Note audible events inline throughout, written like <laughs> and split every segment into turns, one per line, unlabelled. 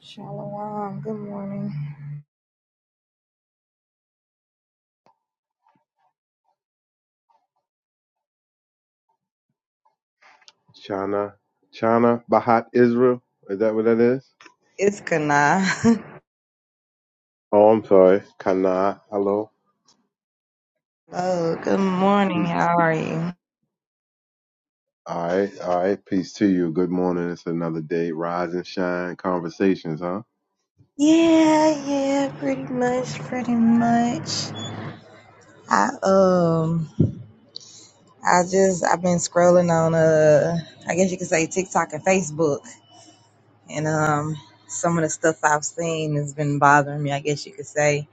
Shalom. Good morning.
Chana, Chana Bahat Israel. Is that what that is?
It's Kana. <laughs>
Oh, I'm sorry. Kana, hello.
oh, good morning.
Peace.
How are you?
All right, all right. Peace to you. Good morning. It's another day. Rise and shine conversations, huh?
Yeah, yeah, pretty much, pretty much. I um, I just I've been scrolling on uh, I guess you could say TikTok and Facebook, and um, some of the stuff I've seen has been bothering me. I guess you could say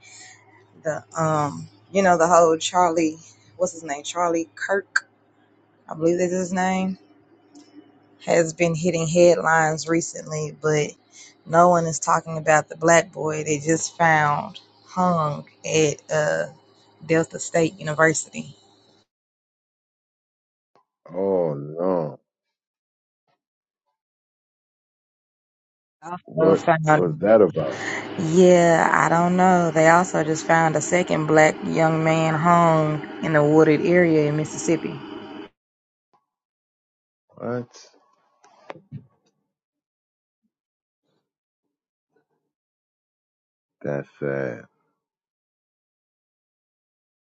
the um, you know, the whole Charlie, what's his name, Charlie Kirk, I believe that's his name has been hitting headlines recently, but no one is talking about the black boy they just found hung at uh, Delta State University.
Oh no.
Also
What
found,
was that about?
yeah, I don't know. They also just found a second black young man hung in a wooded area in Mississippi.
What? That's sad.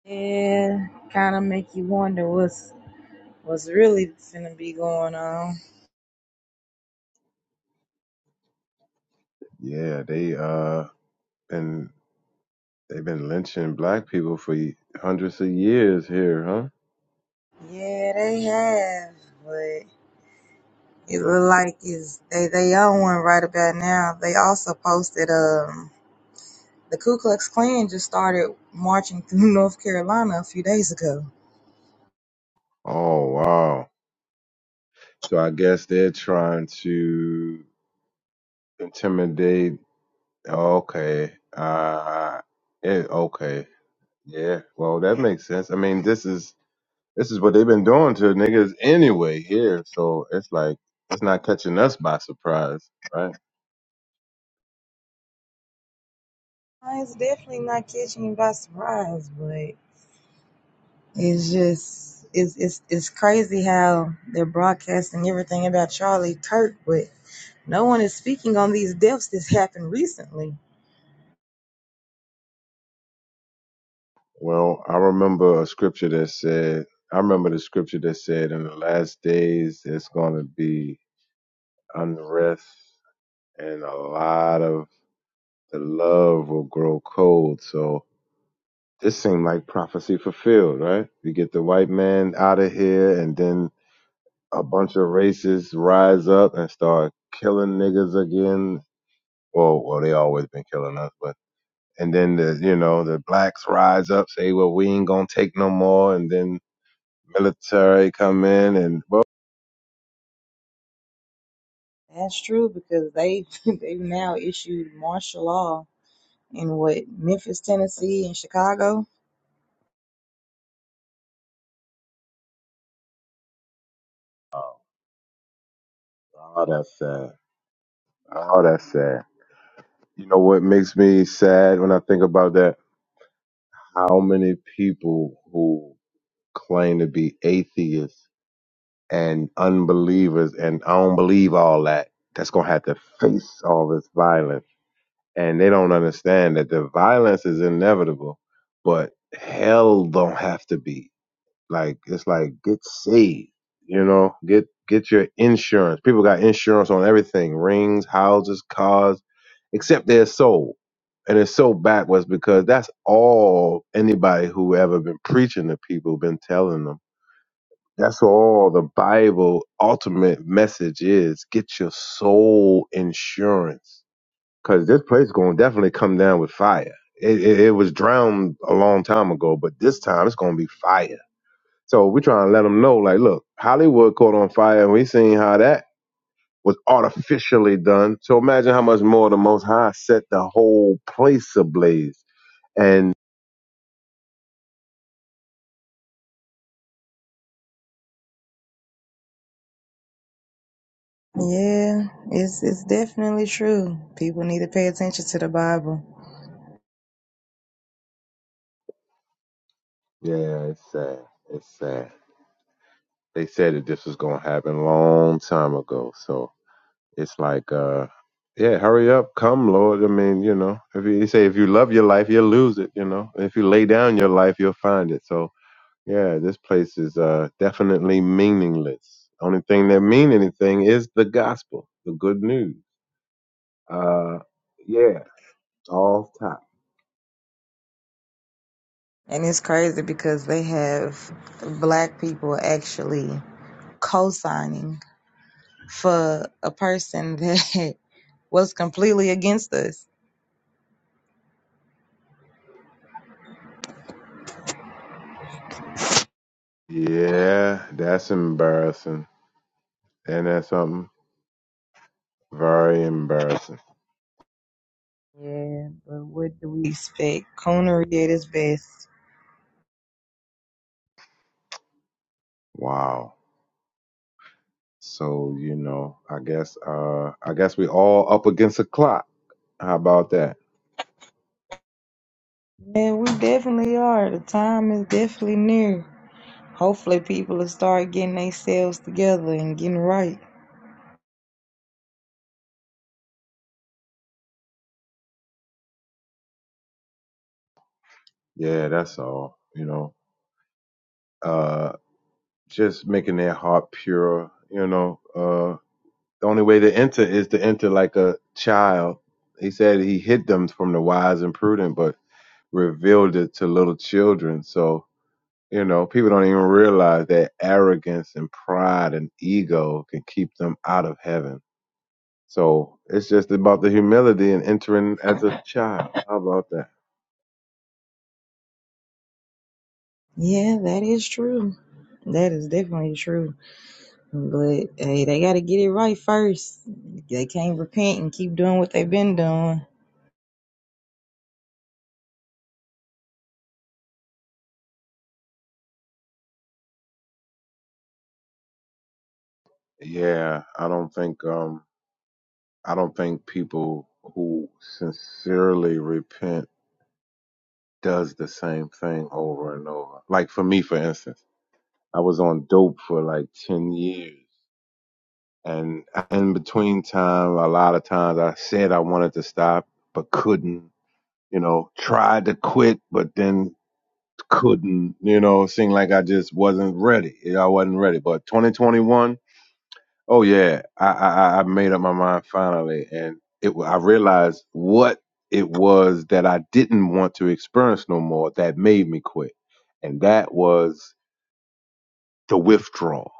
Yeah, kind of make you wonder what's what's really finna be going on.
Yeah, they uh been they've been lynching black people for y- hundreds of years here, huh?
Yeah, they have, but. It look like is they they own one right about now. They also posted um the Ku Klux Klan just started marching through <laughs> North Carolina a few days ago.
Oh wow. So I guess they're trying to intimidate Okay. Uh, it, okay. Yeah. Well, that makes sense. I mean, this is this is what they've been doing to niggas anyway here. So it's like it's not catching us by surprise, right?
Uh, It's definitely not catching you by surprise, but it's just it's it's it's crazy how they're broadcasting everything about Charlie Kirk, but no one is speaking on these deaths that's happened recently.
Well, I remember a scripture that said, I remember the scripture that said, in the last days, it's going to be unrest and a lot of the love will grow cold. So this seemed like prophecy fulfilled, right? We get the white man out of here, and then a bunch of racists rise up and start killing niggas again. Well, well, they always been killing us, but and then the you know the blacks rise up, say, well, we ain't gonna take no more, and then military come in and well,
That's true because they <laughs> they've now issued martial law in what Memphis, Tennessee, and Chicago.
oh, oh, that's sad. Oh, that's sad. You know what makes me sad when I think about that? How many people who claim to be atheists and unbelievers, and I don't believe all that. That's gonna have to face all this violence and they don't understand that the violence is inevitable, but hell don't have to be. Like it's like get saved, you know, get get your insurance. People got insurance on everything, rings, houses, cars, except their soul. And it's so backwards because that's all anybody who ever been preaching to people been telling them. That's all the Bible ultimate message is. Get your soul insurance because this place going to definitely come down with fire. It, it, it was drowned a long time ago, but this time it's going to be fire. So we're trying to let them know, like, look, Hollywood caught on fire, and we seen how that was artificially done. So imagine how much more the Most High set the whole place ablaze. And
Yeah, it's it's definitely true. People need to pay attention to the Bible.
yeah, it's sad. It's sad. They said that this was going to happen a long time ago. So It's like, uh, yeah, hurry up, come, Lord. I mean, you know, if you, you say if you love your life, you'll lose it. You know, if you lay down your life, you'll find it. So, yeah, this place is uh, definitely meaningless. Only thing that mean anything is the gospel, the good news. Uh, yeah, all top.
And it's crazy because they have black people actually co-signing for a person that <laughs> was completely against us.
Yeah, that's embarrassing. And that's something very embarrassing.
Yeah, but what do we expect? Coonery at its best.
Wow. So, you know, I guess uh I guess we all up against a clock. How about that?
Yeah, we definitely are. The time is definitely near. Hopefully people will start getting themselves together and getting right.
Yeah, that's all. You know, uh, just making their heart pure. You know, uh, the only way to enter is to enter like a child. He said he hid them from the wise and prudent, but revealed it to little children. So, you know, people don't even realize that arrogance and pride and ego can keep them out of heaven. So it's just about the humility and entering as a <laughs> child. How about that?
Yeah, that is true. That is definitely true. But hey, they gotta get it right first. They can't repent and keep doing what they've been doing.
Yeah, I don't think um I don't think people who sincerely repent does the same thing over and over. Like for me, for instance, I was on dope for like 10 years. And in between time, a lot of times I said I wanted to stop, but couldn't, you know, tried to quit, but then couldn't, you know, seemed like I just wasn't ready. Yeah, I wasn't ready. But 2021, Oh yeah, I I, I I made up my mind finally, and it wa- I realized what it was that I didn't want to experience no more that made me quit, and that was the withdrawal.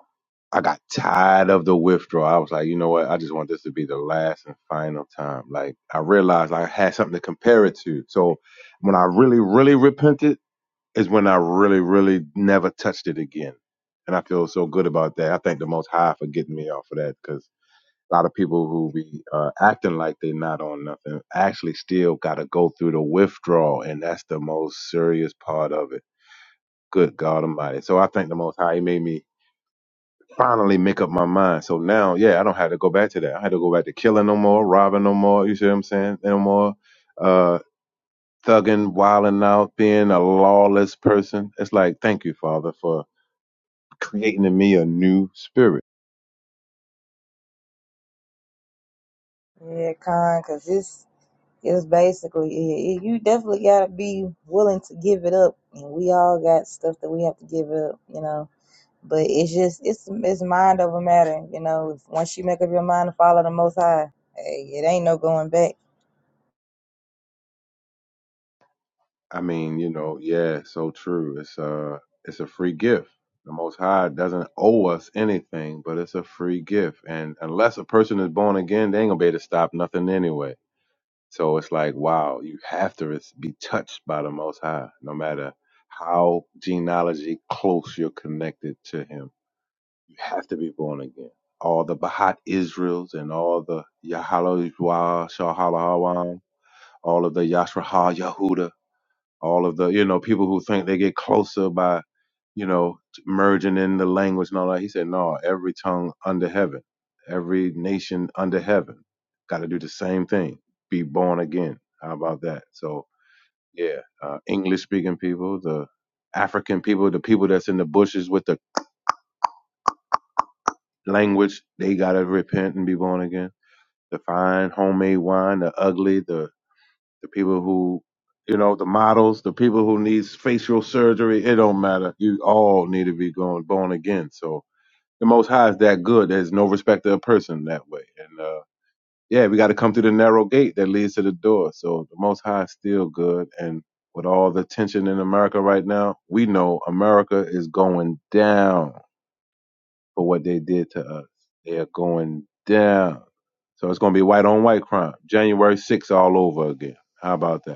I got tired of the withdrawal. I was like, you know what? I just want this to be the last and final time. Like I realized I had something to compare it to. So when I really, really repented is when I really, really never touched it again. And I feel so good about that. I thank the Most High for getting me off of that because a lot of people who be uh, acting like they not on nothing actually still got to go through the withdrawal, and that's the most serious part of it. Good God Almighty! So I think the Most High He made me finally make up my mind. So now, yeah, I don't have to go back to that. I had to go back to killing no more, robbing no more. You see what I'm saying? No more uh, thugging, wilding out, being a lawless person. It's like, thank you, Father, for creating in me a new spirit
Yeah, con, cause it's it's basically it, it- you definitely gotta be willing to give it up, and we all got stuff that we have to give up, you know. But it's just it's it's mind over matter, you know. If, once you make up your mind to follow the Most High, hey, it ain't no going back.
I mean, you know, yeah, so true. It's a it's a free gift. The Most High doesn't owe us anything, but it's a free gift. And unless a person is born again, they ain't gonna be able to stop nothing anyway. So it's like, wow, you have to res- be touched by the Most High, no matter how genealogy close you're connected to Him. You have to be born again. All the Bahat Israels and all the Yahalo Shahalahawan, all of the Yashraha Yahuda, all of the you know people who think they get closer by you know merging in the language and all that. He said, no, every tongue under heaven, every nation under heaven, got to do the same thing, be born again. How about that? So yeah, uh, English speaking people, the African people, the people that's in the bushes with the language, they got to repent and be born again. The fine homemade wine, the ugly, the the people who you know the models the people who needs facial surgery it don't matter you all need to be going born again so the most high is that good there's no respect of a person that way and uh yeah we got to come through the narrow gate that leads to the door so the most high is still good and with all the tension in america right now we know america is going down for what they did to us they are going down so it's going to be white on white crime january 6th all over again how about that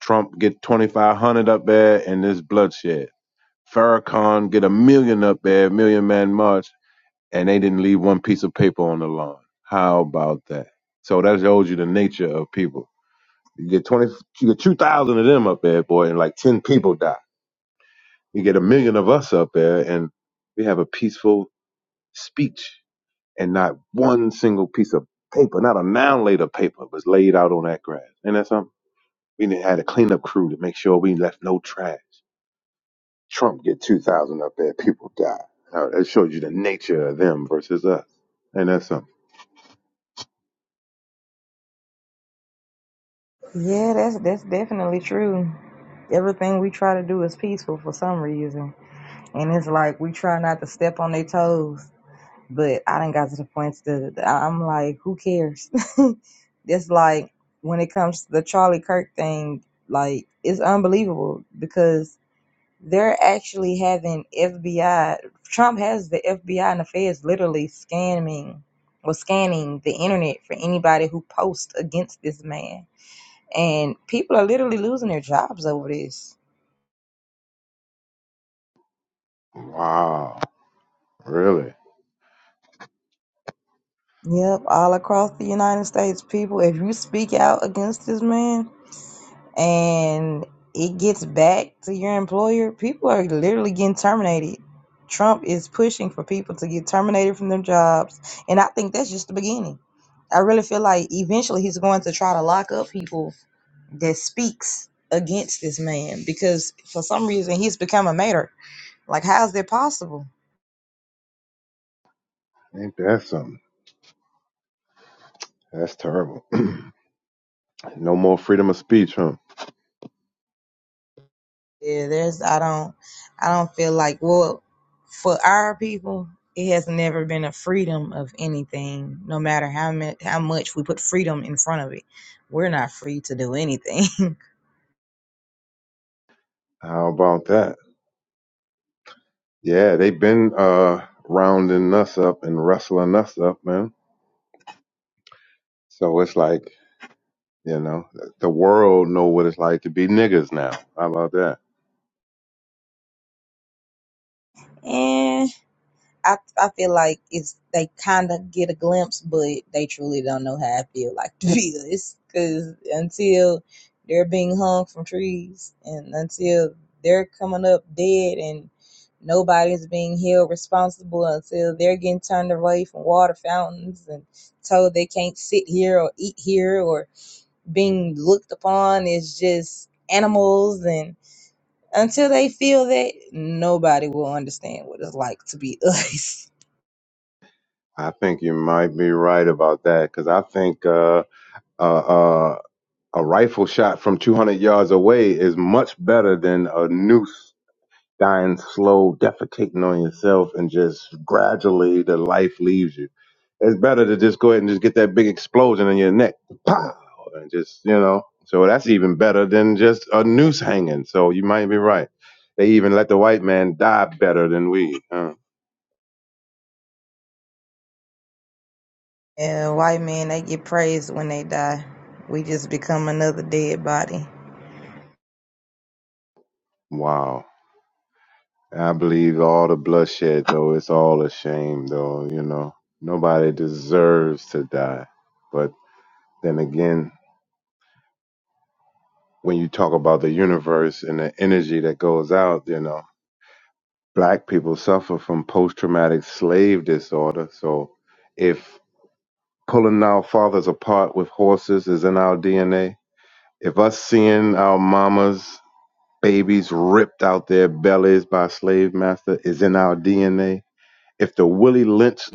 Trump get 2,500 up there and this bloodshed. Farrakhan get a million up there, million man march, and they didn't leave one piece of paper on the lawn. How about that? So that shows you the nature of people. You get 20, you get 2,000 of them up there, boy, and like 10 people die. You get a million of us up there and we have a peaceful speech and not one single piece of paper, not a noun laid of paper was laid out on that grass. And that's something. We had a cleanup crew to make sure we left no trash. Trump get 2,000 up there, people die. Now, that shows you the nature of them versus us. And that's something.
Yeah, that's that's definitely true. Everything we try to do is peaceful for some reason, and it's like we try not to step on their toes But I didn't got to the point that I- I'm like, who cares? <laughs> it's like when it comes to the Charlie Kirk thing, like it's unbelievable because they're actually having FBI. Trump has the FBI and the feds literally scamming or scanning the internet for anybody who posts against this man. And people are literally losing their jobs over this.
Wow. Really?
Yep, all across the United States, people, if you speak out against this man, and it gets back to your employer, people are literally getting terminated. Trump is pushing for people to get terminated from their jobs, and I think that's just the beginning. I really feel like eventually he's going to try to lock up people that speaks against this man because for some reason he's become a martyr. Like, how is that possible?
Ain't that something? That's terrible. <clears throat> no more freedom of speech, huh?
Yeah, there's I don't I don't feel like well for our people it has never been a freedom of anything no matter how much how much we put freedom in front of it. We're not free to do anything. <laughs>
How about that? Yeah, they've been uh, rounding us up and wrestling us up, man. So it's like, you know, the world know what it's like to be niggas now. How about that?
And I I feel like it's they kind of get a glimpse, but they truly don't know how I feel like to <laughs> be this. Because until they're being hung from trees, and until they're coming up dead, and nobody's being held responsible, until they're getting turned away from water fountains and told they can't sit here or eat here, or being looked upon as just animals and until they feel that nobody will understand what it's like to be us <laughs>
I think you might be right about that because I think uh, uh, uh, A rifle shot from 200 yards away is much better than a noose dying slow, defecating on yourself, and just gradually the life leaves you. It's better to just go ahead and just get that big explosion in your neck, pow, and just you know. So that's even better than just a noose hanging. So you might be right. They even let the white man die better than we. Huh?
Yeah, white men, they get praised when they die. We just become another dead body.
Wow. I believe all the bloodshed, though. It's all a shame, though. You know, nobody deserves to die. But Then again, when you talk about the universe and the energy that goes out, you know, black people suffer from post traumatic slave disorder. So if pulling our fathers apart with horses is in our DNA, if us seeing our mamas babies ripped out their bellies by slave master is in our DNA, if the Willie Lynch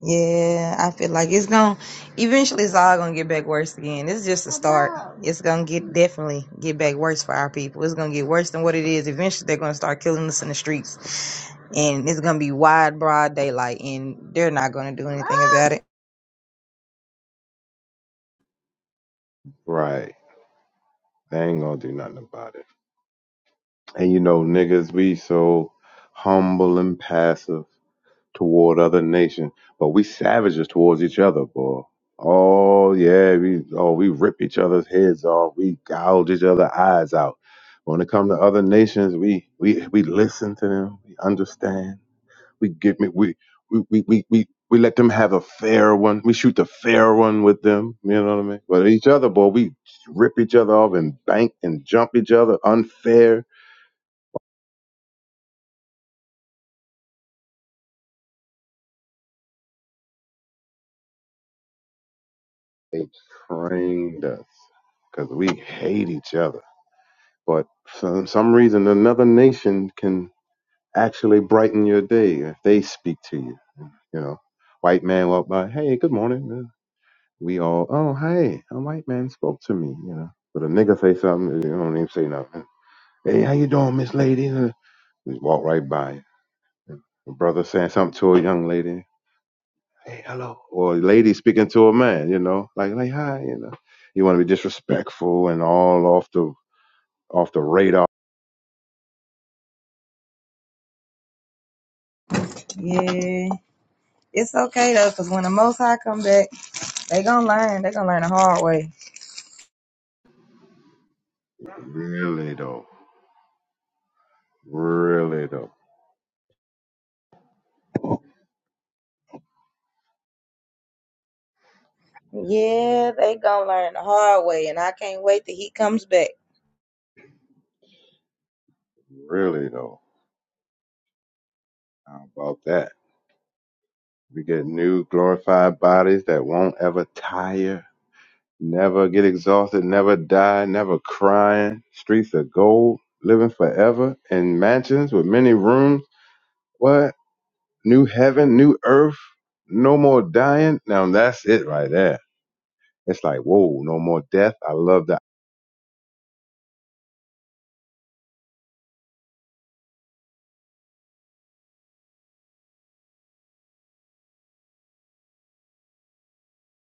Yeah, I feel like it's gonna eventually it's all gonna get back worse again. It's just a start. It's gonna get definitely get back worse for our people. It's gonna get worse than what it is. Eventually they're gonna start killing us in the streets. And it's gonna be wide, broad daylight and they're not gonna do anything about it.
right, they ain't gonna do nothing about it. And you know, niggas, we so humble and passive toward other nations, but we savages towards each other, boy. Oh yeah, we oh we rip each other's heads off, we gouge each other's eyes out. When it comes to other nations, we we we listen to them, we understand, we give me we we we we we, we let them have a fair one. We shoot the fair one with them, you know what I mean? But each other, boy, we rip each other off and bank and jump each other unfair. They trained us because we hate each other. But for some reason, another nation can actually brighten your day if they speak to you. You know, white man walk by, hey, good morning. Uh, We all, oh, hey, a white man spoke to me. You know, but a nigga say something, you don't even say nothing. Hey, how you doing, Miss Lady? Uh, Just walk right by. A brother saying something to a young lady, hey, hello, or a lady speaking to a man, you know, like like hi, you know. You want to be disrespectful and all off the off the radar.
Yeah. It's okay though, because when the most high come back, they gonna learn. They gonna learn the hard way.
Really though. Really though.
Yeah, they gonna learn the hard way and I can't wait till he comes back.
Really though. How about that? We get new glorified bodies that won't ever tire, never get exhausted, never die, never crying. Streets of gold, living forever in mansions with many rooms. What? New heaven, new earth, no more dying. Now that's it right there. It's like, whoa, no more death. I love that.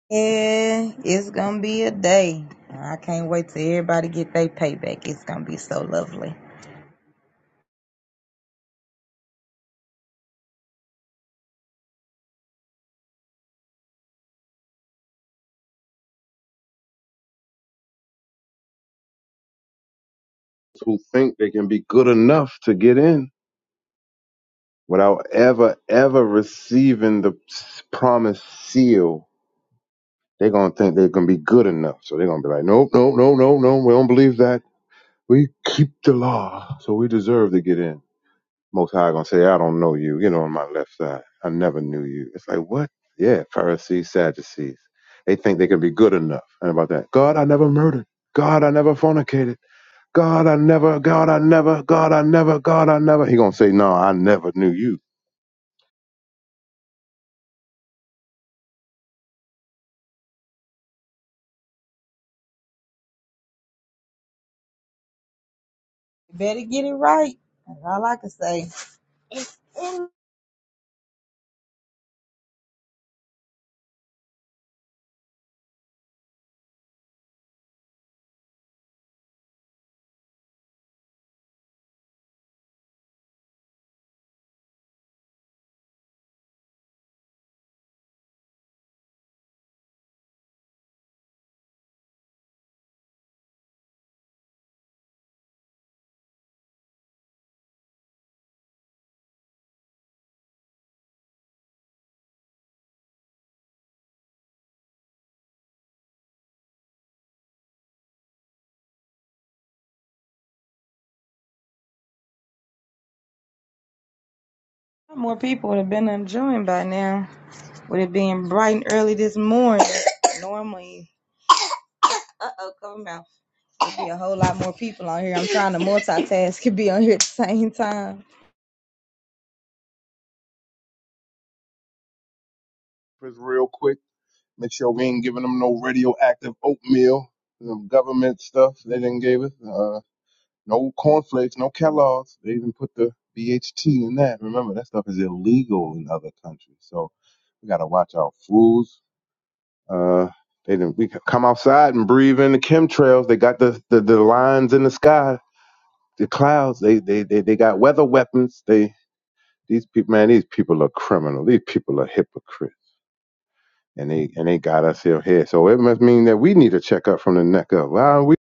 Yeah, it's gonna be a day. I can't wait till everybody get their payback. It's gonna be so lovely.
Who think they can be good enough to get in? without ever, ever receiving the promised seal, they're going to think they're going to be good enough. So they're going to be like, nope, no, no, no, no, we don't believe that. We keep the law, so we deserve to get in. Most High going to say, I don't know you. Get on my left side. I never knew you. It's like, what? Yeah, Pharisees, Sadducees. They think they can be good enough. And about that, God, I never murdered. God, I never fornicated. God, I never, God, I never, God, I never, God, I never. He going to say, no, I never knew you.
Better get it right. That's all I can say. More people would have been enjoying by now. With it being bright and early this morning. <coughs> Normally, uh oh, cover mouth. There'd be a whole lot more people on here. I'm trying to multitask and be on here at the same time.
It's real quick Make sure we ain't giving them no radioactive oatmeal, some government stuff they didn't give us. Uh, no cornflakes, no Kellogg's. They even put the BHT in that. Remember, that stuff is illegal in other countries. So we gotta watch our foods. Uh, they didn't, we could come outside and breathe in the chemtrails. They got the, the, the lines in the sky, the clouds. They, they, they, they got weather weapons. They, these people, man, these people are criminal. These people are hypocrites. and they and they got us here. here. So it must mean that we need a checkup from the neck up. Well, we,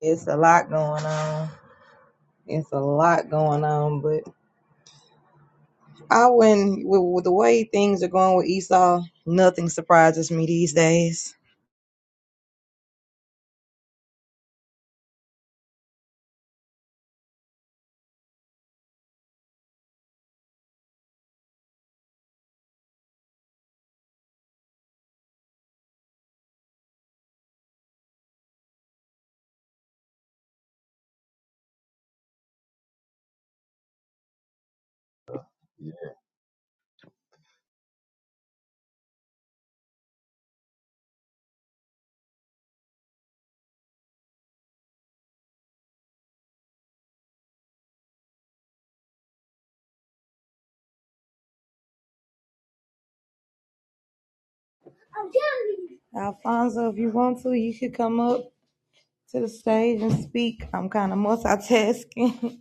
It's a lot going on. It's a lot going on, but I wouldn't, with, with the way things are going with Esau, nothing surprises me these days. Alfonso, if you want to, you could come up to the stage and speak. I'm kind of multitasking.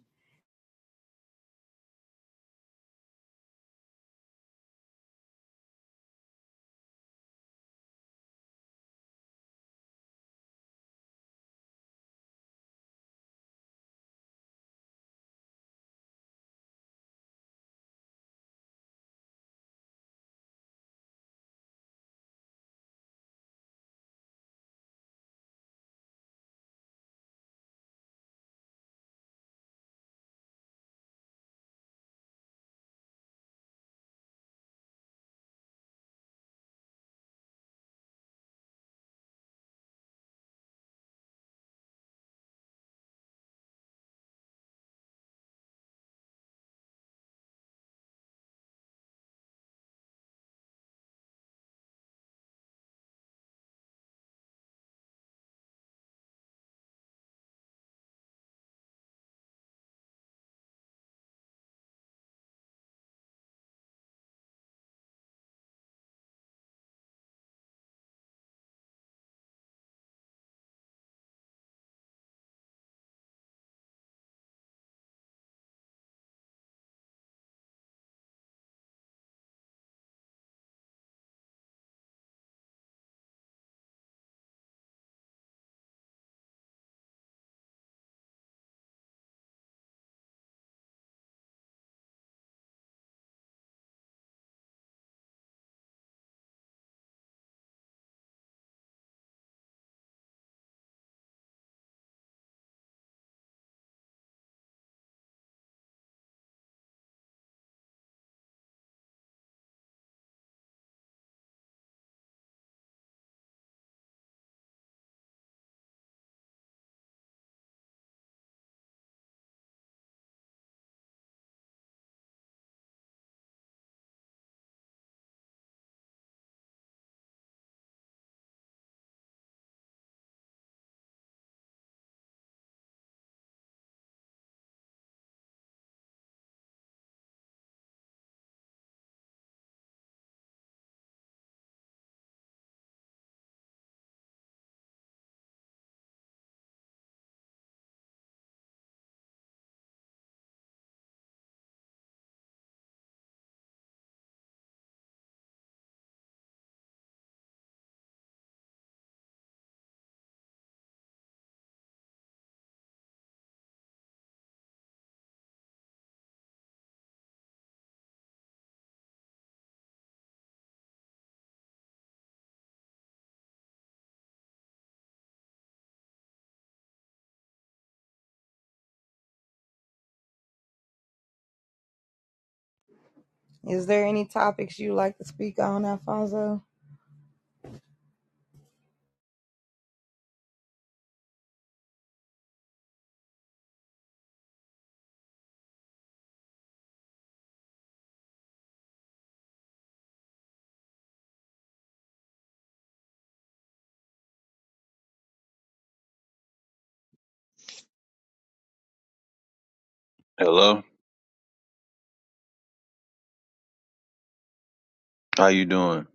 <laughs> Is there any topics you like to speak on, Alfonso?
Hello, how you doing?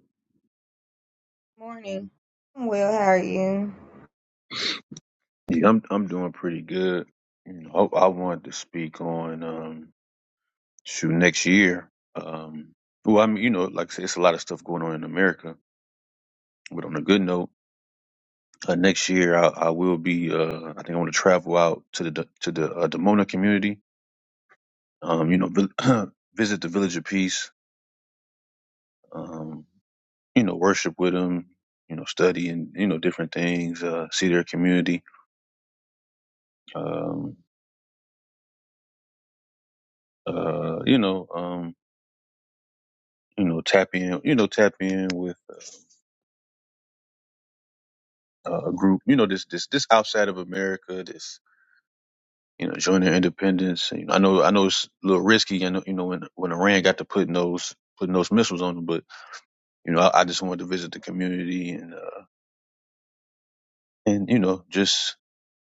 Morning. I'm Well, how are you?
Yeah, I'm I'm doing pretty good. You know, I, I wanted to speak on um shoot next year. Um, well, I mean, you know, like I said, it's a lot of stuff going on in America. But on a good note, uh, next year I, I will be. Uh, I think I want to travel out to the D- to the uh, Demona community. Um, you know, vil- <clears throat> visit the Village of Peace. Um, you know, worship with them. You know, study and you know different things. Uh, see their community. Um, uh, you know. um, you know, tap in, you know, tap in with uh, a group, you know, this this this outside of America, this you know, join their independence. You know, I know I know it's a little risky, and you know, when when Iran got to putting those putting those missiles on them, but you know, I, I just wanted to visit the community and uh, and you know, just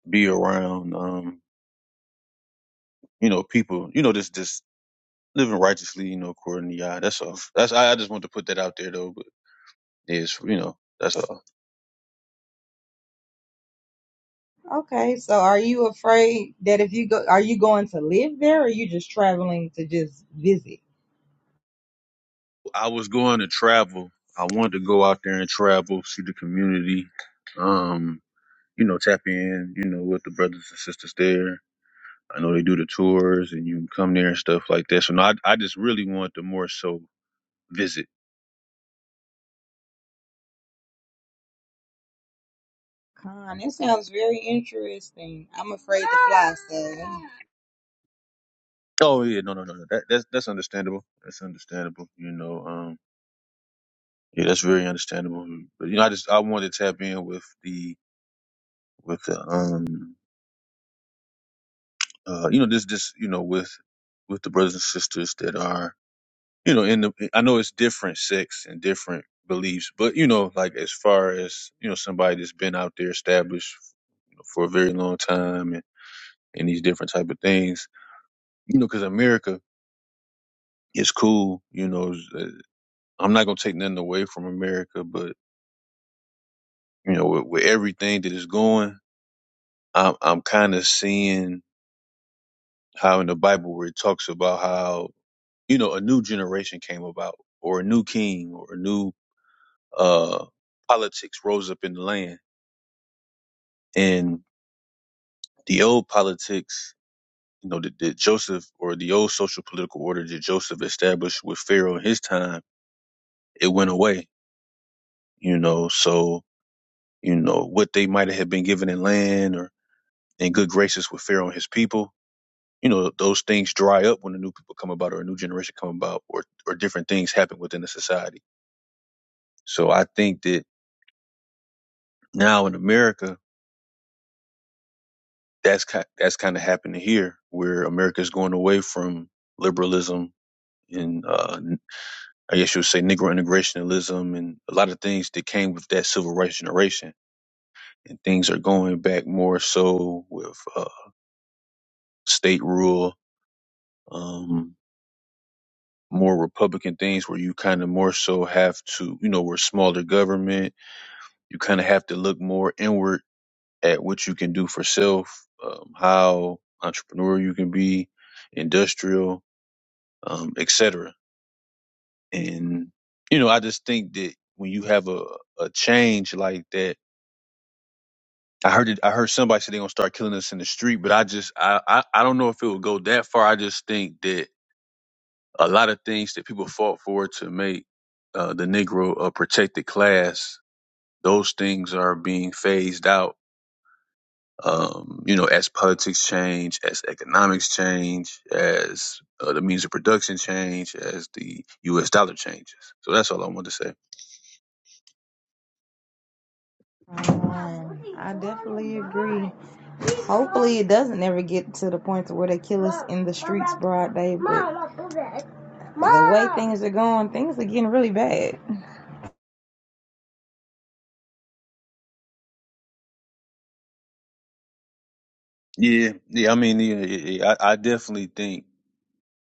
be around, um, you know, people, you know, just just living righteously, you know, according to Yah. That's all. That's I, I just wanted to put that out there though, but yeah, it's you know, that's all.
Okay, so are you afraid that if you go, are you going to live there or are you just traveling to just visit?
I was going to travel. I wanted to go out there and travel, see the community, um, you know, tap in, you know, with the brothers and sisters there. I know they do the tours and you can come there and stuff like that. So no, I, I just really want to more so visit.
Con, that sounds very interesting. I'm afraid to fly, so.
Oh yeah, no, no, no, no. That, that's that's understandable. That's understandable. You know, um, yeah, that's very understandable. But you know, I just I wanted to tap in with the with the um, uh, you know, this this you know with with the brothers and sisters that are you know, in the I know it's different sects and different beliefs, but you know, like as far as you know, somebody that's been out there established for a very long time and, and these different type of things, you know, because America is cool. You know, uh, I'm not gonna take nothing away from America, but you know, with, with everything that is going, I'm I'm kind of seeing how in the Bible where it talks about how you know a new generation came about, or a new king, or a new uh politics rose up in the land and the old politics, you know, that, that Joseph or the old social political order that Joseph established with Pharaoh in his time, it went away, you know. So, you know, what they might have been given in land or in good graces with Pharaoh and his people, you know, those things dry up when the new people come about or a new generation come about or, or different things happen within the society. So I think that now in America, that's kind, that's kind of happening here where America is going away from liberalism and uh, I guess you would say Negro integrationalism and a lot of things that came with that civil rights generation. And things are going back more so with uh, state rule, um, more Republican things where you kind of more so have to, you know, we're smaller government. You kind of have to look more inward at what you can do for self, um, how entrepreneurial you can be, industrial, um, et cetera. And, you know, I just think that when you have a, a change like that, I heard it. I heard somebody say they're gonna start killing us in the street, but I just I, I I don't know if it would go that far. I just think that a lot of things that people fought for to make uh, the Negro a protected class, those things are being phased out um, you know, as politics change, as economics change, as uh, the means of production change, as the U.S. dollar changes. So that's all I wanted to say.
Um, I definitely agree. Hopefully, it doesn't ever get to the point to where they kill us in the streets broad day. But the way things are going, things are getting really bad.
Yeah, yeah. I mean, yeah, yeah, yeah. I, I definitely think.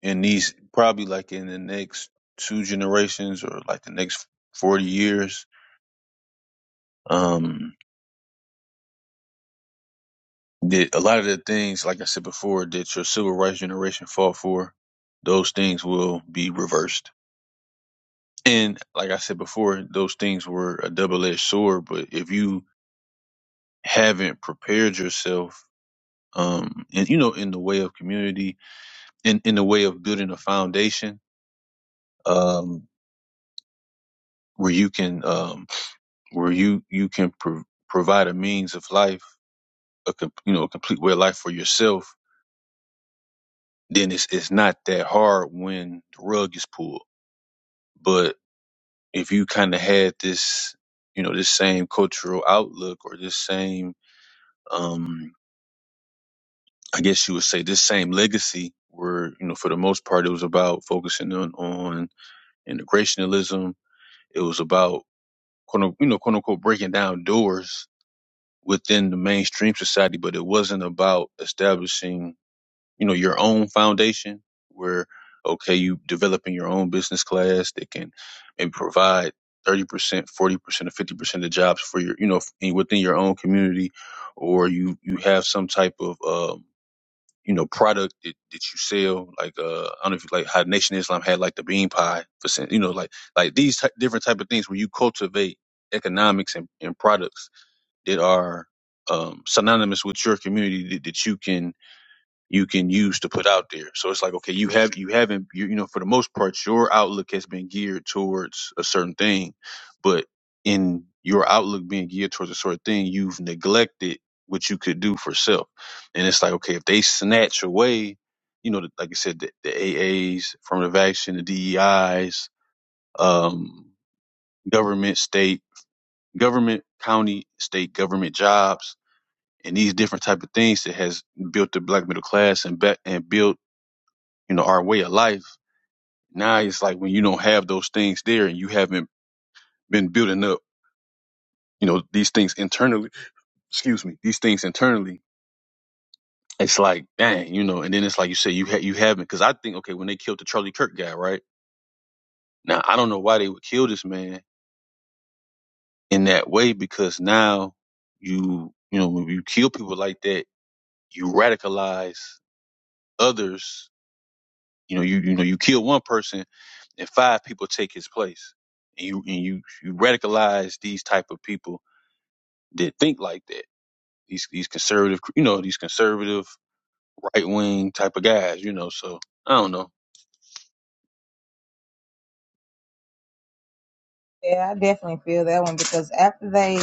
in these probably like in the next two generations or like the next 40 years um that a lot of the things like i said before that your civil rights generation fought for those things will be reversed and like i said before those things were a double-edged sword but if you haven't prepared yourself um and you know in the way of community in in the way of building a foundation um where you can um where you you can pro- provide a means of life a com- you know a complete way of life for yourself, then it's it's not that hard when the rug is pulled. But if you kind of had this you know this same cultural outlook or this same um I guess you would say this same legacy where you know for the most part it was about focusing on on integrationalism. It was about quote unquote, you know quote unquote breaking down doors within the mainstream society, but it wasn't about establishing you know your own foundation where okay you developing your own business class that can maybe provide 30% 40% or 50% of jobs for your you know in, within your own community or you you have some type of um you know product that, that you sell like uh i don't know if you like how nation islam had like the bean pie for sen- you know like like these ty- different type of things where you cultivate economics and, and products that are um synonymous with your community that, that you can you can use to put out there. So it's like, okay, you have you haven't you, you know for the most part your outlook has been geared towards a certain thing, but in your outlook being geared towards a certain thing, you've neglected what you could do for self. And it's like, okay, if they snatch away, you know, the, like I said, the, the AAs, affirmative action, the DEIs, um, government, state, government, county, state government jobs, and these different type of things that has built the black middle class and be- and built you know, our way of life. Now it's like when you don't have those things there and you haven't been building up, you know, these things internally, excuse me, these things internally, it's like, dang, you know, and then it's like you say you ha- you haven't, cause I think, okay, when they killed the Charlie Kirk guy, right? Now, I don't know why they would kill this man in that way because now you, you know, when you kill people like that, you radicalize others You know, you you know, you kill one person and five people take his place. And you and you you radicalize these type of people that think like that. These these conservative, you know, these conservative right wing type of guys, you know. So I don't know.
Yeah, I definitely feel that one because after they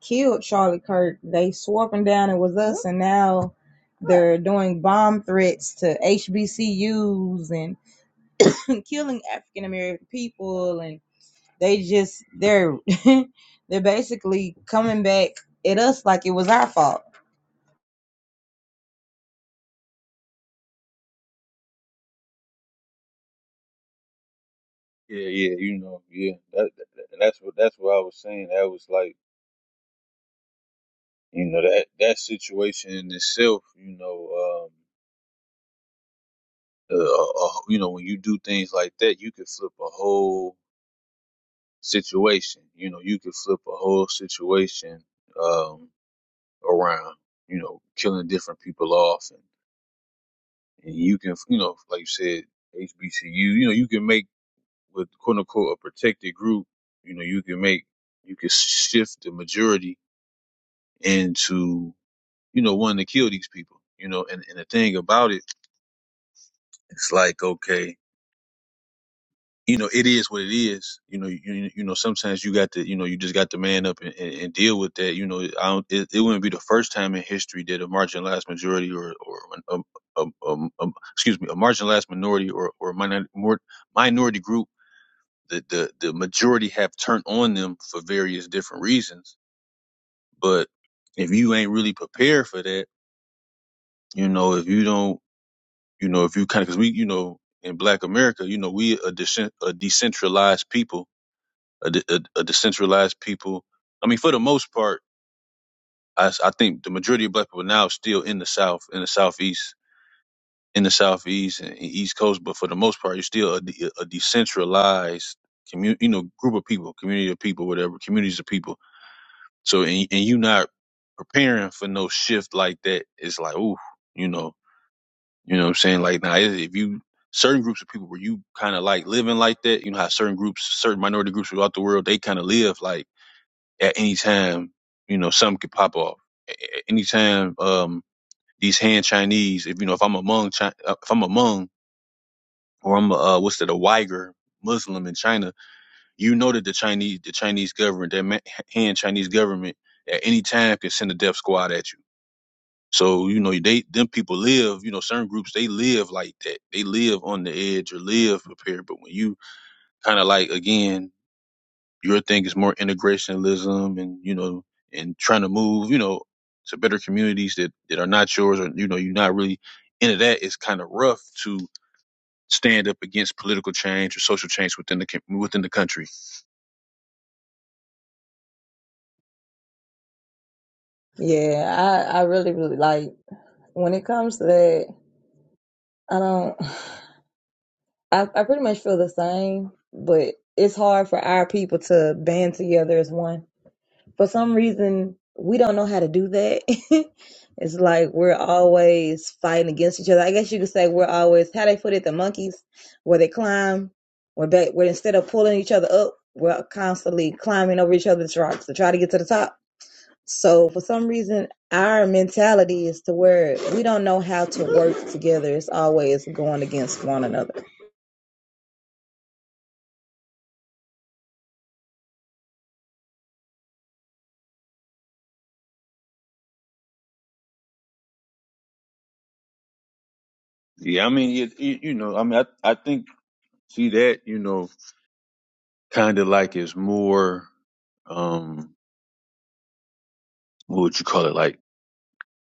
killed Charlie Kirk, they swore up and down it was us, and now they're doing bomb threats to HBCUs and <laughs> killing African American people. and. They just they're <laughs> they're basically coming back at us like it was our fault.
Yeah, yeah, you know, yeah. That, that- that's what that's what I was saying. That was like, you know, that that situation in itself, you know, um, uh, uh, uh, you know, when you do things like that, you can flip a whole situation. You know, you could flip a whole situation um, around. You know, killing different people off, and, and you can, you know, like you said, HBCU. You know, you can make with quote unquote a protected group. You know, you can make you can shift the majority into you know wanting to kill these people. You know, and and the thing about it, it's like okay. you know, it is what it is. You know, you you know, sometimes you got to, you know, you just got to man up and, and, and deal with that. You know, I don't, it, it wouldn't be the first time in history that a marginalized majority or or a, a, a, a, excuse me, a marginalized minority or or minor, more, minority group, the, the the majority have turned on them for various different reasons. But if you ain't really prepared for that, you know, if you don't, you know, if you kind of, because we, you know, in Black America, you know, we a, decent, a decentralized people a, de- a, a decentralized people. I mean, for the most part, I, s- I think the majority of black people now are still in the South, in the Southeast, in the Southeast and, and East Coast. But for the most part, you're still a, de- a decentralized community, you know, group of people, community of people, whatever, communities of people. So, and, and you not preparing for no shift like that. It's like, ooh, you know, you know what I'm saying? Like now, if if you, certain groups of people where you kind of like living like that, you know how certain groups, certain minority groups throughout the world, they kind of live like, at any time, you know, something could pop off. A- a- Anytime, um, these Han Chinese, if you know, if I'm among, Chi- uh, if I'm a Hmong or I'm, a, uh, what's that, a Uyghur Muslim in China, you know that the Chinese, the Chinese government, that ma- Han Chinese government, at any time can send a death squad at you. So you know, they them people live, you know, certain groups they live like that. They live on the edge or live prepared. But when you kind of like again your thing is more integrationism and you know and trying to move you know to better communities that that are not yours or you know you're not really into that it's kind of rough to stand up against political change or social change within the com- within the country
Yeah, I, I really, really like when it comes to that, I don't, <sighs> I, I pretty much feel the same, but it's hard for our people to band together as one. for some reason we don't know how to do that. <laughs> it's like we're always fighting against each other. I guess you could say we're always how they put it, the monkeys where they climb, where they where instead of pulling each other up, we're constantly climbing over each other's rocks to try to get to the top so for some reason, our mentality is to where we don't know how to work together. It's always going against one another.
yeah i mean it, it, you know i mean i, I think see that you know kind of like is more um what would you call it like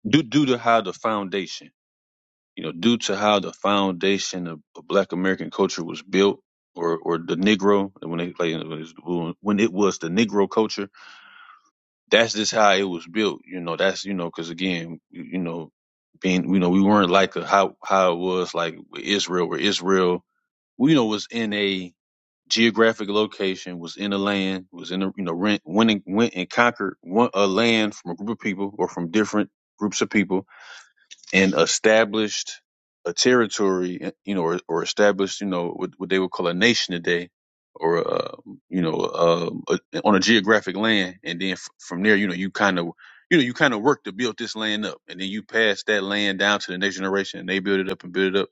due due to how the foundation you know, due to how the foundation of, of Black American culture was built, or or the Negro when they like, when it was when it was the Negro culture, that's just how it was built. You know, that's you know, because again, you you know, being you know, we weren't like a, how how it was like with Israel, where Israel, you know, was in a geographic location, was in a land, was in a you know, rent, went and, went and conquered one, a land from a group of people or from different groups of people and established a territory, eh, you know, or, or established, you know, what, what they would call a nation today, or uh, you know, uh, a, on a geographic land, and then f- from there, you know, you kind of, you know, you kind of work to build this land up, and then you pass that land down to the next generation, and they build it up and build it up,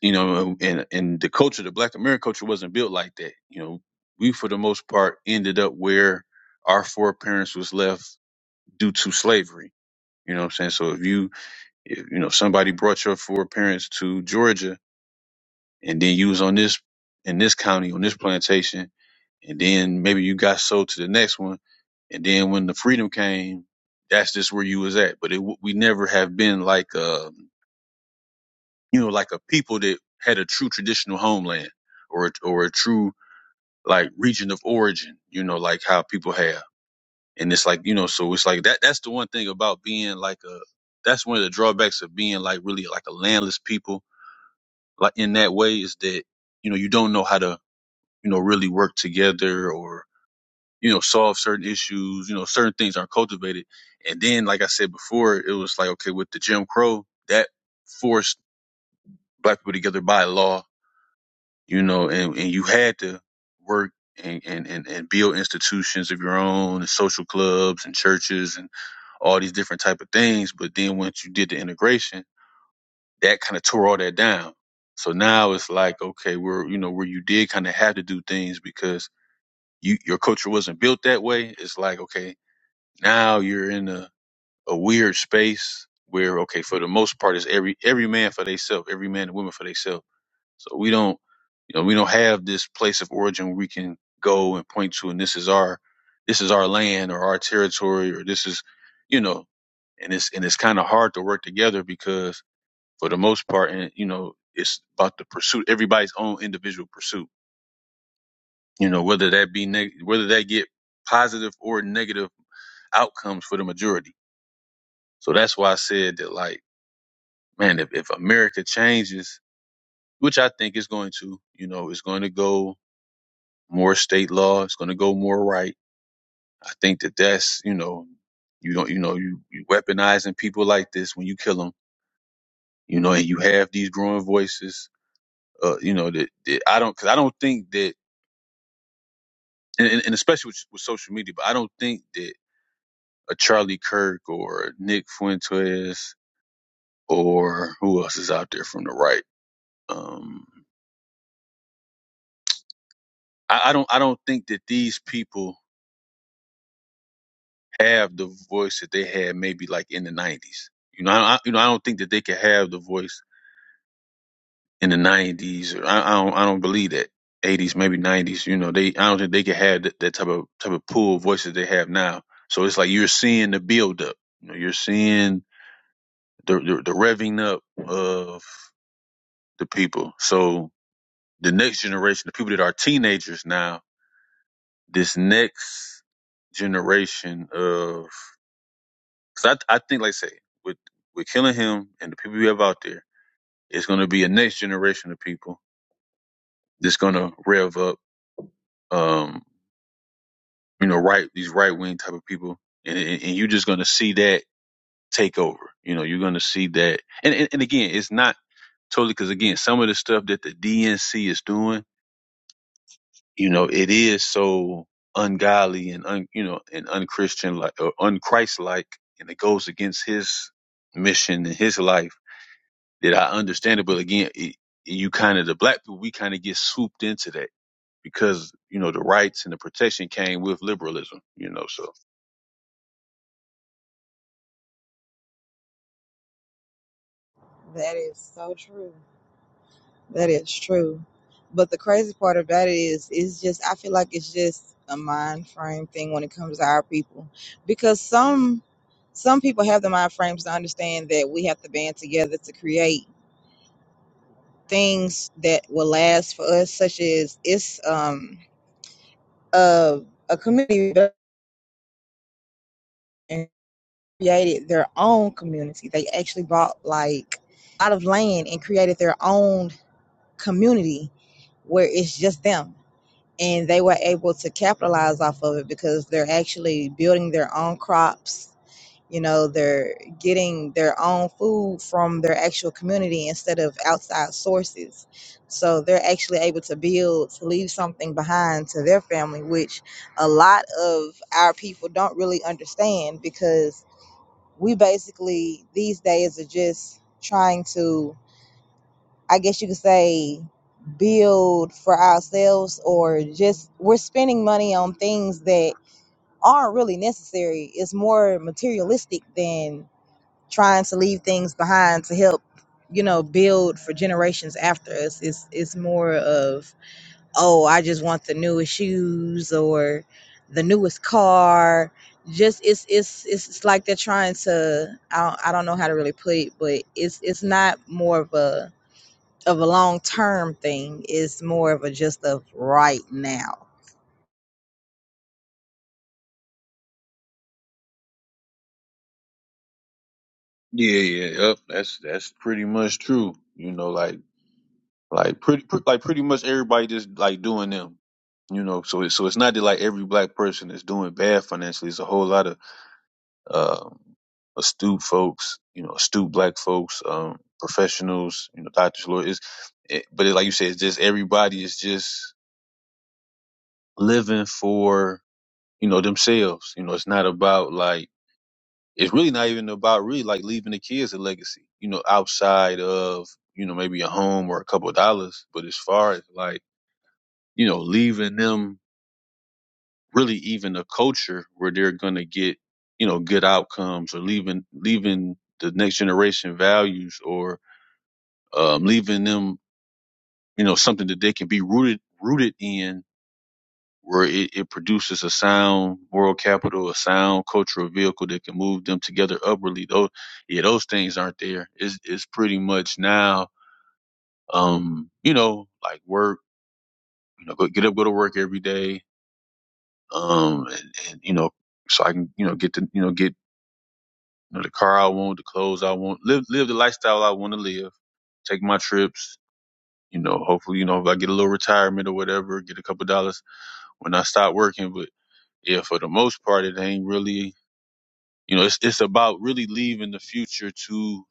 you know, and and the culture, the Black American culture, wasn't built like that. You know, we for the most part ended up where our foreparents was left due to slavery. You know what I'm saying? So if you if, you know, if somebody brought your foreparents to Georgia and then you was on this in this county on this plantation, and then maybe you got sold to the next one, and then when the freedom came, that's just where you was at. But it, w- we never have been like a, you know, like a people that had a true traditional homeland or a- or a true like region of origin. You know, like how people have, and it's like you know, so it's like that. That's the one thing about being like a. That's one of the drawbacks of being like really like a landless people like in that way is that you know you don't know how to you know really work together or you know solve certain issues you know certain things aren't cultivated and then like i said before it was like okay with the jim crow that forced black people together by law you know and, and you had to work and, and, and, and build institutions of your own and social clubs and churches and all these different type of things but then once you did the integration that kind of tore all that down. So now it's like, okay, where you know where you did kind of have to do things because you your culture wasn't built that way. It's like, okay, now you're in a, a weird space where, okay, for the most part, it's every every man for themselves, every man and woman for themselves. So we don't, you know, we don't have this place of origin where we can go and point to, and this is our this is our land or our territory or this is, you know, and it's and it's kind of hard to work together because for the most part, and you know, it's about the pursuit, everybody's own individual pursuit. You know, whether that be neg- whether they get positive or negative outcomes for the majority. So that's why I said that, like, man, if, if America changes, which I think is going to, you know, it's going to go more state law, it's going to go more right. I think that that's, you know, you don't, you know, you, you weaponizing people like this when you kill them, you know, and you have these growing voices, uh, you know, that, that I don't, cause I don't think that and, and, and especially with, with social media. But I don't think that a Charlie Kirk or a Nick Fuentes or who else is out there from the right. Um, I, I don't I don't think that these people have the voice that they had maybe like in the nineties. You know, I, you know, I don't think that they could have the voice in the nineties. Or I, I don't I don't believe that. 80s, maybe 90s, you know, they, I don't think they could have that, that type of, type of pool of voice that they have now. So it's like you're seeing the build up, you know, you're seeing the, the the revving up of the people. So the next generation, the people that are teenagers now, this next generation of, cause I I think like I say with with killing him and the people we have out there, it's going to be a next generation of people that's going to rev up, um, you know, right these right wing type of people, and, and and you're just going to see that take over. You know, you're going to see that, and, and and again, it's not totally because again, some of the stuff that the DNC is doing you know it is so ungodly and un, you know and unchristian like or unchristlike and it goes against his mission and his life that i understand it but again it, you kind of the black people we kind of get swooped into that because you know the rights and the protection came with liberalism you know so
That is so true. That is true. But the crazy part about it is, it's just, I feel like it's just a mind frame thing when it comes to our people. Because some, some people have the mind frames to understand that we have to band together to create things that will last for us, such as it's, um, a, a community that created their own community. They actually bought like a lot of land and created their own community where it's just them and they were able to capitalize off of it because they're actually building their own crops you know they're getting their own food from their actual community instead of outside sources so they're actually able to build to leave something behind to their family which a lot of our people don't really understand because we basically these days are just trying to I guess you could say, build for ourselves or just we're spending money on things that aren't really necessary. It's more materialistic than trying to leave things behind to help, you know, build for generations after us. It's it's more of, oh, I just want the newest shoes or the newest car. Just it's it's it's it's like they're trying to I don't, I don't know how to really put it, but it's it's not more of a of a long term thing. It's more of a just of right now.
yeah yeah yep, that's that's pretty much true you know like like pretty pre- like pretty much everybody just like doing them you know so it, so it's not that like every black person is doing bad financially it's a whole lot of um, astute folks, you know, astute black folks, um, professionals, you know, doctors, lawyers. It, but it, like you said, it's just everybody is just living for, you know, themselves. You know, it's not about like, it's really not even about really like leaving the kids a legacy, you know, outside of, you know, maybe a home or a couple of dollars. But as far as like, you know, leaving them really even a culture where they're going to get you know good outcomes or leaving leaving the next generation values or um, leaving them you know something that they can be rooted rooted in where it, it produces a sound moral capital a sound cultural vehicle that can move them together upwardly those yeah those things aren't there it's, it's pretty much now um you know like work you know go, get up go to work every day um and, and you know so i can you know get to you know get You know, the car I want, the clothes I want, live live the lifestyle I want to live. Take my trips. You know, hopefully, you know, if I get a little retirement or whatever, get a couple dollars when I stop working. But yeah, for the most part, it ain't really. You know, it's it's about really leaving the future to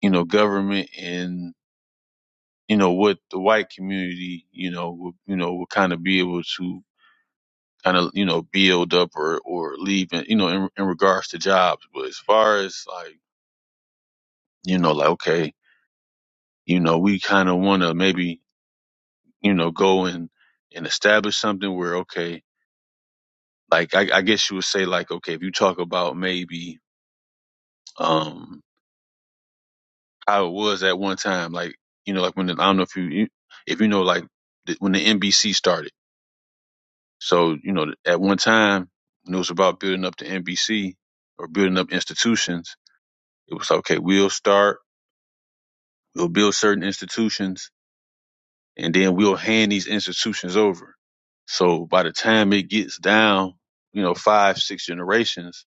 you know government and you know what the white community you know will, you know will kind of be able to kind of you know build up or or leave in, you know in, in regards to jobs. But as far as like you know like okay you know, we kind of want to maybe, you know, go and, and establish something where, okay, like, I, I guess you would say like, okay, if you talk about maybe, um, how it was at one time, like, you know, like when, the, I don't know if you, you- if you know, like the, when the NBC started. So, you know, at one time when it was about building up the NBC or building up institutions, it was like, okay, we'll start, we'll build certain institutions and then we'll hand these institutions over. So by the time it gets down, you know, five, six generations,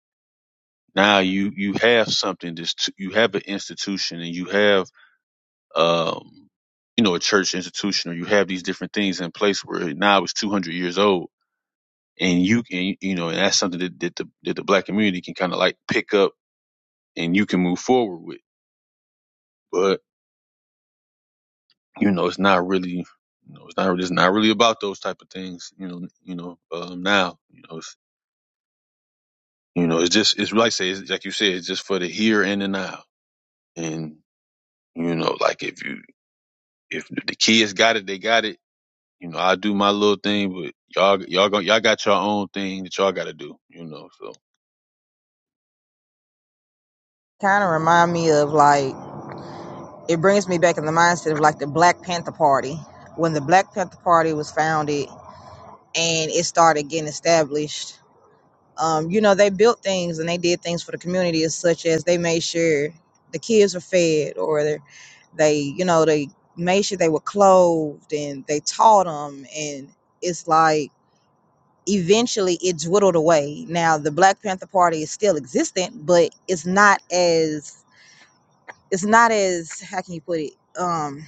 now you you have something. This t- you have an institution, and you have um, you know, a church institution, or you have these different things in place where now it's two hundred years old, and you can you know, and that's something that, that the that the black community can kind of like pick up, and you can move forward with. But you know, it's not really. You know, it's not. It's not really about those type of things. You know. You know. Um, now. You know. it's, You know, it's just it's like I say it's, like you said, it's just for the here and the now. And you know, like if you if the kids got it, they got it. You know, I do my little thing, but y'all y'all go, y'all got your own thing that y'all got to do. You know, so
Kind of remind me of like it brings me back in the mindset of like the Black Panther Party when the Black Panther Party was founded and it started getting established. Um, you know, they built things and they did things for the community, as such as they made sure the kids were fed, or they, they you know, they made sure they were clothed and they taught them. And it's like eventually it dwindled away. Now the Black Panther Party is still existent, but it's not as it's not as how can you put it um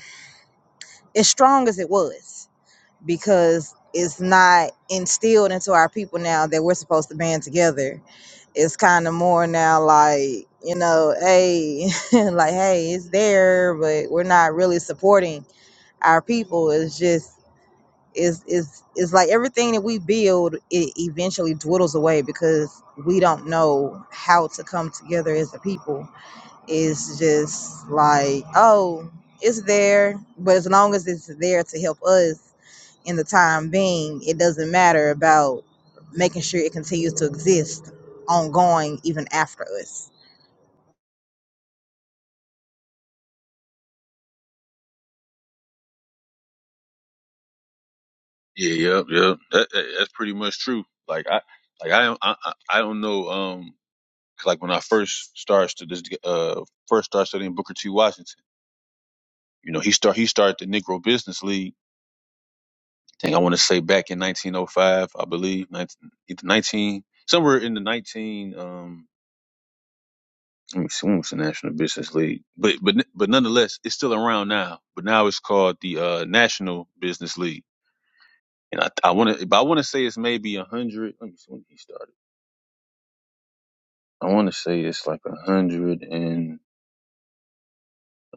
as strong as it was because it's not instilled into our people now that we're supposed to band together. It's kind of more now like you know, hey, <laughs> like hey, it's there, but we're not really supporting our people. It's just is is is like everything that we build it eventually dwindles away because we don't know how to come together as a people it's just like oh it's there but as long as it's there to help us in the time being it doesn't matter about making sure it continues to exist ongoing even after us
yeah, yep, yep. That, that- that's pretty much true. Like I like I don't I, I I don't know um 'cause like when I first started to this uh first started studying Booker T Washington. You know, he start he started the Negro Business League think I want to say back in 1905, I believe, 19, nineteen somewhere in the 19. Um, let me see, when was the National Business League? But but but nonetheless, it's still around now. But now it's called the uh, National Business League, and I I want to, but I want to say it's maybe a hundred. Let me see when he started. I want to say it's like a hundred and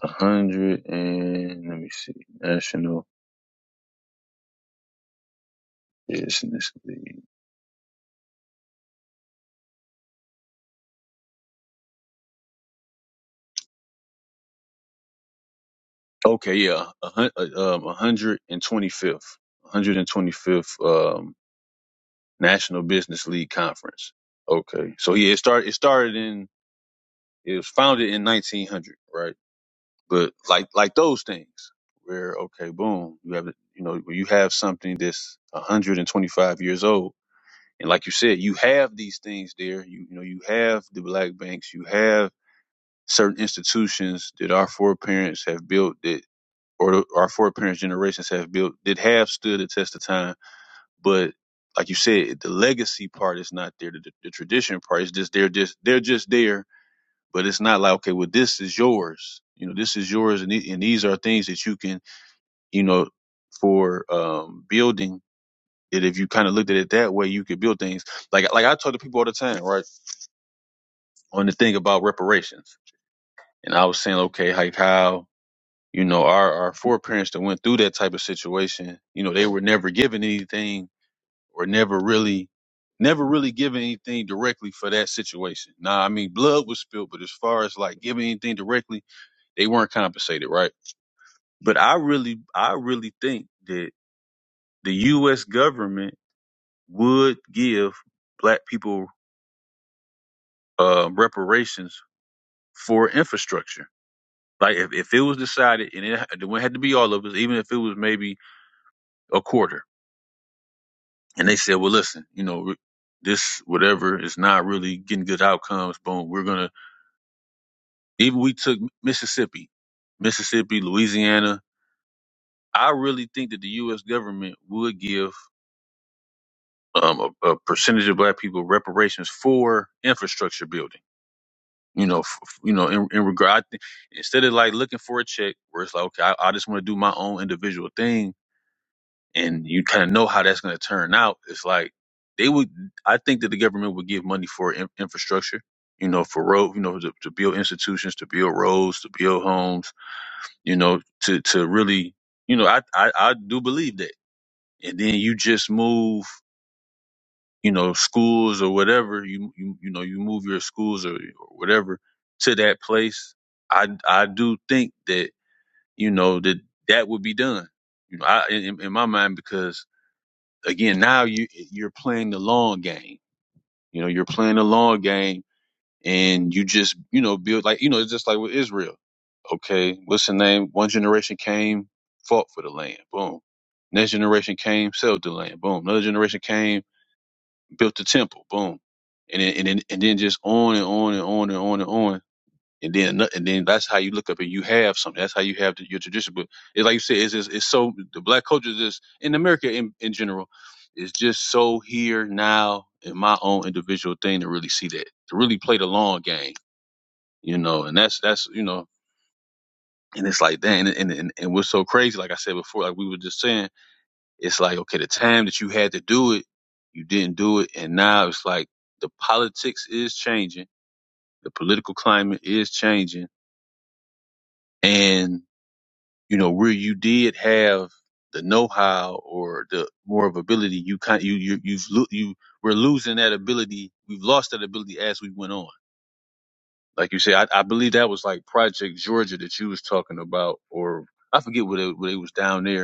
a hundred and let me see, National Business League. Okay, yeah, a hundred, um, a hundred and twenty fifth, hundred and twenty fifth. National Business League Conference. Okay, so yeah, it started. It started in. It was founded in 1900, right? But like like those things, where okay, boom, you have you know where you have something that's 125 years old, and like you said, you have these things there. You you know you have the black banks, you have certain institutions that our foreparents have built that, or our foreparents' generations have built that have stood the test of time but like you said, the legacy part is not there. The, the, the tradition part is just they're just they're just there. But it's not like okay, well this is yours. You know, this is yours, and, the- and these are things that you can you know for um, building. That if you kind of looked at it that way, you could build things like like I talk to people all the time, right? On the thing about reparations, and I was saying, okay, like how you know our our foreparents that went through that type of situation, you know, they were never given anything or never really never really giving anything directly for that situation. Now, I mean, blood was spilled, but as far as like giving anything directly, they weren't compensated, right? But I really, I really think that the U.S. government would give black people uh, reparations for infrastructure. Like if, if it was decided and it, it had to be all of us, even if it was maybe a quarter, and they said, well, listen, you know, this whatever is not really getting good outcomes. Boom, we're gonna Even we took Mississippi, Mississippi, Louisiana. I really think that the U.S. government would give um, a, a percentage of Black people reparations for infrastructure building. You know, f- f- you know, in, in regard, I think instead of like looking for a check, where it's like, okay, I, I just want to do my own individual thing, and you kind of know how that's going to turn out. It's like they would. I think that the government would give money for in, infrastructure. You know, for road, you know, to, to build institutions, to build roads, to build homes, you know, to to really, you know, I, I I do believe that. And then you just move, you know, schools or whatever you you you know you move your schools or, or whatever to that place. I I do think that you know that that would be done. You know, I in, in my mind because again now you you're playing the long game. You know, you're playing the long game, and you just you know build like you know it's just like with Israel Okay, what's the name? One generation came, fought for the land. Boom. Next generation came, sold the land. Boom. Another generation came, built the temple. Boom. And then and then and then just on and on and on and on and on. And then ano- and then that's how you look up and you have something. That's how you have the, your tradition. But it's like you said, it's just, it's so the black culture is just in America in, in general is just so here now in my own individual thing to really see that to really play the long game. You know, and that's that's you know and it's like, dang, and, and, and, and what's so crazy, like I said before, like we were just saying, it's like, okay, the time that you had to do it, you didn't do it. And now it's like the politics is changing. The political climate is changing. And, you know, where you did have the know-how or the more of ability, you kind, you, you, you've, lo- you, we're losing that ability. We've lost that ability as we went on. Like you said, I, I believe that was like Project Georgia that you was talking about, or I forget what it, what it was down there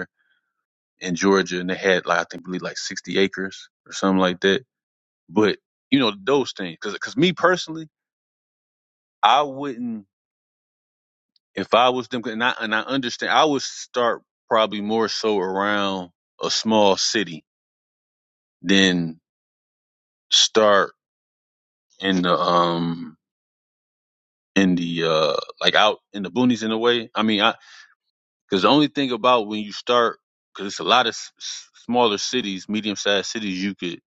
in Georgia, and they had like I think believe like 60 acres or something like that. But you know those things, because because me personally, I wouldn't if I was them, and I and I understand I would start probably more so around a small city than start in the um in the uh like out in the boonies in a way. I mean, I because the only thing about when you start because it's a lot of s- s- smaller cities, medium sized cities you could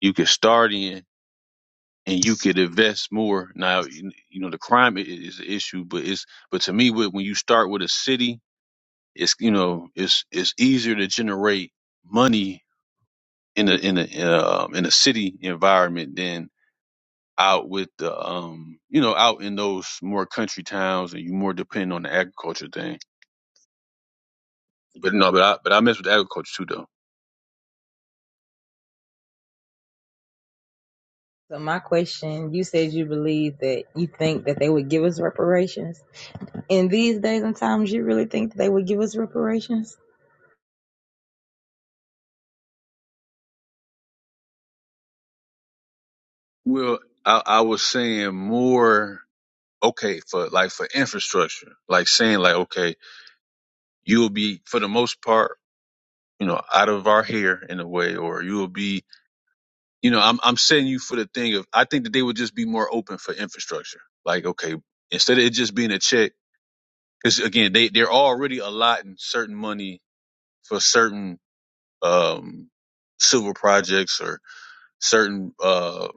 you could start in and you could invest more. Now, you you know, the crime i- is an issue, but it's but to me, when when you start with a city, it's you know, it's it's easier to generate money in a in a uh, in a city environment than out with the um you know out in those more country towns and you more depend on the agriculture thing. But no, but I but I mess with agriculture too though.
so my question you said you believe that you think that they would give us reparations in these days and times, you really think that they would give us reparations?
Well, I, I was saying more okay for like for infrastructure, like saying like okay you'll be for the most part you know, out of our hair in a way, or you will be, you know, I'm I'm setting you for the thing of I think that they would just be more open for infrastructure. Like, okay, instead of it just being a check, because again, they they're already allotting certain money for certain um civil projects or certain uh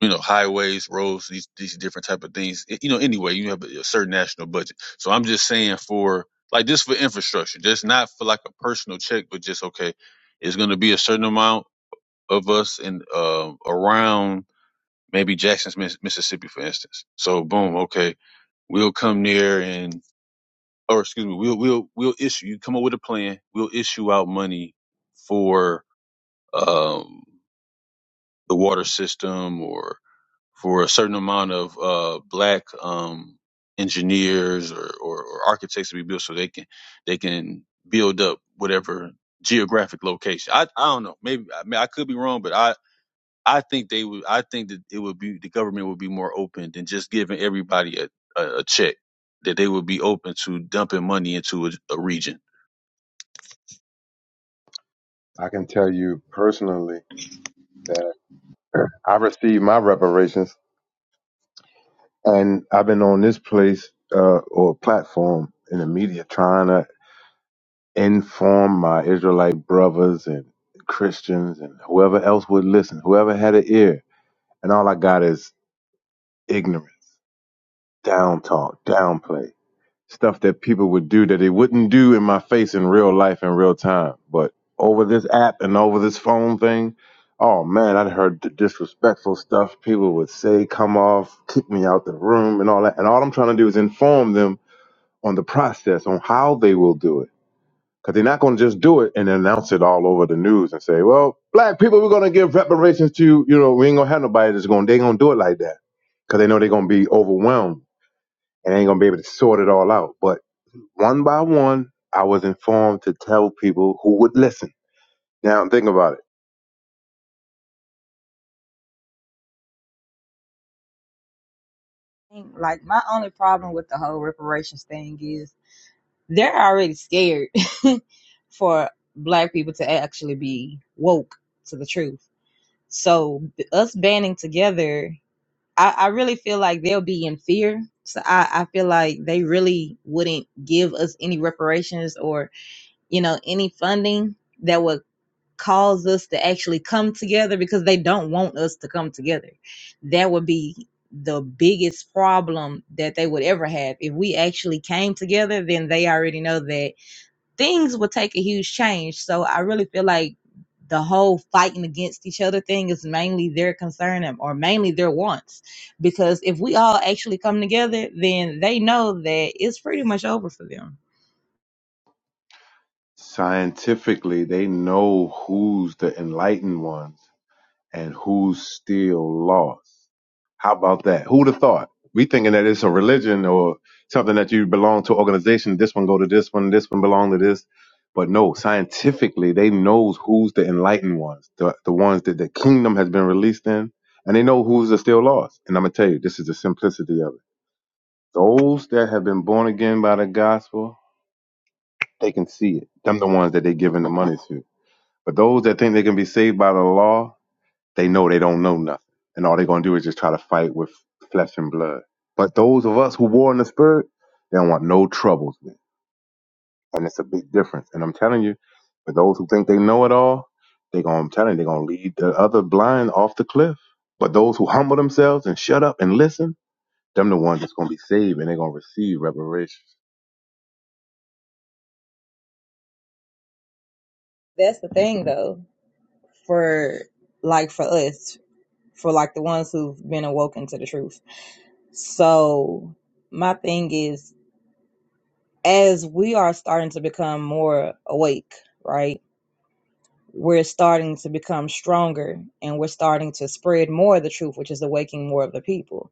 you know highways, roads, these these different type of things. It- you know, anyway, you have a certain national budget. So I'm just saying for like just for infrastructure, just not for like a personal check, but just okay, it's going to be a certain amount of us in uh, around maybe Jackson's Miss- Mississippi, for instance. So boom, okay, we'll come there and or excuse me, we'll we'll we'll issue you come up with a plan. We'll issue out money for um, the water system or for a certain amount of uh, black um, engineers or, or, or architects to be built so they can they can build up whatever geographic location. I I don't know. Maybe I mean I could be wrong, but I. I think they would. I think that it would be the government would be more open than just giving everybody a, a, a check. That they would be open to dumping money into a, a region.
I can tell you personally that <clears throat> I received my reparations, and I've been on this place uh, or platform in the media trying to inform my Israelite brothers and Christians and whoever else would listen, whoever had an ear, and all I got is ignorance, down talk, downplay. stuff that people would do that they wouldn't do in my face in real life in real time. But over this app and over this phone thing, oh man, I'd heard the disrespectful stuff people would say, come off, kick me out the room and all that. And all I'm trying to do is inform them on the process, on how they will do it. Because they're not going to just do it and announce it all over the news and say, well, black people, we're going to give reparations to, you know, we ain't going to have nobody that's going, to they going to do it like that. Because they know they're going to be overwhelmed and they ain't going to be able to sort it all out. But one by one, I was informed to tell people who would listen. Now, think about it.
Like, my only problem with the whole reparations thing is they're already scared <laughs> for black people to actually be woke to the truth. So, us banding together, I, I really feel like they'll be in fear. So, I, I feel like they really wouldn't give us any reparations or, you know, any funding that would. cause us to actually come together because they don't want us to come together. That would be the biggest problem that they would ever have. If we actually came together, then they already know that things would take a huge change. So I really feel like the whole fighting against each other thing is mainly their concern and- or mainly their wants. Because if we all actually come together, then they know that it's pretty much over for them.
Scientifically, they know who's the enlightened ones and who's still lost. How about that? Who'd have thought? We thinking that it's a religion or something that you belong to an organization. This one go to this one. This one belong to this. But no, scientifically, they knows who's the enlightened ones, the, the ones that the kingdom has been released in, and they know who's the still lost. And I'm gonna tell you, this is the simplicity of it. Those that have been born again by the gospel, they can see it. Them the ones that they giving the money to. But those that think they can be saved by the law, they know they don't know nothing. And all they're gonna do is just try to fight with flesh and blood. But those of us who war in the spirit, they don't want no troubles with. And it's a big difference. And I'm telling you, for those who think they know it all, they gonna I'm telling you, they're gonna lead the other blind off the cliff. But those who humble themselves and shut up and listen, them the ones that's gonna be saved and they're gonna receive reparations.
That's the thing though, for like for us, for like the ones who've been awoken to the truth. So my thing is, as we are starting to become more awake, right? We're starting to become stronger and we're starting to spread more of the truth, which is awakening more of the people.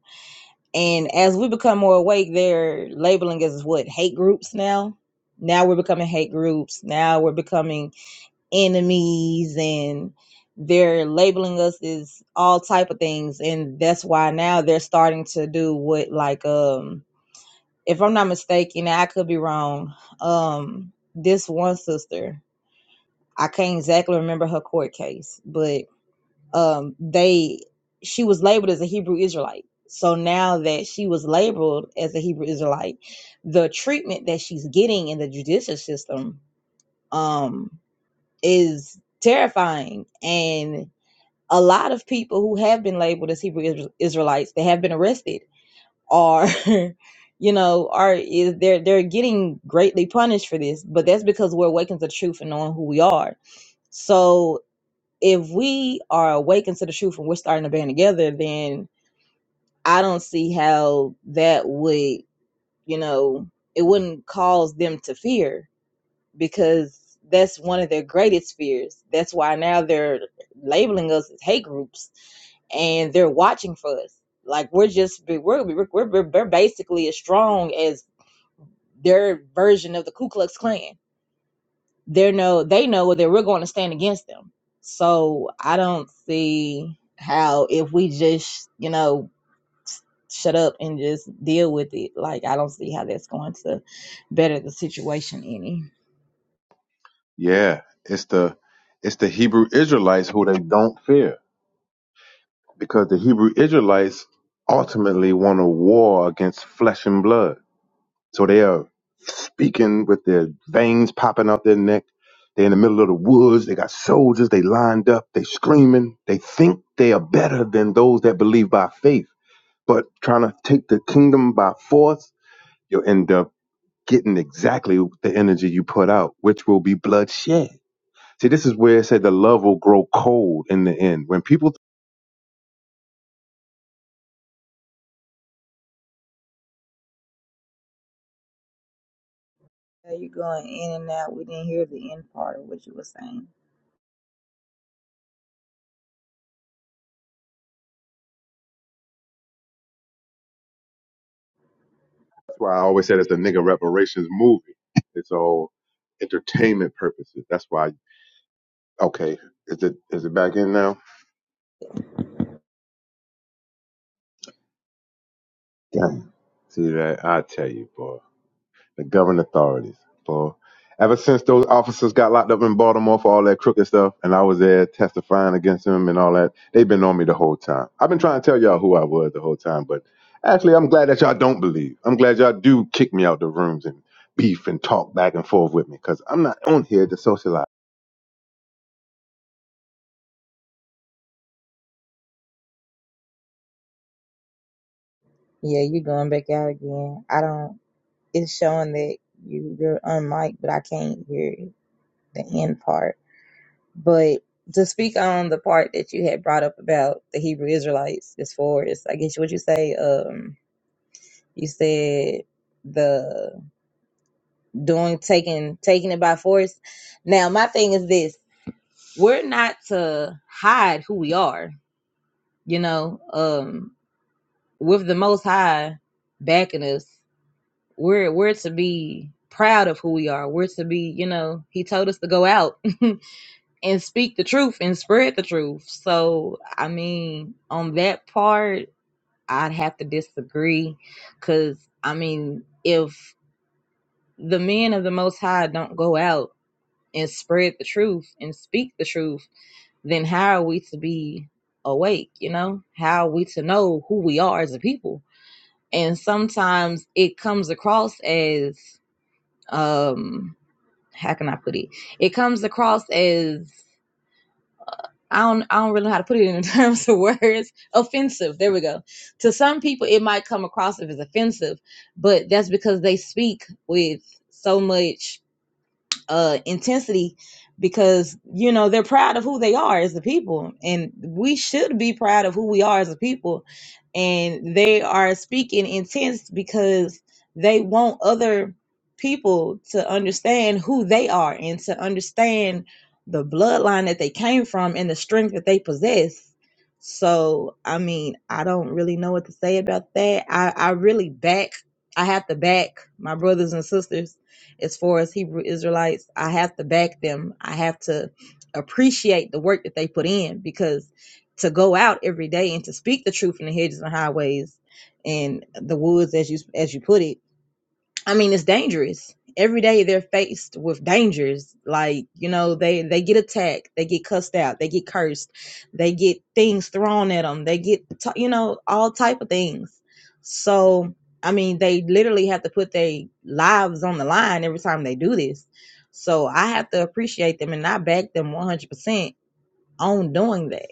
And as we become more awake, they're labeling us as what hate groups now. Now we're becoming hate groups. Now we're becoming enemies and they're labeling us as all type of things. And that's why now they're starting to do what like um if I'm not mistaken, I could be wrong, um, this one sister, I can't exactly remember her court case, but um, they she was labeled as a Hebrew Israelite. So now that she was labeled as a Hebrew Israelite, the treatment that she's getting in the judicial system um, is terrifying. And a lot of people who have been labeled as Hebrew Israelites, they have been arrested are <laughs> you know are is they're they're getting greatly punished for this but that's because we're awakened to the truth and knowing who we are so if we are awakened to the truth and we're starting to band together then i don't see how that would you know it wouldn't cause them to fear because that's one of their greatest fears. That's why now they're labeling us as hate groups and they're watching for us. Like we're just we're we're, we're, we're basically as strong as their version of the Ku Klux Klan. They know they know that we're going to stand against them. So I don't see how if we just you know shut up and just deal with it. Like I don't see how that's going to better the situation any.
Yeah, it's the it's the Hebrew Israelites who they don't fear because the Hebrew Israelites ultimately want a war against flesh and blood. So they are speaking with their veins popping out their neck. They're in the middle of the woods. They got soldiers. They lined up. They screaming. They think they are better than those that believe by faith. But trying to take the kingdom by force, you'll end up getting exactly the energy you put out, which will be bloodshed. See, this is where it said the love will grow cold in the end. When people,
Are you going in and out? We didn't hear the end part of what you were saying.
that's why I always said it's a nigga reparations movie. It's all entertainment purposes. That's why. Okay, is it is it back in now? Yeah. See that? I tell you, boy. the governing authorities. So ever since those officers got locked up in Baltimore for all that crooked stuff, and I was there testifying against them and all that, they've been on me the whole time. I've been trying to tell y'all who I was the whole time, but actually, I'm glad that y'all don't believe. I'm glad y'all do kick me out the rooms and beef and talk back and forth with me because I'm not on here to socialize.
Yeah, you're going back out again. I don't. it's showing that you, you're unmiked, but I can't hear the end part. But to speak on the part that you had brought up about the Hebrew Israelites as far as I guess what you say, um, you said the doing taking taking it by force. Now my thing is this we're not to hide who we are, you know, um with the most high backing us. We're we're to be proud of who we are. We're to be, you know, he told us to go out <laughs> and speak the truth and spread the truth. So, I mean, on that part, I'd have to disagree cuz I mean, if the men of the most high don't go out and spread the truth and speak the truth, then how are we to be awake, you know? How are we to know who we are as a people? And sometimes it comes across as um how can I put it? It comes across as I don't I don't really know how to put it in <laughs> terms of words. Offensive. There we go. To some people it might come across as offensive, but that's because they speak with so much uh intensity because you know they're proud of who they are as a people and we should be proud of who we are as a people and they are speaking intense because they want other people to understand who they are and to understand the bloodline that they came from and the strength that they possess so i mean i don't really know what to say about that i i really back i have to back my brothers and sisters as far as Hebrew Israelites. I have to back them. I have to appreciate the work that they put in because to go out every day and to speak the truth in the hedges and highways and the woods, as you as you put it, I mean, it's dangerous. Every day they're faced with dangers. Like, you know, they they get attacked, they get cussed out, they get cursed, they get things thrown at them, they get t- you know, all type of things. So, I mean, they literally have to put their lives on the line every time they do this. So, I have to appreciate them and I back them 100% on doing that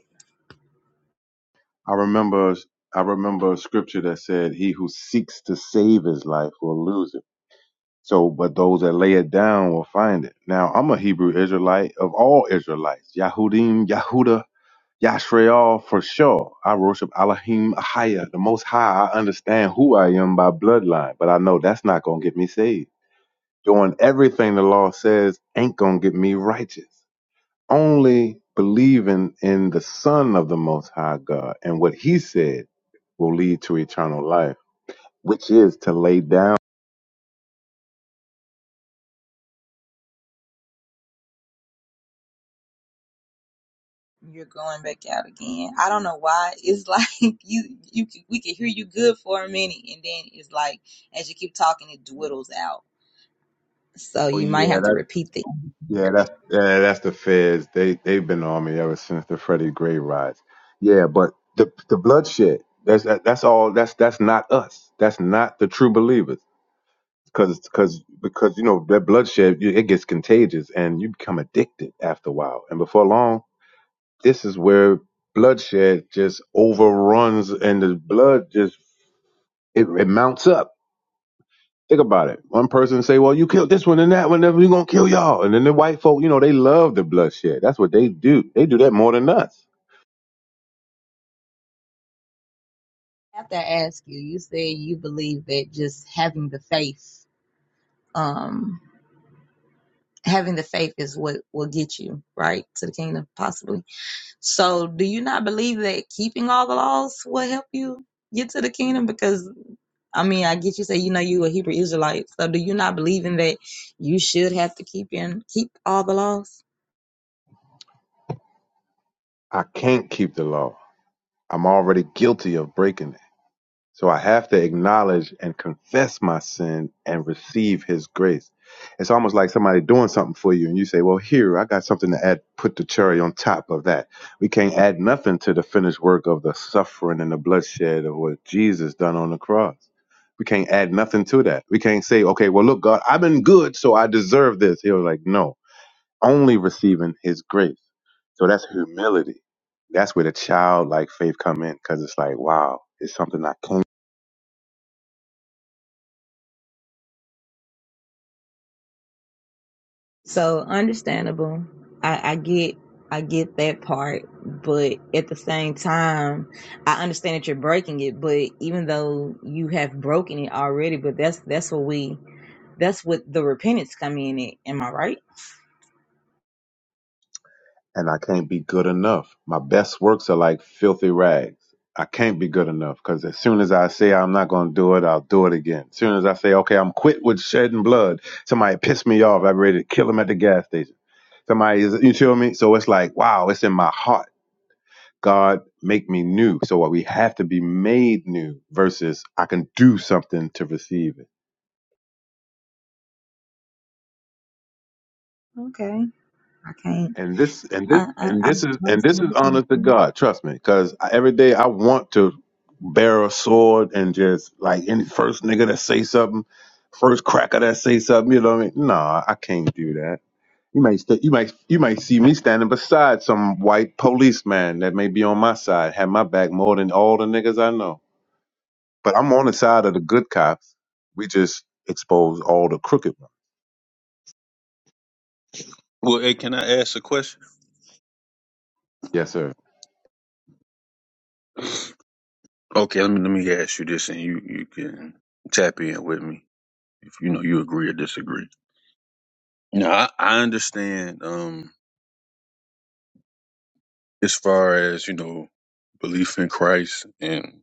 I remember. I remember a scripture that said, "He who seeks to save his life will lose it." So, but those that lay it down will find it. Now, I'm a Hebrew Israelite of all Israelites. Yahudim, Yahuda, Yashrael for sure. I worship Elohim Ahaya, the Most High. I understand who I am by bloodline, but I know that's not going to get me saved. Doing everything the law says ain't going to get me righteous. Only believing in the Son of the Most High God and what He said will lead to eternal life, which is to lay down.
you're going back out again. I don't know why. It's like <laughs> you, you, can- we can hear you good for a minute, and then it's like as you keep talking, it dwindles out. So
Oh,
you might have
yeah,
to repeat the
Yeah, that's yeah, that's the feds. They they've been on me ever since the Freddie Gray riots. Yeah, but the the bloodshed. That's that, that's all. That's that's not us. That's not the true believers. Because because because you know that bloodshed you- it gets contagious and you become addicted after a while. And before long, this is where bloodshed just overruns and the blood just it, it mounts up Think about it. One person say, "Well, you killed this one and that one, then we gonna kill y'all." And then the white folk, you know, they love the bloodshed. That's what they do. They do that more than us.
I have to ask you. You said you believe that just having the faith, um, having the faith is what will get you right to the kingdom, possibly. So, do you not believe that keeping all the laws will help you get to the kingdom? Because I mean, I get you say you know you a Hebrew Israelite. So do you not believe in that you should have to keep in keep all the laws?
I can't keep the law. I'm already guilty of breaking it. So I have to acknowledge and confess my sin and receive his grace. It's almost like somebody doing something for you and you say, well, here, I got something to add, put the cherry on top of that. We can't add nothing to the finished work of the suffering and the bloodshed of what Jesus done on the cross. We can't add nothing to that. We can't say, okay, well, look, God, I've been good, so I deserve this. He was like, no, only receiving his grace. So that's humility. That's where the childlike faith come in because it's like, wow, it's something I can't
So understandable. I, I get I get that part, but at the same time, I understand that you're breaking it, but even though you have broken it already, but that's that's what we that's what the repentance come in it. Am I right?
and I can't be good enough. My best works are like filthy rags. I can't be good enough because as soon as I say I'm not going to do it, I'll do it again. As soon as I say, okay, I'm quit with shedding blood, somebody pissed me off. I'm ready to kill him at the gas station. Somebody is, you feel me? So it's like, wow, it's in my heart. God, make me new. So we have to be made new versus I can do something to receive it.
Okay. I can't
and this and
I
this
I,
and
I
this
I'm
is and this is
coming
honest to
from.
God. Trust me, because every day I want to bear a sword and just like any first nigga that say something, first cracker that say something. You know what I mean? Nah, I can't do that. You may st- you might. you might see me standing beside some white policeman that may be on my side, have my back more than all the niggas I know. But I'm on the side of the good cops. We just expose all the crooked ones.
Well, hey, can I ask a question?
Yes, sir.
Okay, let me let me ask you this, and you you can tap in with me if you know you agree or disagree. Now, I, I understand um as far as you know belief in Christ and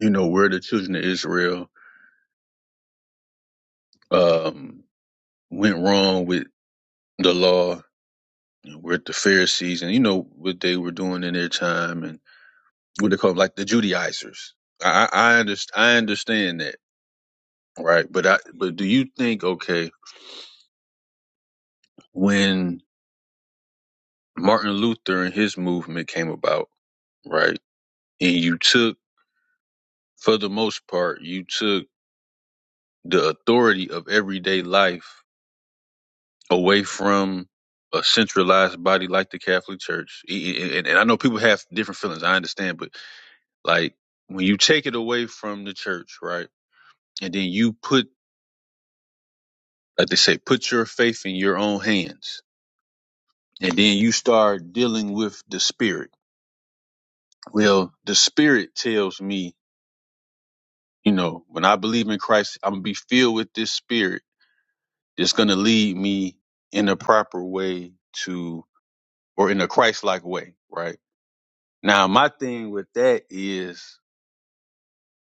you know where the children of Israel um went wrong with the law And we're at the Pharisees, and you know what they were doing in their time, and what they call like the Judaizers. I I, I, underst- I understand that, right? But I but do you think okay when Martin Luther and his movement came about, right? And you took, for the most part, you took the authority of everyday life away from a centralized body like the Catholic Church. E- e- And, and I know people have different feelings. I understand, but like when you take it away from the church, right? and then you put like they say put your faith in your own hands and then you start dealing with the spirit well the spirit tells me you know when i believe in christ i'm gonna be filled with this spirit that's gonna lead me in a proper way to or in a christ-like way right now my thing with that is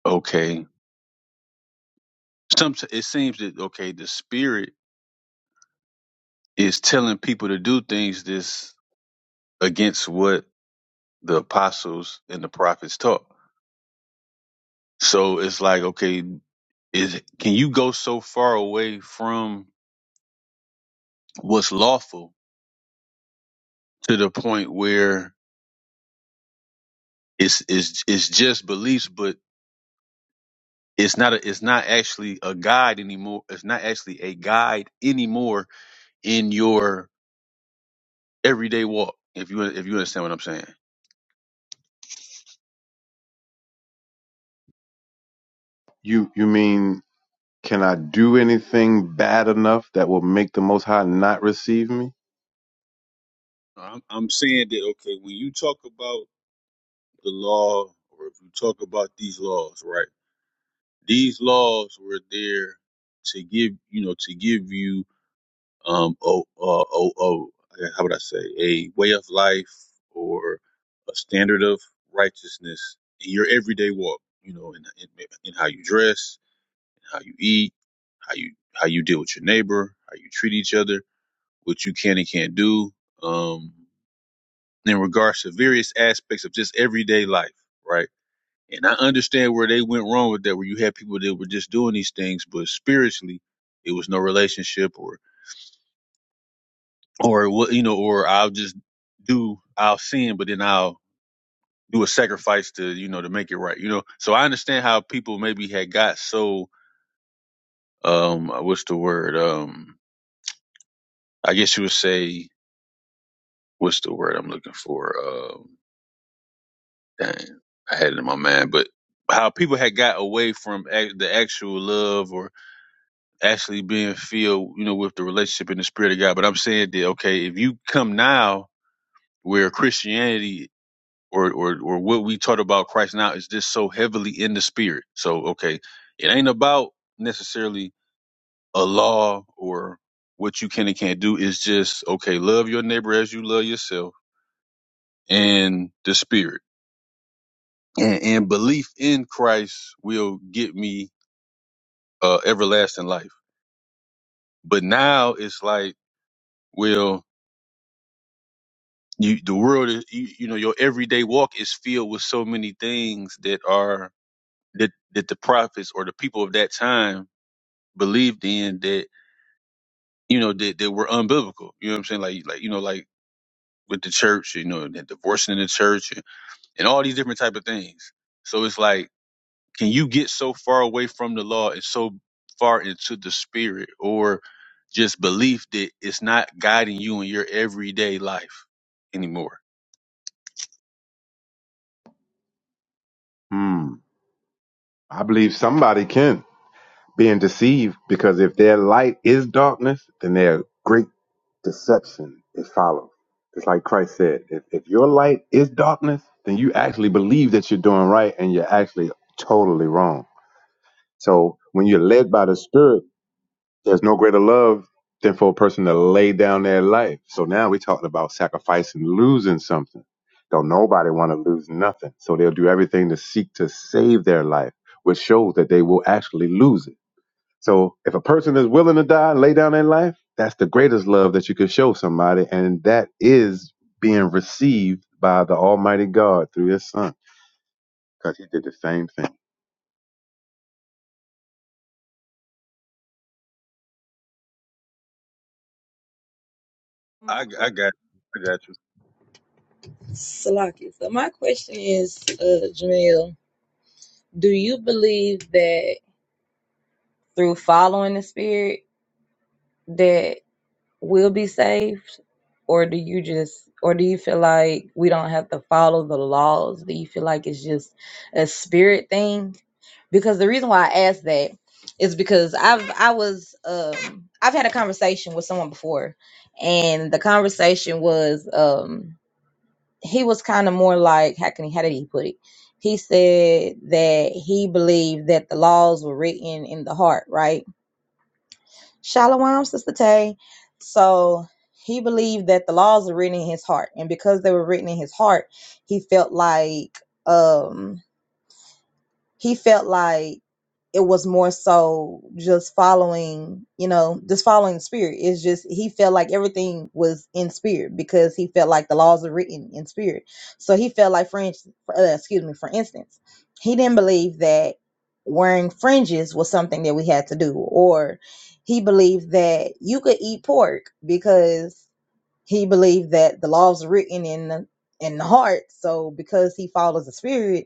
okay some it seems that okay the spirit is telling people to do things that's against what the apostles and the prophets taught So it's like, okay, is can you go so far away from what's lawful to the point where it's it's it's just beliefs, but it's not a, it's not actually a guide anymore. It's not actually a guide anymore in your everyday walk. If you if you understand what I'm saying,
You you mean Can I do anything bad enough that will make the Most High not receive me?
I'm, I'm saying that okay, when you talk about the law, or if you talk about these laws, right? These laws were there to give you know to give you um, oh, uh, oh, oh, how would I say, a way of life or a standard of righteousness in your everyday walk. You know, in, in in how you dress, how you eat, how you how you deal with your neighbor, how you treat each other, what you can and can't do, um, in regards to various aspects of just everyday life, right? And I understand where they went wrong with that, where you had people that were just doing these things, but spiritually, it was no relationship or what you know, or I'll just do I'll sin, but then I'll do a sacrifice to you know to make it right. You know, so I understand how people maybe had got so um uh, what's the word um I guess you would say what's the word I'm looking for um dang I had it in my mind, but how people had got away from ac- the actual love or actually being filled you know with the relationship in the spirit of God. But I'm saying that okay, if you come now where Christianity or or or what we taught about Christ now is just so heavily in the spirit. So okay, it ain't about necessarily a law or what you can and can't do. It's just okay, love your neighbor as you love yourself, and the spirit and, and belief in Christ will get me uh, everlasting life. But now it's like, well, you the world is you, you know your everyday walk is filled with so many things that are that that the prophets or the people of that time believed in that you know that, that were unbiblical. You know what I'm saying? Like like you know like with the church, you know, and the divorcing in the church and, and all these different type of things. So it's like, can you get so far away from the law and so far into the spirit or just belief that it's not guiding you in your everyday life anymore?
Hmm. I believe somebody can, being deceived, because if their light is darkness, then their great deception is followed. It's like Christ said, if, if your light is darkness, then you actually believe that you're doing right and you're actually totally wrong. So when you're led by the Spirit, There's no greater love than for a person to lay down their life. So now we're talking about sacrificing, losing something. Don't nobody want to lose nothing. So they'll do everything to seek to save their life, which shows that they will actually lose it. So if a person is willing to die and lay down their life, that's the greatest love that you can show somebody. And that is being received by the Almighty God through his son. Because he did the same thing.
I I got you. I got you.
I believe that through following the spirit will be saved or do you just or do you feel like we don't have to follow the laws do you feel like it's just a spirit thing because the reason why i asked that is because i've i was um i've had a conversation with someone before and the conversation was um he was kind of more like how can he how did he put it he said that he believed that the laws were written in the heart right Shalom, Sister Tay. So he believed that the laws were written in his heart, and because they were written in his heart, he felt like um he felt like it was more so just following, you know, just following the spirit. It's just he felt like everything was in spirit because he felt like the laws are written in spirit. So he felt like, for instance, uh, excuse me, for instance, he didn't believe that wearing fringes was something that we had to do, or he believed that you could eat pork because he believed that the laws are written in the in the heart. So because he follows the spirit,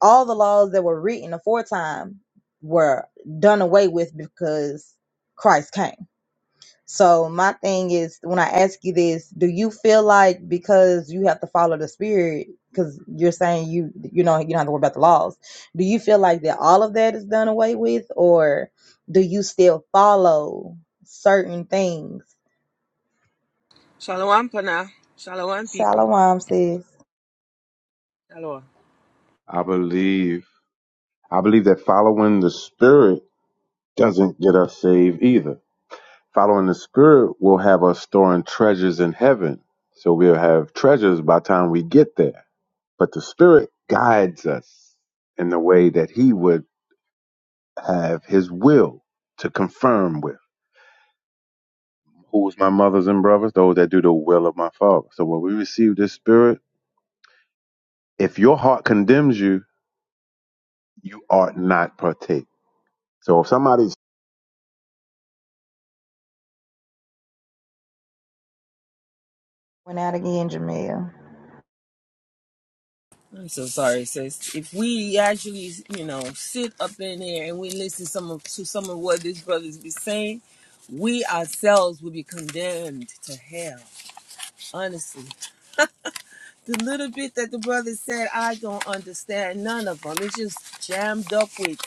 all the laws that were written aforetime were done away with because Christ came. So my thing is when I ask you this, do you feel like because you have to follow the spirit because you're saying you you know you don't have to worry about the laws. Do you feel like that all of that is done away with or do you still follow certain things?
Shalom, Pana. Shalom, people.
Shalom says
Hello.
I believe I believe that following the spirit doesn't get us saved either Following the Spirit will have us storing treasures in heaven. So we'll have treasures by the time we get there. But the Spirit guides us in the way that He would have His will to confirm with. Who is my mothers and brothers? Those that do the will of my Father. So when we receive this Spirit, if your heart condemns you, you ought not partake. So if somebody
went out again, Jamil.
I'm so sorry, sis. If we actually, you know, sit up in there and we listen some of, to some of what these brothers be saying, we ourselves will be condemned to hell. Honestly, the little bit that the brother said, I don't understand none of them. It's just jammed up with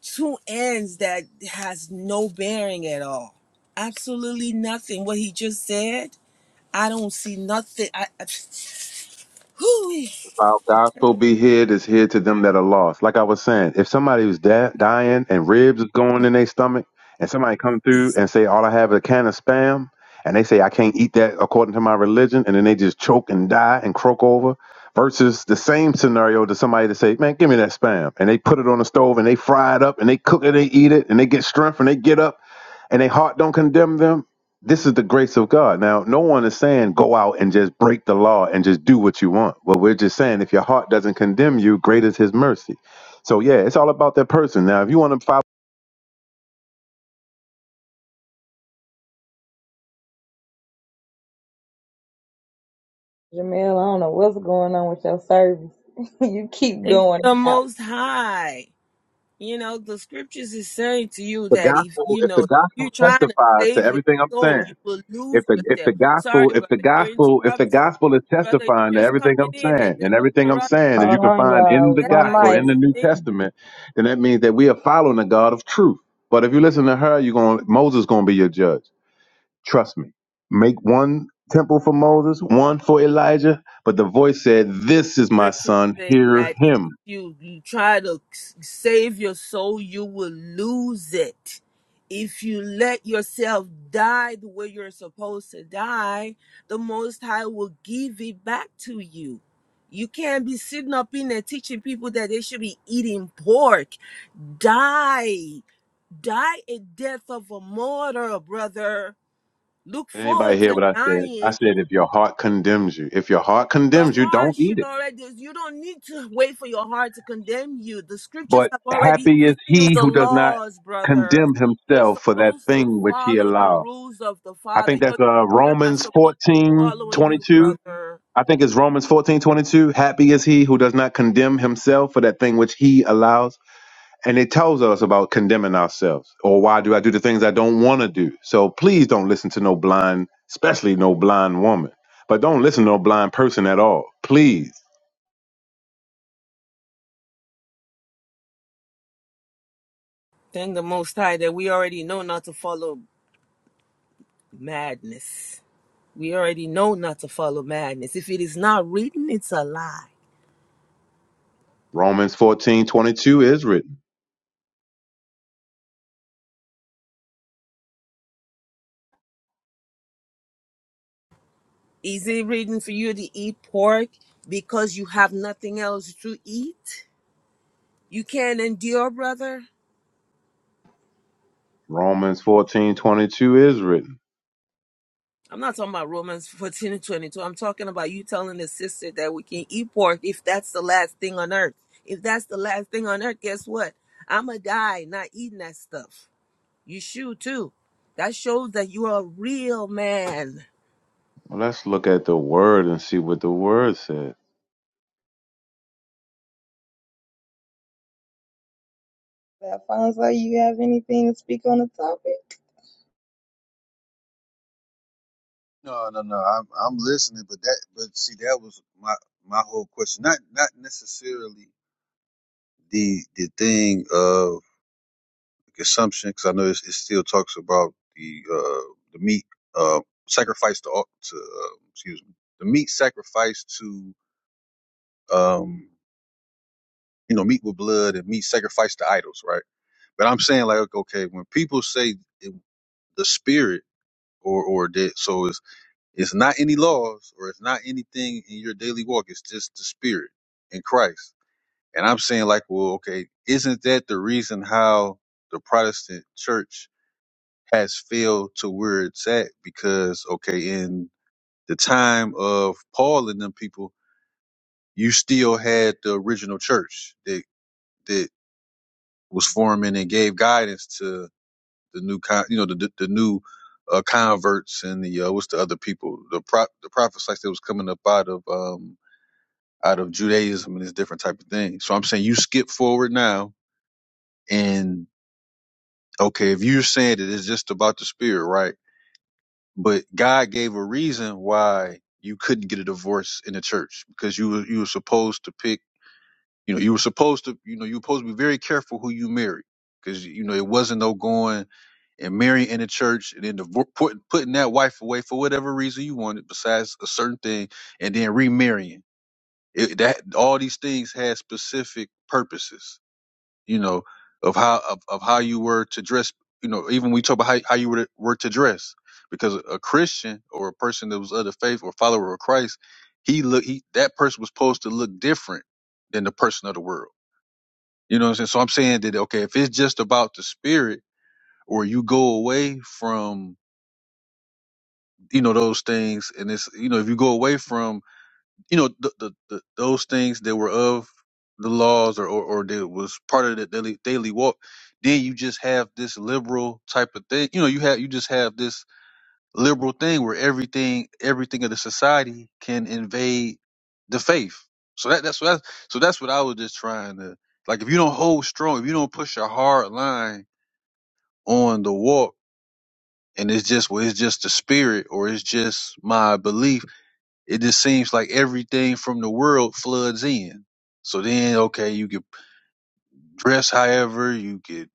two ends that has no bearing at all. Absolutely nothing. What he just said, I don't see nothing. I, I whew,
Our gospel be hid is hid to them that are lost. Like I was saying, if somebody was da- dying and ribs is going in their stomach, and somebody come through and say, "All I have is a can of spam," and they say, "I can't eat that according to my religion," and then they just choke and die and croak over, versus the same scenario to somebody to say, "Man, give me that spam," and they put it on the stove and they fry it up and they cook it, they eat it, and they get strength and they get up and their heart don't condemn them, this is the grace of God. Now, no one is saying go out and just break the law and just do what you want. Well, we're just saying if your heart doesn't condemn you, great is his mercy. So yeah, it's all about that person. Now, if you want to follow
Jamil, I don't know what's going on with your service. <laughs> you keep
It's
going
the
out.
most high. You know, the scriptures is saying to you
the
that if
gospel,
you
if
know
the
if you're
gospel
trying to
testifies to
save your
everything I'm
soul, you
saying,
will lose
if the if
yourself.
the gospel,
Sorry,
if
brother,
the
you're
gospel, if the
interrupted.
gospel is
Brother,
testifying to
you're just
everything
coming
I'm
in and
saying,
just
and everything I'm
interrupt.
saying, if you
Hold
can
on,
find in
y'all.
the
Is that
One
how
gospel,
you
in
mic.
the
do
New
things?
Testament, then that means that we are following the God of truth. But if you listen to her, you're going Moses gonna be your judge. Trust me. Make one temple for Moses, one for Elijah. But the voice said, This is my
scripture
son,
says
hear
that if
him.
you, you try to s- save your soul, you will lose it. If you let yourself die the way you're supposed to die, the Most High will give it back to you. You can't be sitting up in there teaching people that they should be eating pork. Die. Die a death of a martyr, brother. Look
Did
forward
anybody hear
to
what I said?
dying
I said, If your heart condemns you, if your heart
your
condemns you,
heart
don't eat
should
it.
already, you don't need to wait for your heart to condemn you. The scriptures
But
have already
happy is
given you
he
the
who does not
laws, brother.
condemn
You're
himself for that
supposed to
thing which he
follow the
allowed.
rules of the
I
Father.
think
Your
that's uh,
children are
Romans
supposed to be
fourteen
following
twenty
you,
two.
brother.
I think it's Romans fourteen twenty two. Happy is he who does not condemn himself for that thing which he allows. And it tells us about condemning ourselves or why do I do the things I don't want to do. So please don't listen to no blind, especially no blind woman. But don't listen to no blind person at all. Please.
Thank the Most High that we already know not to follow madness. We already know not to follow madness. If it is not written, it's a lie.
Romans fourteen twenty two is written.
Is it written for you to eat pork because you have nothing else to eat? You can't endure, brother?
Romans fourteen twenty two is written.
I'm not talking about Romans <laughs> 14 and 22. I'm talking about you telling the sister that we can eat pork if that's the last thing on earth. If that's the last thing on earth, guess what? I'm going to die not eating that stuff. You should too. That shows that you are a real man.
Well, let's look at the word and see what the word said.
Alfonso, you have anything to speak on the topic?
No, no, no. I'm I'm listening, but that but see that was my my whole question. Not not necessarily the the thing. of. assumption because I know it's, it still talks about the uh, the meat uh, sacrifice to au- to uh, excuse me the meat sacrificed to um, you know meat with blood and meat sacrificed to idols, right? But I'm saying like okay, when people say it, the spirit or or that, so it's it's not any laws or it's not anything in your daily walk. It's just the spirit in Christ. And I'm saying like, well, okay, isn't that the reason how the Protestant church has failed to where it's at because okay, in the time of Paul and them people, you still had the original church that that was forming and gave guidance to the new con- you know the the, the new uh, converts and the uh, what's the other people the pro- the prophets like that was coming up out of um out of Judaism and this different type of thing. So I'm saying you skip forward now and okay, if you're saying that it's just about the spirit, right? But God gave a reason why you couldn't get a divorce in the church because you were you were supposed to pick. You know, you were supposed to. You know, you were supposed to be very careful who you marry because you know it wasn't no going and marrying in the church and then divor- put, putting that wife away for whatever reason you wanted besides a certain thing and then remarrying. It, that all these things had specific purposes you know, of how of, of how you were to dress. You know, even we talk about how, how you were to, were to dress, because a Christian or a person that was of the faith or follower of Christ, he look he that person was supposed to look different than the person of the world. You know what I'm saying? So I'm saying that okay, if it's just about the spirit, or you go away from you know those things, and it's you know if you go away from you know the, the, the those things that were of the laws or, or or that was part of the daily daily walk then you just have this liberal type of thing you know you have you just have this liberal thing where everything everything of the society can invade the faith so that that's what I, so that's what I was just trying to like if you don't hold strong if you don't push a hard line on the walk and it's just well it's just the spirit or it's just my belief it just seems like everything from the world floods in. So then, okay, you could dress however, you could,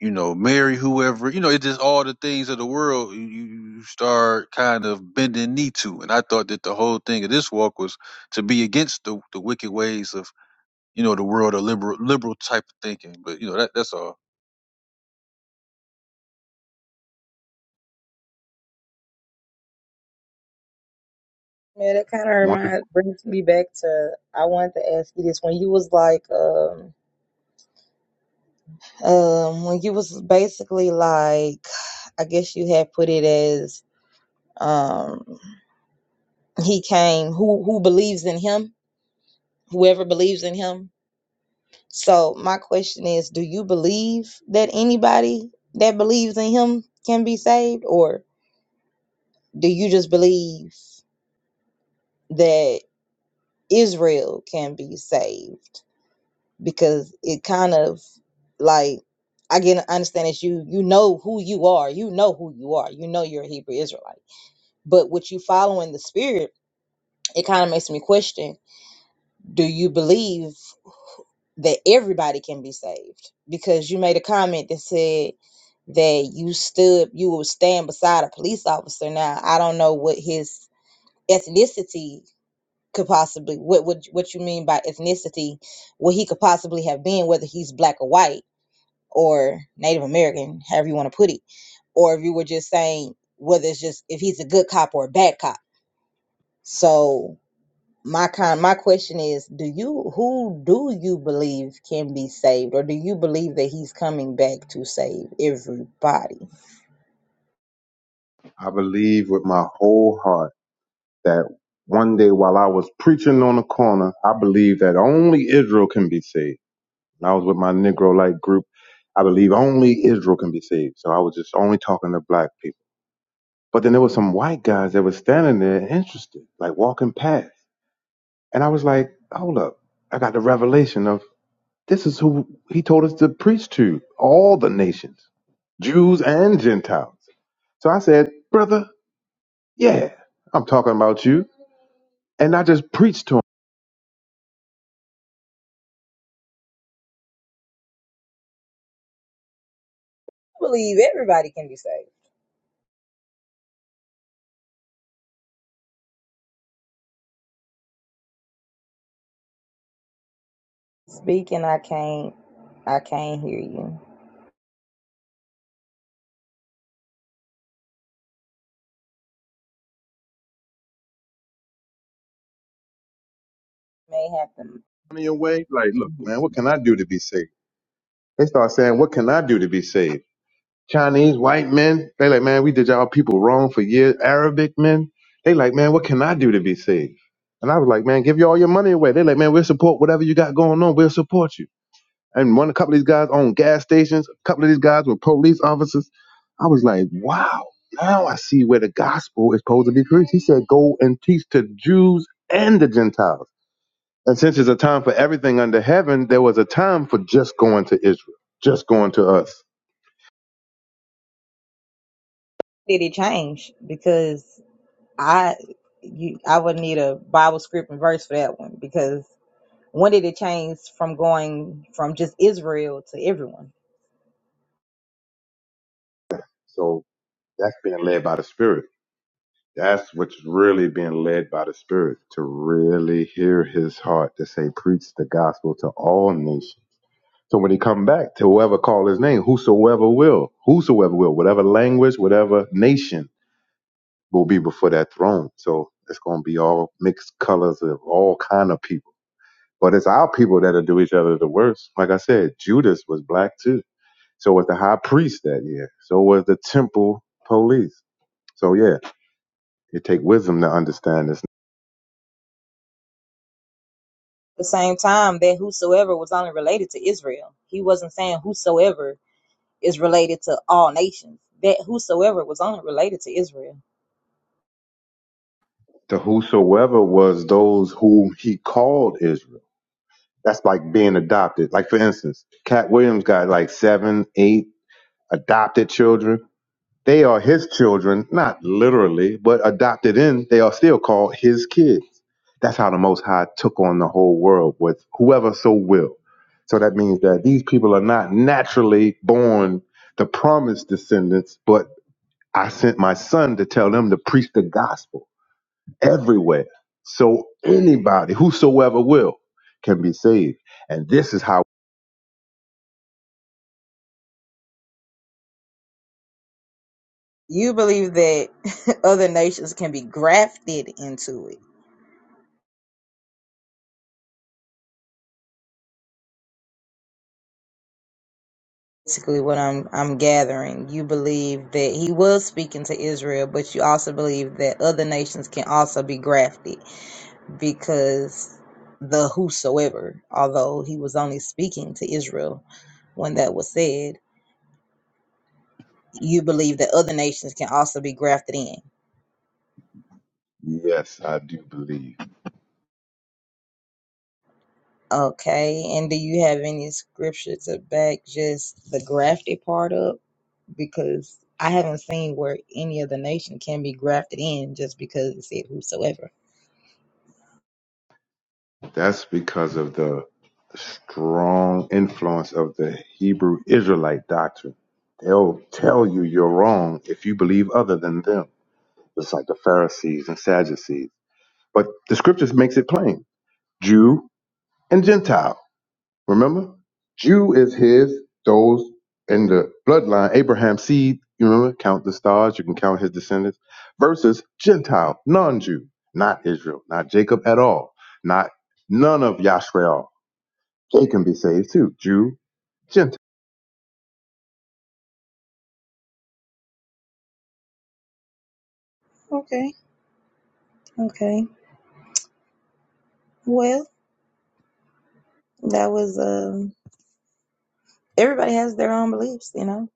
you know, marry whoever, you know, it just all the things of the world you, you start kind of bending knee to. And I thought that the whole thing of this walk was to be against the, the wicked ways of, you know, the world of liberal liberal type of thinking. But you know, that that's all.
Man, that kind of
One,
reminds brings me back to I wanted to ask you this when you was like um um when you was basically like I guess you had put it as um he came who who believes in him whoever believes in him So my question is, do you believe that anybody that believes in him can be saved or do you just believe that Israel can be saved? Because it kind of like I get understand that you you know who you are. You know who you are. You know you're a Hebrew Israelite. But what you follow in the spirit, it kind of makes me question, do you believe that everybody can be saved because you made a comment that said that you stood you would stand beside a police officer now i don't know what his ethnicity could possibly what what, what you mean by ethnicity what he could possibly have been whether he's black or white or native american however you want to put it or if you were just saying whether it's just if he's a good cop or a bad cop so my con my question is do you who do you believe can be saved or do you believe that he's coming back to save everybody i
I believe with my whole heart that one day while I was preaching on the corner, I believed that only Israel can be saved. When I was with my Negro like group, I believe only Israel can be saved. So I was just only talking to black people. But then there was some white guys that were standing there interested, like walking past. And I was like, hold up. I got the revelation of this is who he told us to preach to all the nations, Jews and Gentiles. So I said, brother, yeah, I'm talking about you. And I just preached to him
believe everybody can be saved speaking i can't i can't hear you may have to
in your way, like, look, man, what can I do to be saved? They start saying, what can I do to be saved? Chinese, white men, they like, man, we did y'all people wrong for years. Arabic men, they like, man, what can I do to be saved? And I was like, man, give you all your money away. They like, man, we'll support whatever you got going on. We'll support you. And one, a couple of these guys own gas stations. A couple of these guys were police officers. I was like, wow, now I see where the gospel is supposed to be preached. He said, go and teach to Jews and the Gentiles. And since it's a time for everything under heaven, there was a time for just going to Israel, just going to us.
did it change because i you i would need a bible script and verse for that one because when did it change from going from just israel to everyone
So That's being led by the Spirit. That's what's really being led by the Spirit to really hear His heart to say, preach the gospel to all nations. So when He come back, to whoever call His name, whosoever will, whosoever will, whatever language, whatever nation will be before that throne. So it's going to be all mixed colors of all kind of people. But it's our people that'll do each other the worst. Like I said, Judas was black too. So was the high priest that year. So was the temple police. So yeah, It take wisdom to understand this.
the same time that whosoever was only related to israel he wasn't saying whosoever is related to all nations. That whosoever was on it related to Israel.
To whosoever was those whom he called Israel. That's like being adopted. Like for instance, Cat Williams got like seven, eight adopted children. They are his children, not literally, but adopted in. They are still called his kids. That's how the Most High took on the whole world with whoever so will. So that means that these people are not naturally born the promised descendants, but I sent my son to tell them to preach the gospel everywhere. So anybody, whosoever will, can be saved. And this is how,
You believe that <laughs> other nations can be grafted into it. Basically, what I'm I'm gathering, you believe that he was speaking to Israel, but you also believe that other nations can also be grafted because the whosoever, although he was only speaking to Israel when that was said, you believe that other nations can also be grafted in.
yes, I do believe.
Okay, and do you have any scripture to back just the grafted part up? Because I haven't seen where any other nation can be grafted in just because it said whosoever.
That's because of the strong influence of the Hebrew Israelite doctrine. They'll tell you you're wrong if you believe other than them. It's like the Pharisees and Sadducees. But the scriptures makes it plain. Jew and Gentile. Remember? Jew is his, those in the bloodline, Abraham's seed, you remember? Count the stars, you can count his descendants, versus Gentile, non Jew, not Israel, not Jacob at all, not none of Yashrael. They can be saved too, Jew, Gentile.
Okay, okay. Well, that was um everybody has their own beliefs, you know.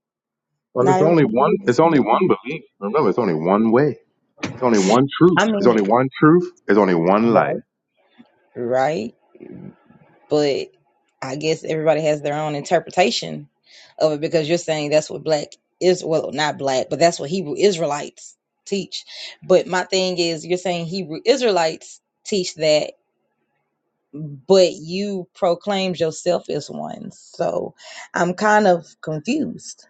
Well,
Not
it's only
everybody
one,
believes the
it's only
same
one
thing.
belief. Remember, it's only one way. It's only one truth.
I
It's
mean,
only one truth. It's only one
right,
life.
right, but I guess everybody has their own interpretation of it because you're saying that's what black is well, not black, but that's what Hebrew Israelites teach. But my thing is, you're saying Hebrew Israelites teach that, but you proclaimed yourself as one. So I'm kind of confused.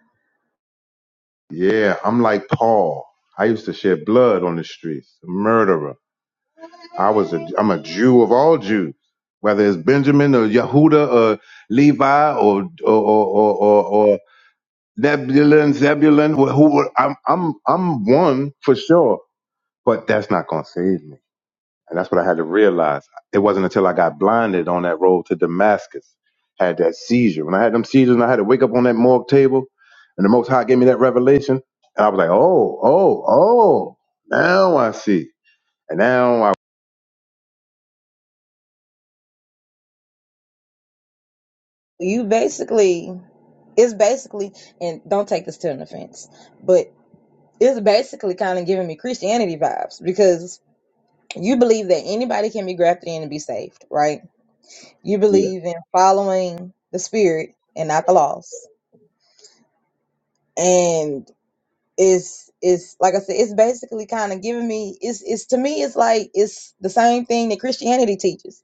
Yeah, I'm like Paul. I used to shed blood on the streets, murderer I was a I'm a Jew of all Jews, whether it's Benjamin or Yehuda or Levi or or or or, or, or Nebulun, Zebulun, who, who I'm I'm I'm one for sure, but that's not gonna save me, and that's what I had to realize. It wasn't until I got blinded on that road to Damascus, had that seizure. When I had them seizures, and I had to wake up on that morgue table, and the Most High gave me that revelation, and I was like, oh, oh, oh, now I see, and now
You basically, it's basically, and don't take this to an offense, but it's basically kind of giving me Christianity vibes because you believe that anybody can be grafted in and be saved, right? You
I.
believe in following the spirit and not the laws. And Is is like I said, it's basically kind of giving me it's it's to me it's like it's the same thing that Christianity teaches.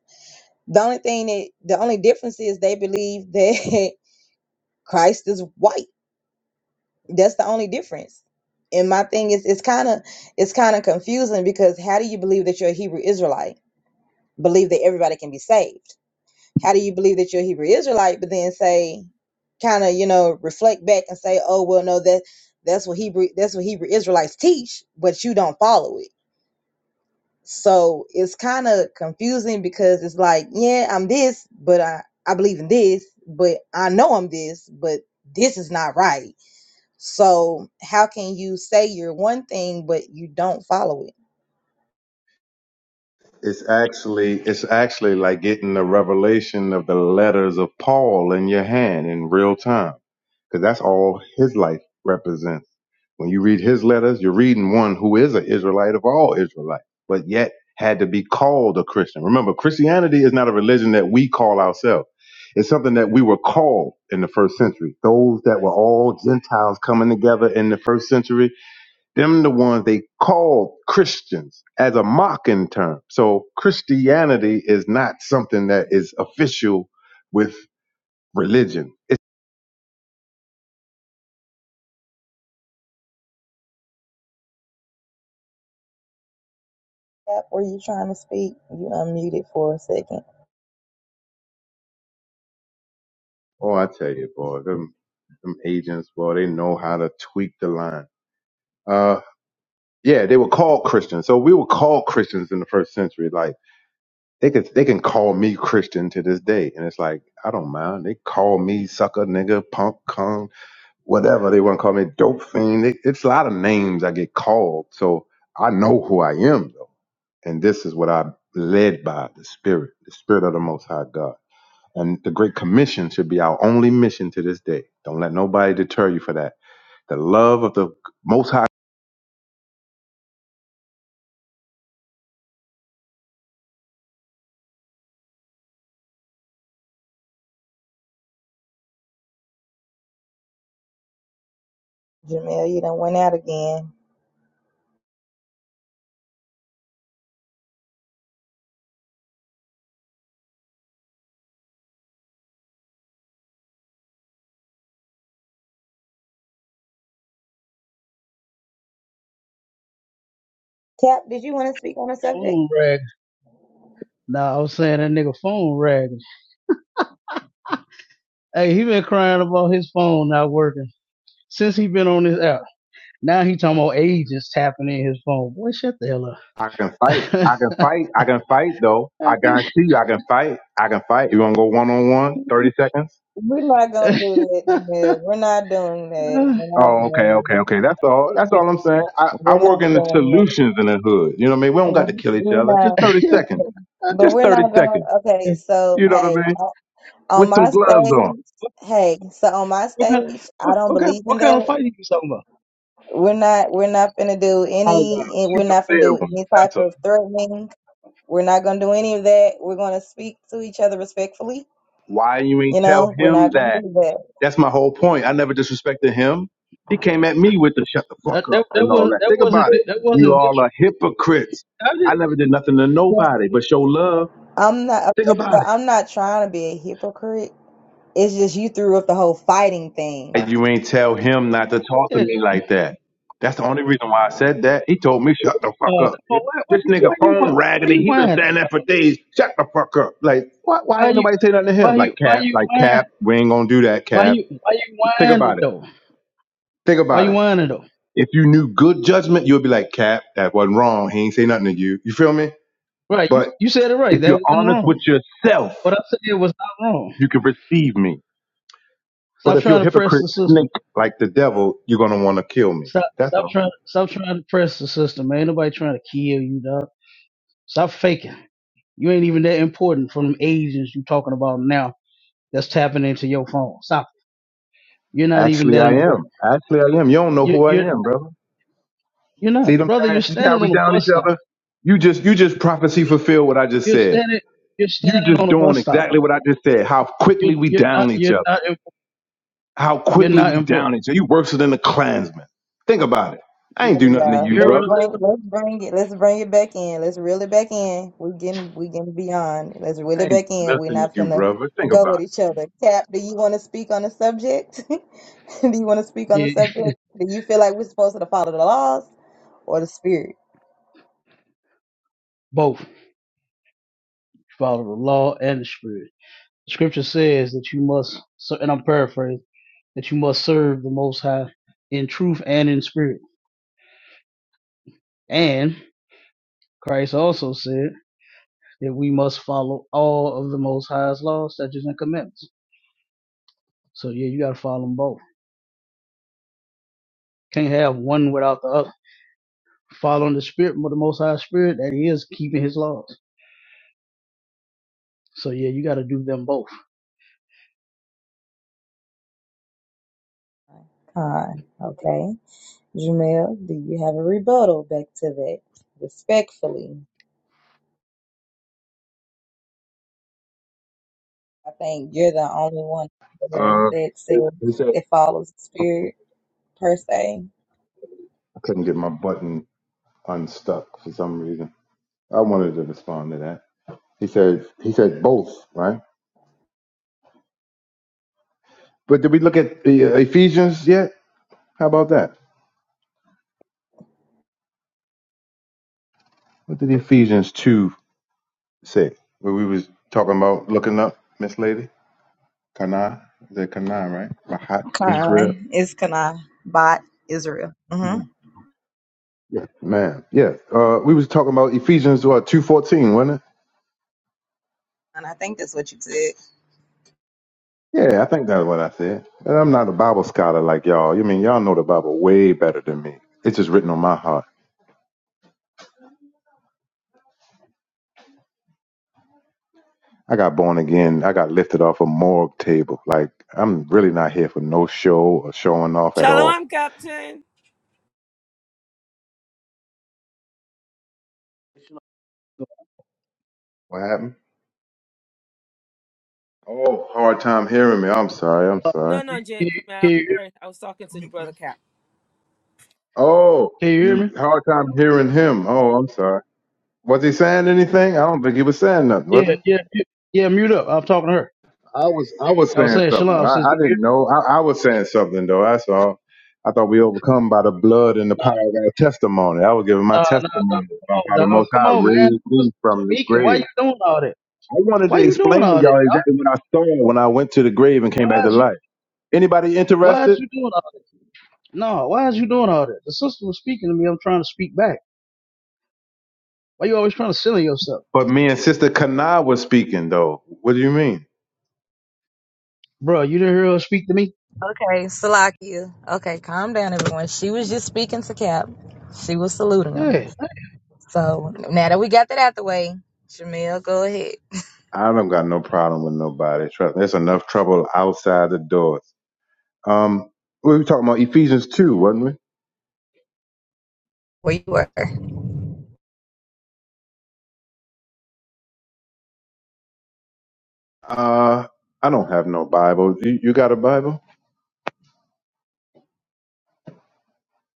The only thing that the only difference is they believe that <laughs> Christ is white. That's the only difference. And my thing is it's kind of it's kind of confusing because how do you believe that you're a Hebrew Israelite? Believe that everybody can be saved. how do you believe that you're a Hebrew Israelite, but then say, kind of, you know, reflect back and say, oh, well, no, that that's what Hebrew that's what Hebrew Israelites teach, but you don't follow it. So it's kind of confusing because it's like, yeah, I'm this, but I I believe in this, but I know I'm this, but this is not right. So how can you say you're one thing but you don't follow it?
It's actually it's actually like getting the revelation of the letters of Paul in your hand in real time because that's all his life represents. When you read his letters, you're reading one who is an Israelite of all Israelites, but yet had to be called a Christian. Remember, Christianity is not a religion that we call ourselves. It's something that we were called in the first century. Those that were all Gentiles coming together in the first century them the ones they called Christians as a mocking term. So Christianity is not something that is official with religion. It's,
Cap, were you trying to speak? You unmuted for a second.
oh, I tell you, boy, them them agents, boy, they know how to tweak the line. Uh, yeah, they were called Christians. So we were called Christians in the first century. Like they could, they can call me Christian to this day, and it's like I don't mind. They call me sucker, nigga, punk, cum, whatever they want to call me, dope fiend. It, it's a lot of names I get called, so I know who I am though, and this is what I'm led by the Spirit, the Spirit of the Most High God, and the Great Commission should be our only mission to this day. Don't let nobody deter you for that. The love of the Most High.
Jamel, you done went out again. Cap, speak on the subject.
phone ragging? Nah, I was saying that nigga phone ragging. Hey, he been crying about his phone not working since he been on this app. Now he talking about agents tapping in his phone. Boy, shut the hell
I can fight.
up.
I
<laughs>
can fight. I can fight though. I
what,
guarantee you, I can fight. I can fight. You want to go one on one, 30 seconds?
We're not gonna do that, Jamel. We're not doing that. We're not
Oh, okay,
doing
okay,
that.
okay. That's all. That's all I'm saying. I, I
We're
work
not
in the
doing that.
solutions in the hood. You know what I mean? We don't
We're
got to
not.
kill each
we're
other. Just
not-
30 seconds.
But
Just
we're
30
not going.
seconds.
Okay, so
You know what
hey,
I mean?
on on
With some
my
gloves on.
stage, hey, so on my
what, kind,
stage, I
what,
don't
what kind?
believe in
What kind of
that.
fight are you talking about?
We're not. We're not gonna do
Oh, woman.
any. We're
Shoot the
not gonna
fair
do
woman.
any type
That's a,
of threatening. We're not going to do any of that. We're going to speak to each other respectfully.
why you ain't
You
tell
know, we're
him
not going to
that.
do that.
That's my whole point. I never disrespected him. He came at me with the shut the fuck
That that,
up
that
and all
was
that.
that
Think
wasn't
about it.
that
You
wasn't this.
all are hypocrites. I never did nothing to nobody but show love.
I'm not.
Think about it.
I'm not trying to be a hypocrite. It's just you threw up the whole fighting thing.
And you ain't tell him not to talk to
Yeah.
me like that. That's the only reason why I said that. He told me, shut the fuck
Oh
up.
come on! Why, why
This
you
nigga
why you why
phone raggedy.
you
He been
whining?
saying that for
dog?
days. Shut the fuck up. Like, what? why
Why
ain't
you
nobody say nothing to him?
why you
Like,
why
Cap,
you
like,
whining?
Cap, we ain't gonna do that,
Why
Cap.
you why you
Think
whining
about it.
though?
Think
Why you
about it.
whining though?
If you knew good judgment, you would be like, Cap, that wasn't wrong. He ain't say nothing to you. You feel me?
Right. You
But
you said it right.
if
That
you're
wasn't
honest with
wrong.
yourself,
What I said was not wrong.
you can receive me. But
Stop
if you're a
trying to press
hypocrite
the system.
snake like the devil, you're gonna wanna kill me.
Stop
That's
stop
all.
trying stop trying to press the system, man. Ain't nobody trying to kill you, dog. Stop faking. You ain't even that important from them agents you talking about now that's tapping into your phone. Stop. it. You're not even
Actually,
that
I am.
important.
Actually, I am. You don't know
You
who I
you're not
am, brother.
you're
See
not.
them?
Brother, you're
saying? See how
standing
we
on a
down each
bus stop.
other? You just, you just prophecy fulfill what I just
You're
said.
standing you're
You
standing
just
on a
doing
bus stop, bro.
exactly what I just said. How quickly
You're
we
you're not
down each
you're
other.
not imp-
How
you're
quickly
not
we down
important.
each other. You worse than the Klansman. Think about it. I
You,
ain't do nothing to
Yeah,
you,
you hear
let's
what I'm
brother.
bring let's bring it let's bring it back in. Let's reel it back in. We getting we getting beyond. Let's reel
I
it
ain't
back
do
in. We're
nothing to
not
you,
finna
brother. Think
go
about
at each other. Cap, do you want to speak on the subject? <laughs> do you want to speak on the
saying? Yeah,
subject? Do you feel like we're supposed to follow the laws or the spirit?
<laughs> both. Follow the law and the spirit. Scripture says that you must, so, and I'm paraphrasing, that you must serve the Most High in truth and in spirit. And Christ also said that we must follow all of the Most High's laws, statutes, and commandments. So yeah, you got to follow them both. Can't have one without the other. Following the Spirit, the Most High Spirit, that is keeping His laws. So yeah, you got to do them both.
Con, okay. Jamel, do you have a rebuttal back to that? Respectfully, I think you're the only one
it.
there
Uh,
that says
he said,
that follows the
I
spirit per se.
couldn't get my button unstuck for some reason. I wanted to respond to that. He said, he said both, right? But did we look at the uh, Ephesians yet? How about that? What did Ephesians two say? Where we was talking about looking up Miss Lady Kana, is that Kana, right? Rahat Israel.
Kind is Kanai bot Israel. hmm
Yeah, man. Yeah, uh, we was talking about Ephesians what two fourteen, wasn't it?
And I think that's what you said.
Yeah, I think that's what I said. And I'm not a Bible scholar like y'all. You mean y'all know the Bible way better than me? It's just written on my heart. I got born again. I got lifted off a morgue table. Like I'm really not here for no show or showing off at all.
Shalom, Captain.
What happened? Oh, hard time hearing me. I'm sorry. I'm sorry.
No, no,
Can
Jam-
you, can
Jamal.
you, hear-
Sorry, I was talking to the brother <laughs> Cap.
Oh,
can you hear
you
me?
hard time hearing him. Oh, I'm sorry. Was he saying anything? I don't think he was saying nothing, was he?
Yeah, yeah, yeah, yeah, mute up. I'm talking to her.
I was I was
I was
saying
saying,
something.
Shalom, sis.
I, I didn't know. I, I was saying something though. That's all. I thought we overcome by the blood and the power of our testimony. I was giving my
No, no, no.
testimony
Come
about
on,
how the
dog.
Most
Come
High
on, man.
raised
Just
me from the
speaking. Why you
grave.
doing all that?
I wanted
Why
to
you doing
explain to
all that,
y'all
dog?
exactly what I saw when I went to the grave and came
Why
back to
is you
life. Anybody
why is
interested?
you doing all that? No, why is you doing all that? The sister was speaking to me, I'm trying to speak back. Why you always trying to silly yourself?
But me and Sister Kana was speaking though. What do you mean?
Bro, you didn't hear her speak to me?
Okay, Salakia. Okay, calm down, everyone. She was just speaking to Cap. She was saluting him.
Hey, I
So now that we got that out the way, Jamel, go ahead.
I don't got no problem with nobody. Trust- There's enough trouble outside the doors. Um, we were talking about Ephesians two, wasn't we?
Where you were.
Uh, I don't have no Bible. You, you got a Bible?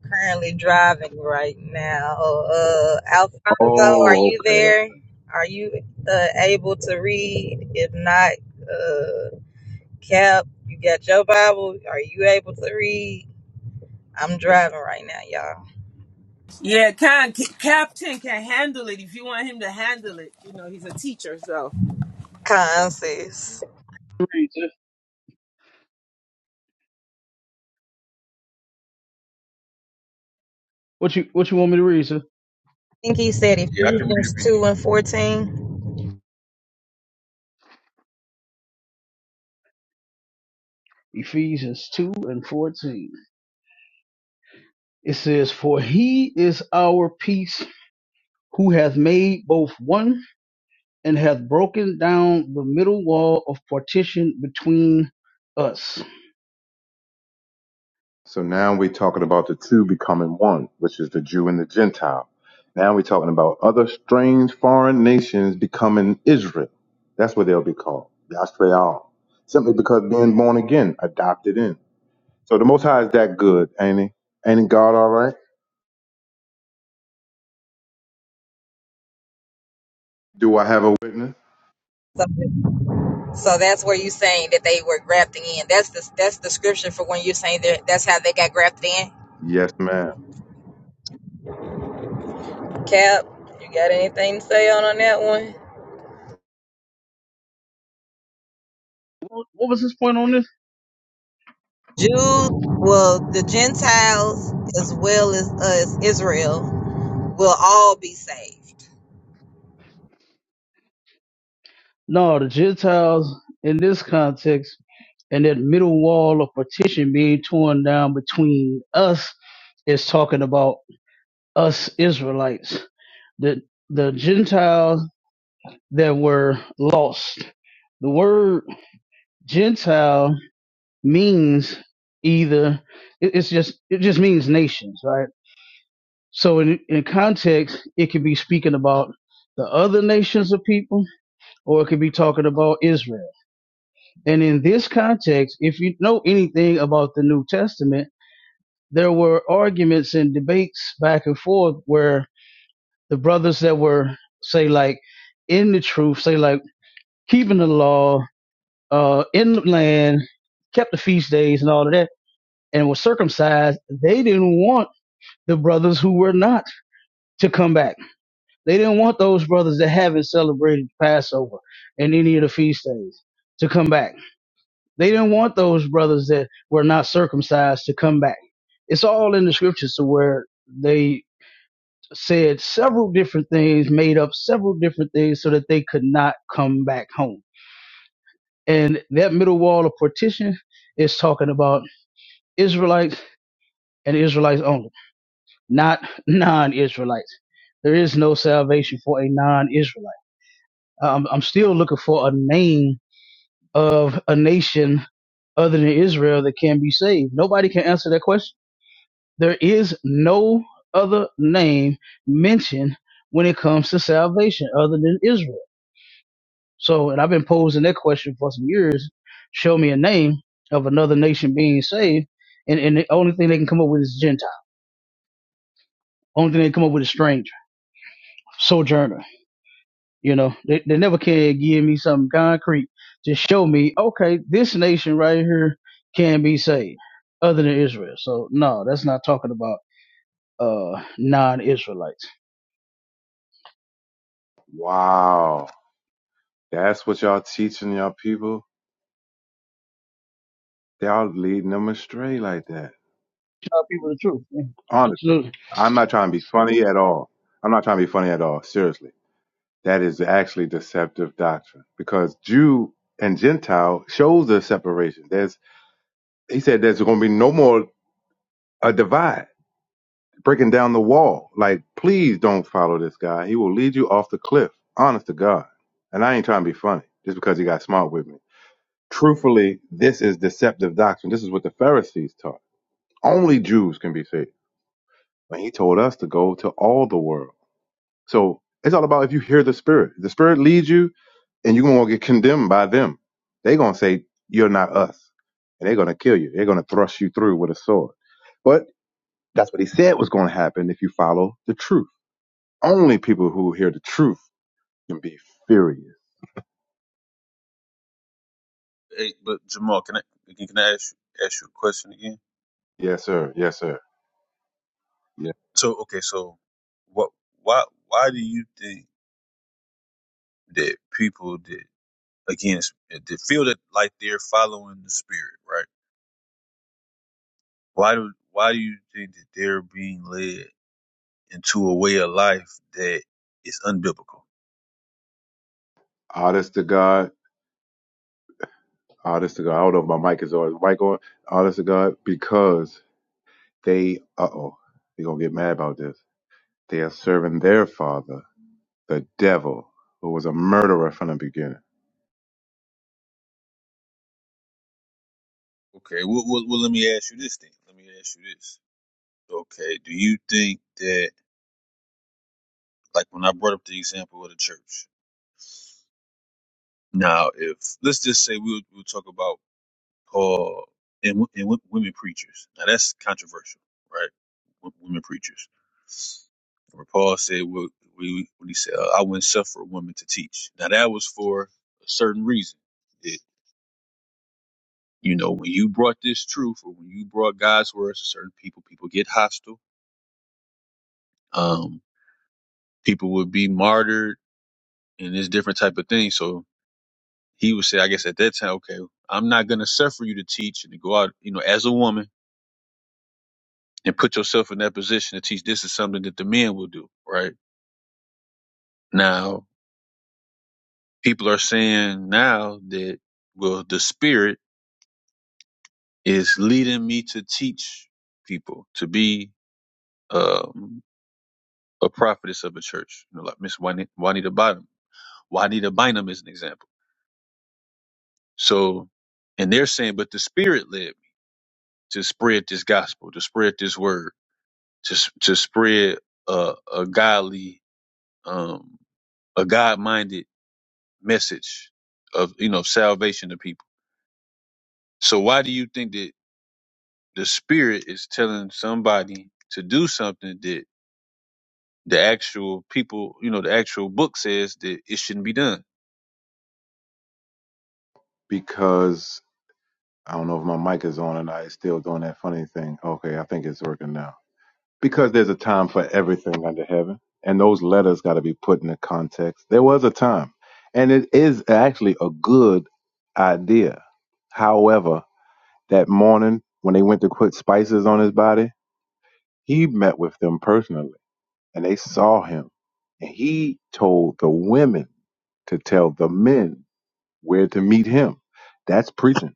currently driving right now. Uh, Alfonso, are
Oh,
you
okay.
there? Are you uh, able to read? If not, uh, Cap, you got your Bible. Are you able to read? I'm driving right now, y'all.
Yeah, can, C- Captain can handle it if you want him to handle it. You know, he's a teacher, so.
Conscious.
can read, sir. What you what you want me to read, sir?
I think he said
Yeah, I can read it.
Ephesians two
Any,
and fourteen.
Ephesians two and fourteen. It says, For he is our peace who hath made both one and hath broken down the middle wall of partition between us
So now we're talking about the two becoming one, which is the Jew and the Gentile. Now we're talking about other strange foreign nations becoming Israel. That's what they'll be called. Yashreal. Simply because being born again, adopted in. So the Most High is that good, ain't he? Ain't God all right? Do I have a witness?
So, so that's where you saying that they were grafting in. That's the that's the scripture for when you're saying that that's how they got grafted in.
Yes, ma'am.
Cap, anything to say?
What what was his point on this?
Jews, well, the Gentiles as well as us, Israel, will all be saved.
No, the Gentiles in this context and that middle wall of partition being torn down between us is talking about us Israelites. The the Gentiles that were lost. The word Gentile means either it- it's just it just means nations, right? So in in context, it could be speaking about the other nations of people, or it could be talking about Israel. And in this context, if you know anything about the New Testament, there were arguments and debates back and forth where the brothers that were, say, like in the truth, say, like keeping the law, uh, in the land, kept the feast days and all of that, and were circumcised, they didn't want the brothers who were not to come back. They didn't want those brothers that haven't celebrated Passover and any of the feast days to come back They didn't want those brothers that were not circumcised to come back. It's all in the scriptures to where they said several different things, made up several different things so that they could not come back home. And that middle wall of partition is talking about Israelites and Israelites only, not non Israelites. There is no salvation for a non Israelite. Um, I'm still looking for a name of a nation other than Israel that can be saved. Nobody can answer that question There is no other name mentioned when it comes to salvation other than Israel. So, and I've been posing that question for some years. Show me a name of another nation being saved. And, and the only thing they can come up with is Gentile. Only thing they can come up with is stranger, sojourner. You know, they, they never can give me something concrete to show me, okay, this nation right here can be saved other than Israel. So, no, that's not talking about uh, non Israelites.
Wow. That's what y'all teaching y'all people? Y'all leading them astray like that.
tell people the truth. Yeah,
Honestly,
Absolutely.
I'm not trying to be funny at all. I'm not trying to be funny at all. Seriously. That is actually deceptive doctrine because Jew and Gentile shows the separation. There's, he said there's going to be no more a divide breaking down the wall. Like, please don't follow this guy. He will lead you off the cliff. Honest to God. And I ain't trying to be funny just because he got smart with me. Truthfully, this is deceptive doctrine. This is what the Pharisees taught. Only Jews can be saved. But he told us to go to all the world. So it's all about if you hear the Spirit. The Spirit leads you and you're going to get condemned by them. They're going to say, you're not us. And they're going to kill you. They're going to thrust you through with a sword. But that's what he said was going to happen if you follow the truth. Only people who hear the truth can be furious.
hey, but Jamal, can I can I ask you, ask you a question again?
Yes, sir. Yes, sir. Yeah.
So okay, so what why why do you think? that people that again it's- that feel that like they're following the spirit, right? Why do why do you think that they're being led into a way of life that is unbiblical?
Honest to God. Honest to God. I don't know if my mic is on. Is the mic on? Honest to God. Because they, uh oh, they're going to get mad about this. They are serving their father, the devil, who was a murderer from the beginning.
Okay, well, well, well let me ask you this thing. Let me ask you this. Okay, do you think that like when I brought up the example of the church? Now, if let's just say we'll we'll talk about uh, and, wo- and wo- women preachers. Now that's controversial, right? W- women preachers. Where Paul said, "What we when he said, uh, I wouldn't suffer a woman to teach." Now that was for a certain reason. It, you know, when you brought this truth, or when you brought God's words to certain people, people get hostile. Um, people would be martyred, and this different type of thing. So he would say, I guess at that time, okay, I'm not going to suffer you to teach and to go out, you know, as a woman and put yourself in that position to teach this is something that the men will do right now people are saying now that well the spirit is leading me to teach people to be um, a prophetess of a church you know like miss juanita, juanita bottom juanita bynum is an example so and they're saying but the spirit led me to spread this gospel to spread this word to, s- to spread uh, a godly um, a god-minded message of you know salvation to people. So why do you think that the spirit is telling somebody to do something that the actual people, you know, the actual book says that it shouldn't be done?
Because I don't know if my mic is on and I it's still doing that funny thing. Okay, I think it's working now. because there's a time for everything under heaven and those letters got to be put in the context there was a time and it is actually a good idea however that morning when they went to put spices on his body he met with them personally and they saw him and he told the women to tell the men where to meet him that's preaching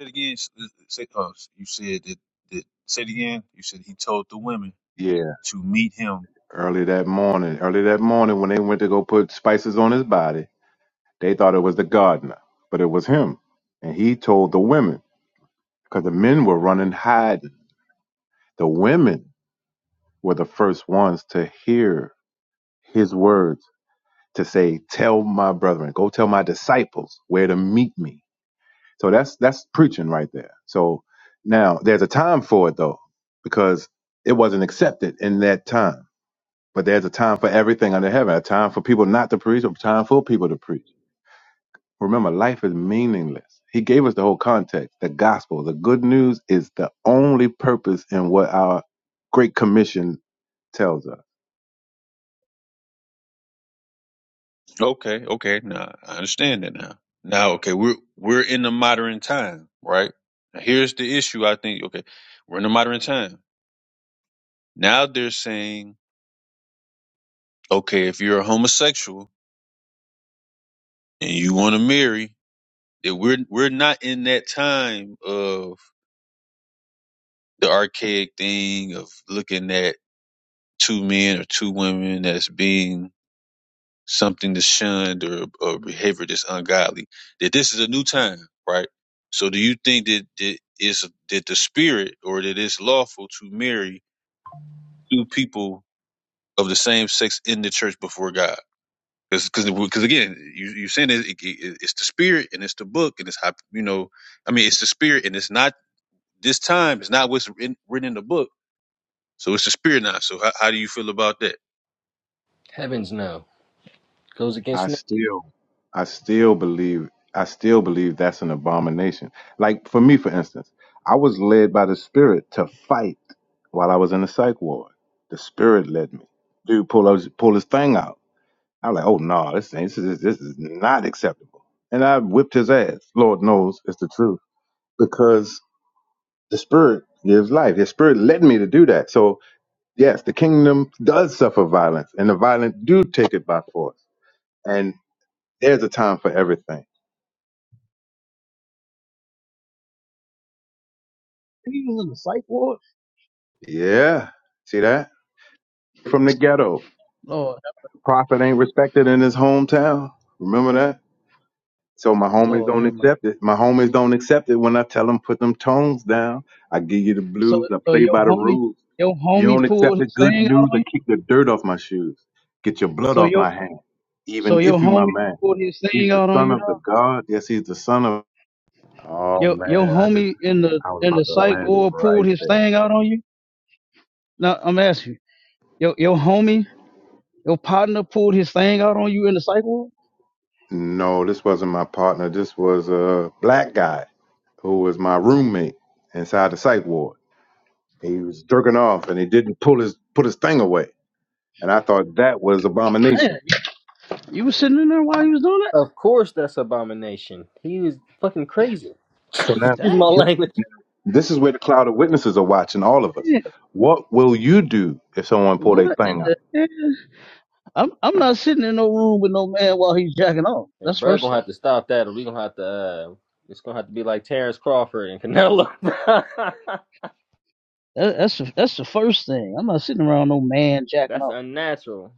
Say it again. s- s- Say, uh, you said that, that. Say it again. You said he told the women
yeah
to meet him.
early that morning early that morning when they went to go put spices on his body They thought it was the gardener, but it was him. And he told the women because the men were running hiding. The women were the first ones to hear his words to say, "Tell my brethren, go tell my disciples where to meet me." So that's that's preaching right there. So now there's a time for it though, because it wasn't accepted in that time. But there's a time for everything under heaven. A time for people not to preach. A time for people to preach. Remember, life is meaningless. He gave us the whole context, the gospel, the good news is the only purpose in what our great commission tells us.
Okay. Okay. Now I understand that now. Now, okay, we're we're in the modern time, right? Now, here's the issue. I think. Okay, we're in the modern time. Now they're saying okay, if you're a homosexual and you want to marry, that we're we're not in that time of the archaic thing of looking at two men or two women as being something that's shunned or or behavior that's ungodly. That this is a new time, right? So, do you think that that is that the spirit or that it's lawful to marry two people of the same sex in the church before God? because because again you you saying it, it, it- it's the spirit and it's the book and it's how you know I mean it's the spirit and it's not this time it's not what's written, written in the book so it's the spirit now so how, how do you feel about that
Heavens no. Goes against
I
nature.
still, I still believe, I still believe that's an abomination. Like for me, for instance, I was led by the Spirit to fight while I was in the psych ward. The Spirit led me. Dude, pull his pull his thing out. I'm like, oh no, this ain't, this is this is not acceptable. And I whipped his ass. Lord knows it's the truth because The Spirit gives life. The Spirit led me to do that. So yes, the kingdom does suffer violence, and the violent do take it by force. And there's a time for everything.
He was in the psych ward.
Yeah, see that from the ghetto.
Lord,
Prophet ain't respected in his hometown. Remember that. So my
have-
homies
Lord,
don't
have mercy.
accept it. My homies don't accept it when I tell them put them tones down. I give you the
So
blues. I
so
play
your
by the
homie
rules.
your
You
homie
don't accept
pulled
the
his
good
thing out
news.
on
I
you?
kick the dirt off my shoes. Get your blood
So
off
your
my hand.
so
Even
your
if you my
homie
man.
pulled his
He's
thing
the
out on
son
you
of the
though?
God. Yes, he's the son of. Oh
Your your
man, I just
homie in the
I was
in the
about to
psych
land it
ward pulled
right
his
there.
thing out on you? Now I'm asking you. Your your homie, your partner pulled his thing out on you in the psych ward?
No, this wasn't my partner. This was a black guy who was my roommate inside the psych ward. He was jerking off and he didn't pull his put his thing away, and I thought that was
Man,
abomination.
you was sitting in there while you was doing that?
Of course that's abomination. He was fucking crazy. <laughs>
So now
Excuse
Dang
my
it,
th-
language.
this is where the cloud of witnesses are watching all of us.
man,
What will you do if someone pull their
what
thing
in
out?
the I'm I'm not sitting in no room with no man while he's jacking off.
Hey,
That's
bro,
first
gonna
thing.
have to stop that or we gonna have to uh it's gonna have to be like Terrence Crawford and Canelo.
That, that's the, that's the first thing. I'm not sitting around no man
<laughs>
jacking
that's
off.
unnatural.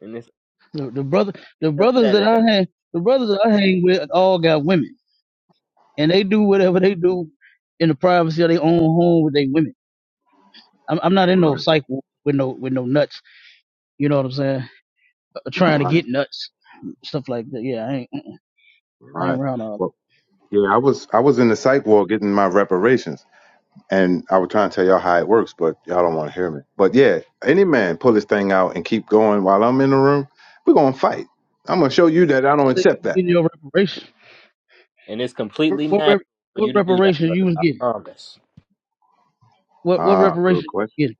And it's
The, the brother,
be
the brothers
upset
that
at
I
that.
hang, the brothers that I hang with all got women, and they do whatever they do in the privacy of their own home with their women. I'm, I'm not in no
Right,
psych ward with no with no nuts. You know what I'm saying? Uh, trying to
right,
get nuts, stuff like that. Yeah, I ain't I ain't
right.
around all.
Well, yeah, I was I was in the psych ward getting my reparations And I was trying to tell y'all how it works, but y'all don't want to hear me. But yeah, any man pull this thing out and keep going while I'm in the room, we're gonna fight. I'm gonna show you that I don't
That. So You
accept
was
that.
getting your reparation.
And it's completely
What
natural
rep,
for you
what
to do that,
reparation you
brother.
was
I
getting?
promise.
What what
Ah,
reparation
good
you was
question.
getting?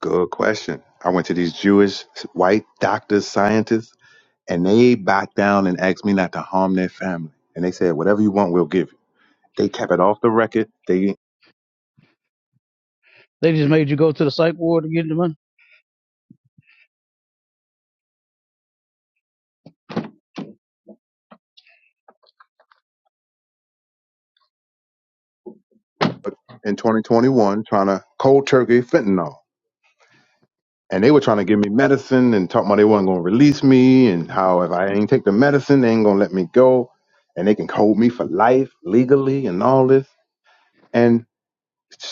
Good question. I went to these Jewish white doctors, scientists, and they backed down and asked me not to harm their family. And they said, whatever you want, we'll give you. They kept it off the record. They
They just made you go to the psych ward to get the money.
in 2021 trying to cold turkey fentanyl. and they were trying to give me medicine and talking about they weren't going to release me and how if I ain't take the medicine, they ain't going to let me go and they can hold me for life legally and all this. And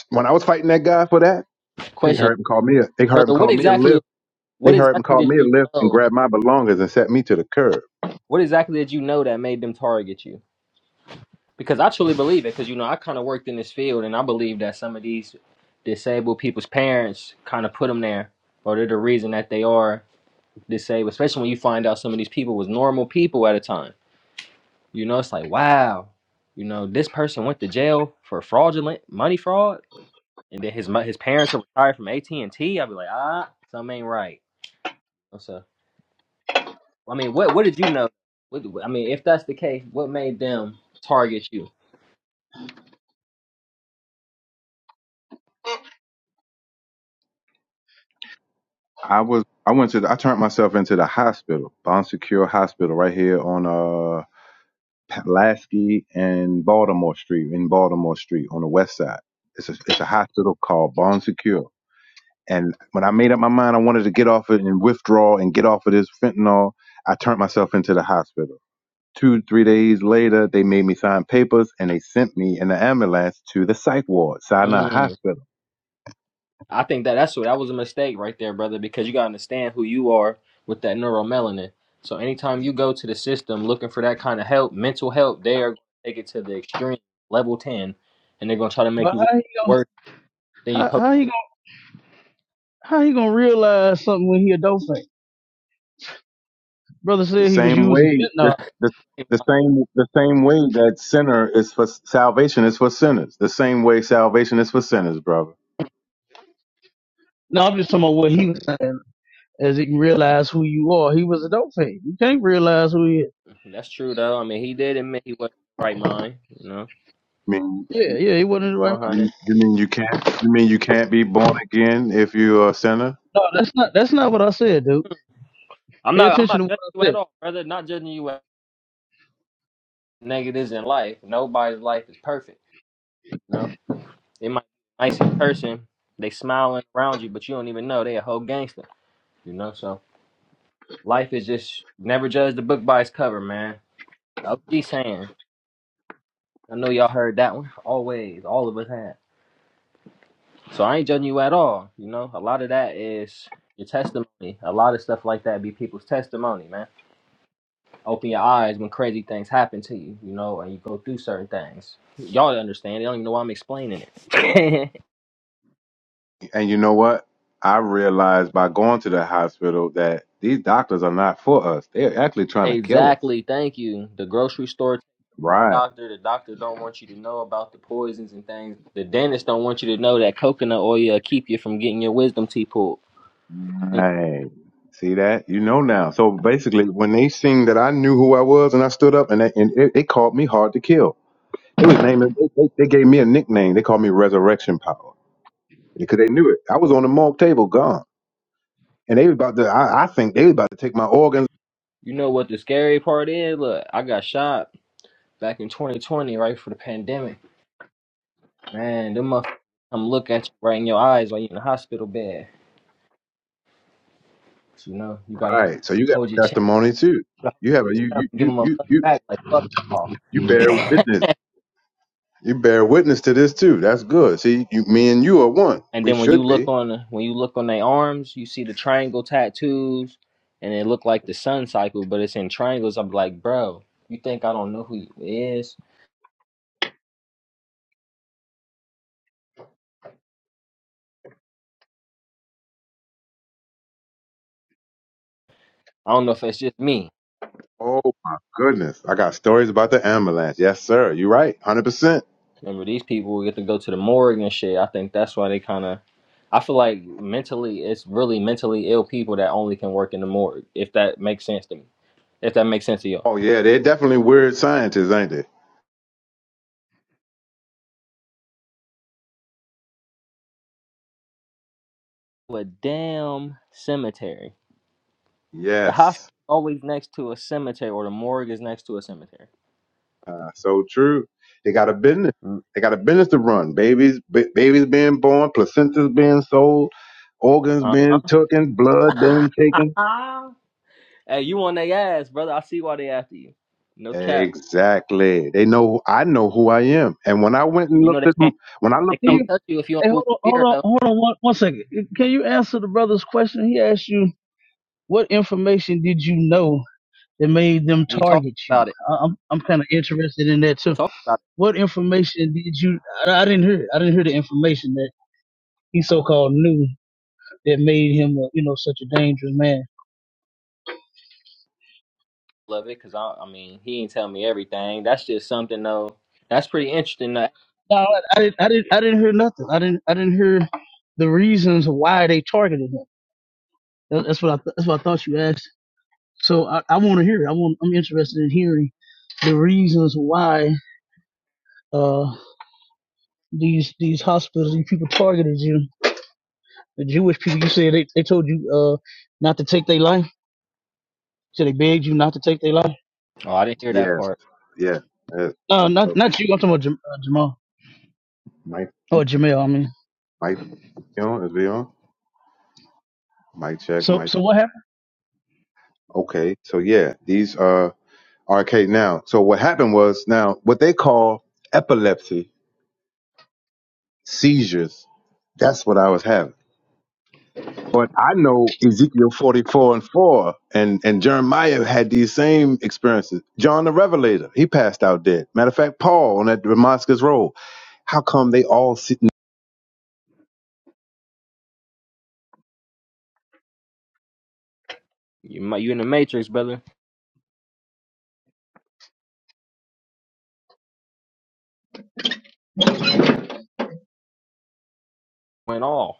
when I was fighting that guy for that, they
Question
heard him call me a, they heard him
brother, what
call me a
exactly
lift. They
what
heard him
exactly
call
did
me a
you
lift and
know?
grabbed my belongings and set me to the curb.
What exactly did you know that made them target you? because I truly believe it. Because you know, I kind of worked in this field, and I believe that some of these disabled people's parents kind of put them there, or they're the reason that they are disabled. Especially when you find out some of these people was normal people at a time. You know, it's like wow, you know, this person went to jail for fraudulent money fraud, and then his mo- his parents are retired from AT and T. I'd be like, ah, something ain't right. So, I mean, what what did you know? What, I mean, if that's the case, what made them target you?
I was, I went to, the, I turned myself into the hospital, Bond Secure Hospital right here on, uh, Pulaski and Baltimore Street in Baltimore Street on the west side. It's a, it's a hospital called Bond Secure And when I made up my mind, I wanted to get off it and withdraw and get off of this fentanyl. I turned myself into the hospital. Two, three days later, they made me sign papers and they sent me in the ambulance to the psych ward, Sinai
Mm.
Hospital.
I think that that's what that was a mistake right there, brother, because you gotta understand who you are with that neuromelanin. So anytime you go to the system looking for that kind of help, mental help, they are gonna take it to the extreme level ten, and they're gonna try to make
But
you look
how you gonna
worse than you.
how,
supposed
how you How he gonna realize something when he a dolphin? Brother
The
said he was
same
using
way,
fentanyl.
the,
No,
to. <laughs>
the, the same, the same way that sinner is for salvation is for sinners. The same way salvation is for sinners, brother.
no, I'm just talking about what he was saying. As he can realize who you are, he was a dolphin. You can't realize who he is.
That's true though. I mean, he did admit he wasn't in his right mind. You know,
I mean,
Yeah, yeah, he wasn't in the right
one
mind.
hundred.
you, you mean you can't, you mean you can't be born again if you're a sinner?
No, that's not that's not what I said, dude.
I'm
Pay
not. I'm
attention
not
to what
judging
I
you at
said.
all, brother. Not judging you at negatives in life. Nobody's life is perfect. You know, they might be the nicest person. They smiling around you, but you don't even know they a whole gangster. You know, so life is just never judge the book by its cover, man. OG saying, I know y'all heard that one. Always, all of us have. So I ain't judging you at all. You know, a lot of that is your testimony. A lot of stuff like that be people's testimony, man. Open your eyes when crazy things happen to you, you know, and you go through certain things. Y'all understand. They don't even know why I'm explaining it. <laughs>
And you know what? I realized by going to the hospital that these doctors are not for us. They're actually trying to kill us.
exactly. Thank you. The grocery store
Right.
doctor. The doctor don't want you to know about the poisons and things. The dentist don't want you to know that coconut oil will keep you from getting your wisdom teeth pulled. And
Right. See that? You know now. So basically, when they seen that I knew who I was and I stood up and they, and it, they called me hard to kill. They was naming. They, they, they gave me a nickname. They called me Resurrection Power because they knew it. I was on the morgue table, gone, and they was about to. I, I think they was about to take my organs.
you know what the scary part is? Look, I got shot back in 2020, right for the pandemic. Man, them motherfuckers come look at you right in your eyes while you in the hospital bed. So, you know, you gotta
Right. So you got
hold your
a
chin,
testimony too. You have a you
up
you
and give
you
them a
you
mug
you
back like fuck
you bear
y'all. <laughs>
witness. You bear witness to this too. That's good. See, you, me and you are one.
And
We
then when you
should
look
be.
on when you look on their arms, you see the triangle tattoos, and it look like the sun cycle, but it's in triangles. I'm like, bro, you think I don't know who you is? I don't know if it's just me.
Oh my goodness. I got stories about the ambulance. Yes, sir. You're right. 100%.
Remember, these people get to go to the morgue and shit. I think that's why they kind of. I feel like mentally, it's really mentally ill people that only can work in the morgue. If that makes sense to me. If that makes sense to y'all.
Oh yeah, they're definitely weird scientists, ain't they?
A damn cemetery. The hospital
Yes.
always next to a cemetery, or the morgue is next to a cemetery.
Uh, so true. They got a business.
Uh
They got a business to run. Babies, b- babies being born, placentas being sold, organs
huh.
being taken,
<laughs>
blood being taken.
hey, you on their ass, brother. I see why they after you. No cap.
Exactly. They know. I know who I am. And when I went and
You know
looked
they
at them,
can't
when I
they
looked
Can
them.
can't
you?
touch you if you
Hey,
don't move
hold on,
in
hold
fear
on,
though.
hold on one, one second. Can you answer the brother's question? He asked you what information did you know that made them
We talked
target you.
about it.
I- I'm I'm kind of interested in that
We
too.
talked about
What information did you? I, I didn't hear. it. I didn't hear the information he so-called knew that made him, uh, you know, such a dangerous man.
it. Love it, cause I I mean he ain't tell me everything. That's just something though. That's pretty interesting. Though.
No, I, I didn't. I didn't. I didn't hear nothing. I didn't. I didn't hear the reasons why they targeted him. That- That's what I. Th- that's what I thought you asked. So I, I want to hear. it. I want. I'm interested in hearing the reasons why uh these these hospitals, these people targeted you. The Jewish people. You said they, they told you uh not to take their life. So they begged you not to take their life.
Oh, I didn't hear
yeah,
that part.
Yeah. Yes.
No,
Mic
not
check.
not you. I'm talking about Jam- uh, Jamal
Mic
or Jamel. I mean.
mic be on. Is we on? Mic check.
So
Mic.
so what happened?
Okay. So yeah, these are arcade now. So what happened was now what they call epilepsy seizures. That's what I was having. But I know Ezekiel 44 and 4 and, and Jeremiah had these same experiences. John the Revelator, he passed out dead. Matter of fact, Paul on that Damascus Road. How come they all sitting?
You mi- you in the matrix, brother. Went off.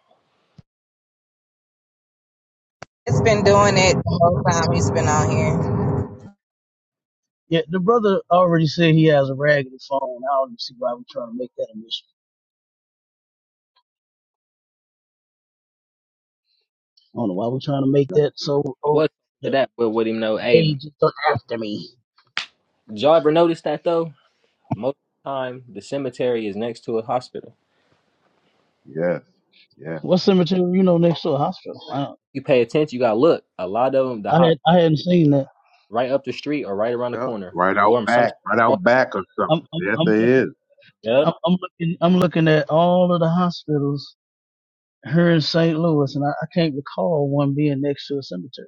It's been doing it the whole time he's been on here.
Yeah, the brother already said he has a raggedy phone. I don't see why we're trying to make that a mission. I don't know why we're trying to make that so.
I
Oh,
was to
the
that, but with him know. Hey, did
age is still after me.
y'all ever notice that though? Most of the time, the cemetery is next to a hospital.
Yeah, yeah.
What cemetery? You know, next to a hospital. I, don't-
You pay attention. You got to look. A lot of them, the ho-
I had I hadn't seen that.
right up the street or right around the
Yep.
corner,
Right out
or I'm sometimes.
back, right
across-
out back or
I'm
something.
I'm,
Yes,
I'm
they is.
looking
Yeah,
I'm, I'm looking I'm looking at all of the hospitals here in St. Louis, and I, I can't recall one being next to a cemetery.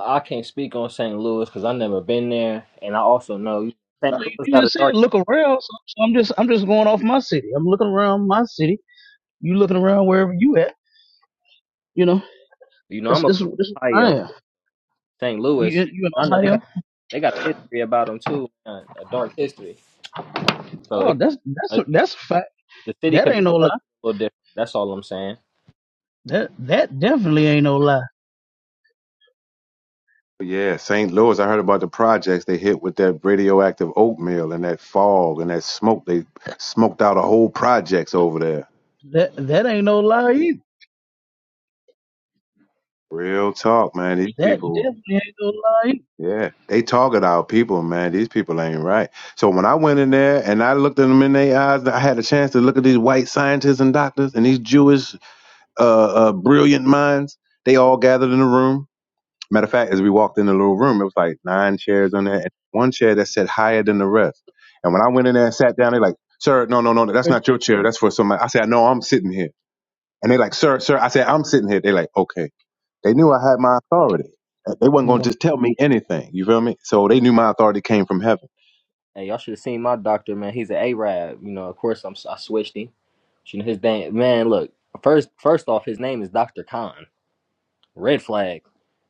I can't speak on St. Louis because I've never been there, and I also know St.
No, you
Louis
you
got a
just said
dark.
look around. So, so I'm just I'm just going off my city. I'm looking around my city. You looking around wherever you at. You know,
You know,
this
I'm a
this this is where I
Ohio,
am.
St.
You
Louis.
you in
I know they
Ohio?
got they got a history about them too, man, a dark history. So
Oh,
it
that's that's
uh,
a, that's a fact.
the city
That
could be
ain't no
structured
lie.
a little different. That's all I'm saying.
That that definitely ain't no lie.
Yeah, St. Louis. I heard about the projects they hit with that radioactive oatmeal and that fog and that smoke. They smoked out a whole projects over there.
That that ain't no lie either.
Real talk, man. These
That
people,
definitely ain't
yeah, they target our people, man. These people ain't right. So when I went in there and I looked at them in their eyes, I had a chance to look at these white scientists and doctors and these Jewish uh, uh, brilliant minds. They all gathered in a room Matter of fact, as we walked in the little room, it was like nine chairs on there, and one chair that sat higher than the rest. And when I went in there and sat down, they're like, "Sir, no, no, no, that's not your chair. That's for somebody." I said, "No, I'm sitting here." And they're like, "Sir, sir," I said, "I'm sitting here." They're like, "Okay." They knew I had my authority. Uh, They wasn't
no
gonna
lie
just tell me anything. You feel me? So they knew my authority came from heaven.
Hey, y'all should have seen my doctor, man. He's an Arab. You know, of course I'm I switched him. You know his name, man. Look, first first off, his name is Doctor Khan. Red flag.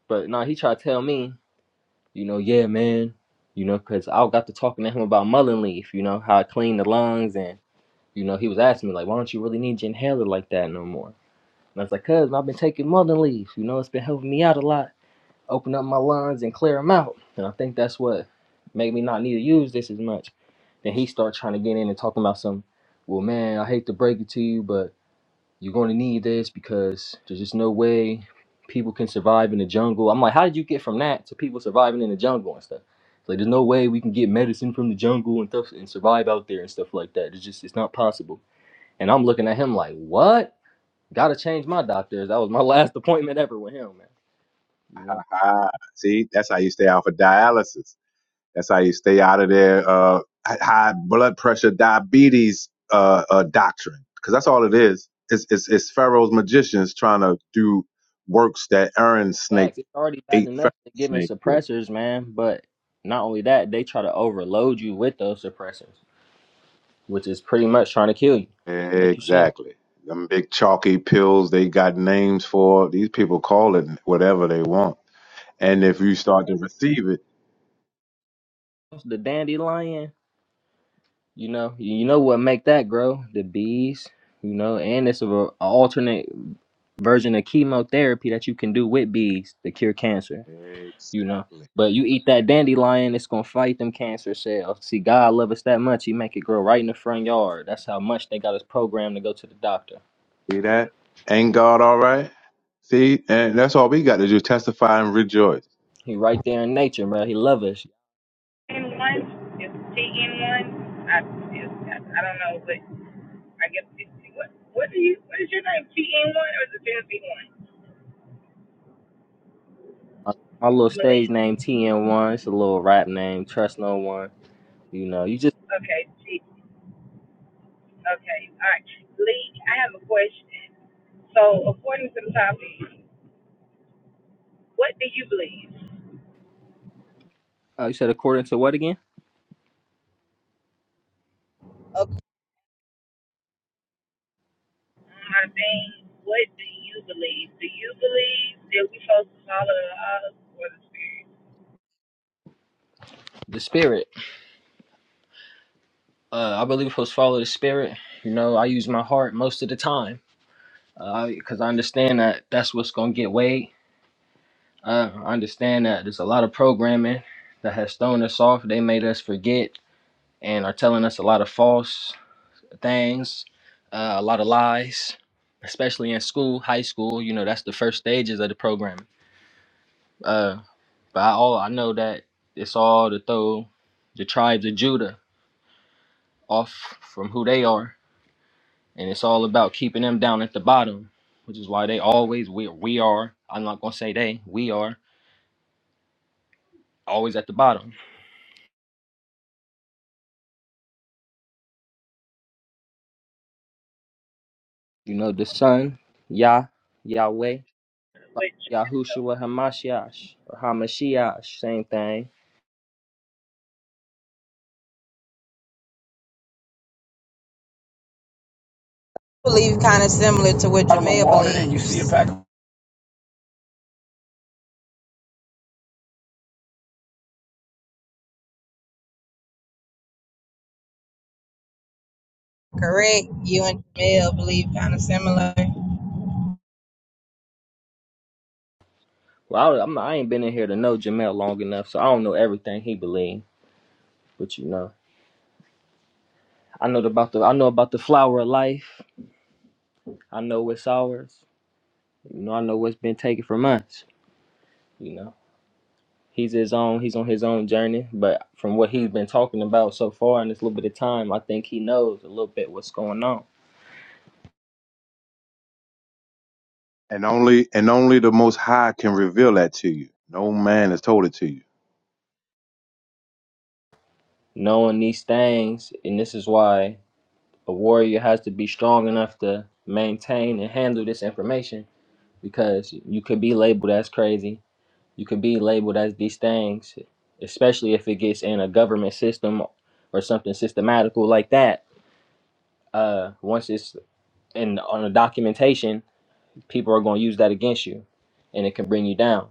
But no, he tried to tell me. you know, yeah, man, you know, cause I got to talking to him about mullein leaf, you know, how I clean the lungs, and you know, he was asking me like, why don't you really need your inhaler like that no more? And I was like, cause I've been taking mullein leaf, you know, it's been helping me out a lot, open up my lungs and clear them out, and I think that's what made me not need to use this as much. Then he started trying to get in and talking about some, well, man, I hate to break it to you, but you're going to need this because there's just no way people can survive in the jungle. I'm like, how did you get from that to people surviving in the jungle and stuff? It's Like, there's no way we can get medicine from the jungle and stuff and survive out there and stuff like that. It's just, it's not possible. And I'm looking at him like, what? Gotta change my doctors. That was my <laughs> last appointment ever with him, man. You know,
Ah, see, that's how you stay out for dialysis. That's how you stay out of their uh, high blood pressure, diabetes uh, uh, doctrine, because that's all it is. It's, it's, it's Pharaoh's magicians trying to do works that Aaron's snake
facts. It's already bad
ate Pharaoh
enough to giving
snake with.
suppressors, man. But not only that, they try to overload you with those suppressors, which is pretty much trying to kill you, like you said.
Exactly. Them big chalky pills they got names for. These people call it whatever they want. And if you start to receive it,
The dandelion. You know, you know what make that grow? The bees, you know, and it's a, a alternate version of chemotherapy that you can do with bees to cure cancer, you know.
exactly.
But you eat that dandelion, it's gonna fight them cancer cells. See, God love us that much, he make it grow right in the front yard. That's how much they got us programmed to go to the doctor.
See that? Ain't God all right? See, and that's all we got to do: testify and rejoice.
He right there in nature, bro. He love us.
in one? Is T in one? I, I don't know, but I guess it, what what do you what is your name? T in one or is it Tennessee one?
My my little stage
Malik.
name TN1, it's a little rap name, trust no one. You know, you just
Okay, T. Okay, all right. Lee, I have a question. So according to the topic, what do you believe?
uh, you said according to what again?
Okay. My thing, what do you believe? Do you believe that we supposed to follow the laws or the spirit?
The spirit. Uh, I really was follow the spirit. You know, I use my heart most of the time because I understand that that's what's gonna get weighed. Uh, I understand that there's a lot of programming that has thrown us off. They made us forget and are telling us a lot of false things, uh, a lot of lies, especially in school, high school. You know, that's the first stages of the programming. Uh, but I, all I know that it's all to throw the tribes of Judah off from who they are and it's all about keeping them down at the bottom, which is why they always we we are. I'm not gonna say they. We are always at the bottom. You know the Son, Yah, Yahweh,
Which
Yahushua Hamashiach or Hamashiach, same thing.
I believe kind of similar to what Jamea believes. Correct. You and Jamel believe kind of similar.
Well, I, I'm, I ain't been in here to know Jamel long enough, so I don't know everything he believe. But you know, I know about the I know about the flower of life. I know what's ours. You know, I know what's been taken from us. You know. He's his own. He's on his own journey. But from what he's been talking about so far in this little bit of time, I think he knows a little bit what's going on.
And only and only the most high can reveal that to you. No man has told it to you.
Knowing these things, and this is why a warrior has to be strong enough to maintain and handle this information because you could be labeled as crazy. You could be labeled as these things, especially if it gets in a government system or something systematical like that. Uh, once it's in on a documentation, people are going to use that against you, and it can bring you down.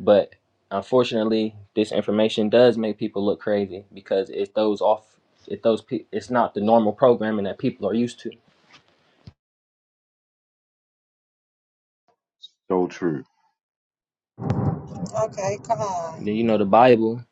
But unfortunately, this information does make people look crazy because it throws off. It throws. pe- It's not the normal programming that people are used to.
So true.
Okay, come
And then,
on.
you know the Bible,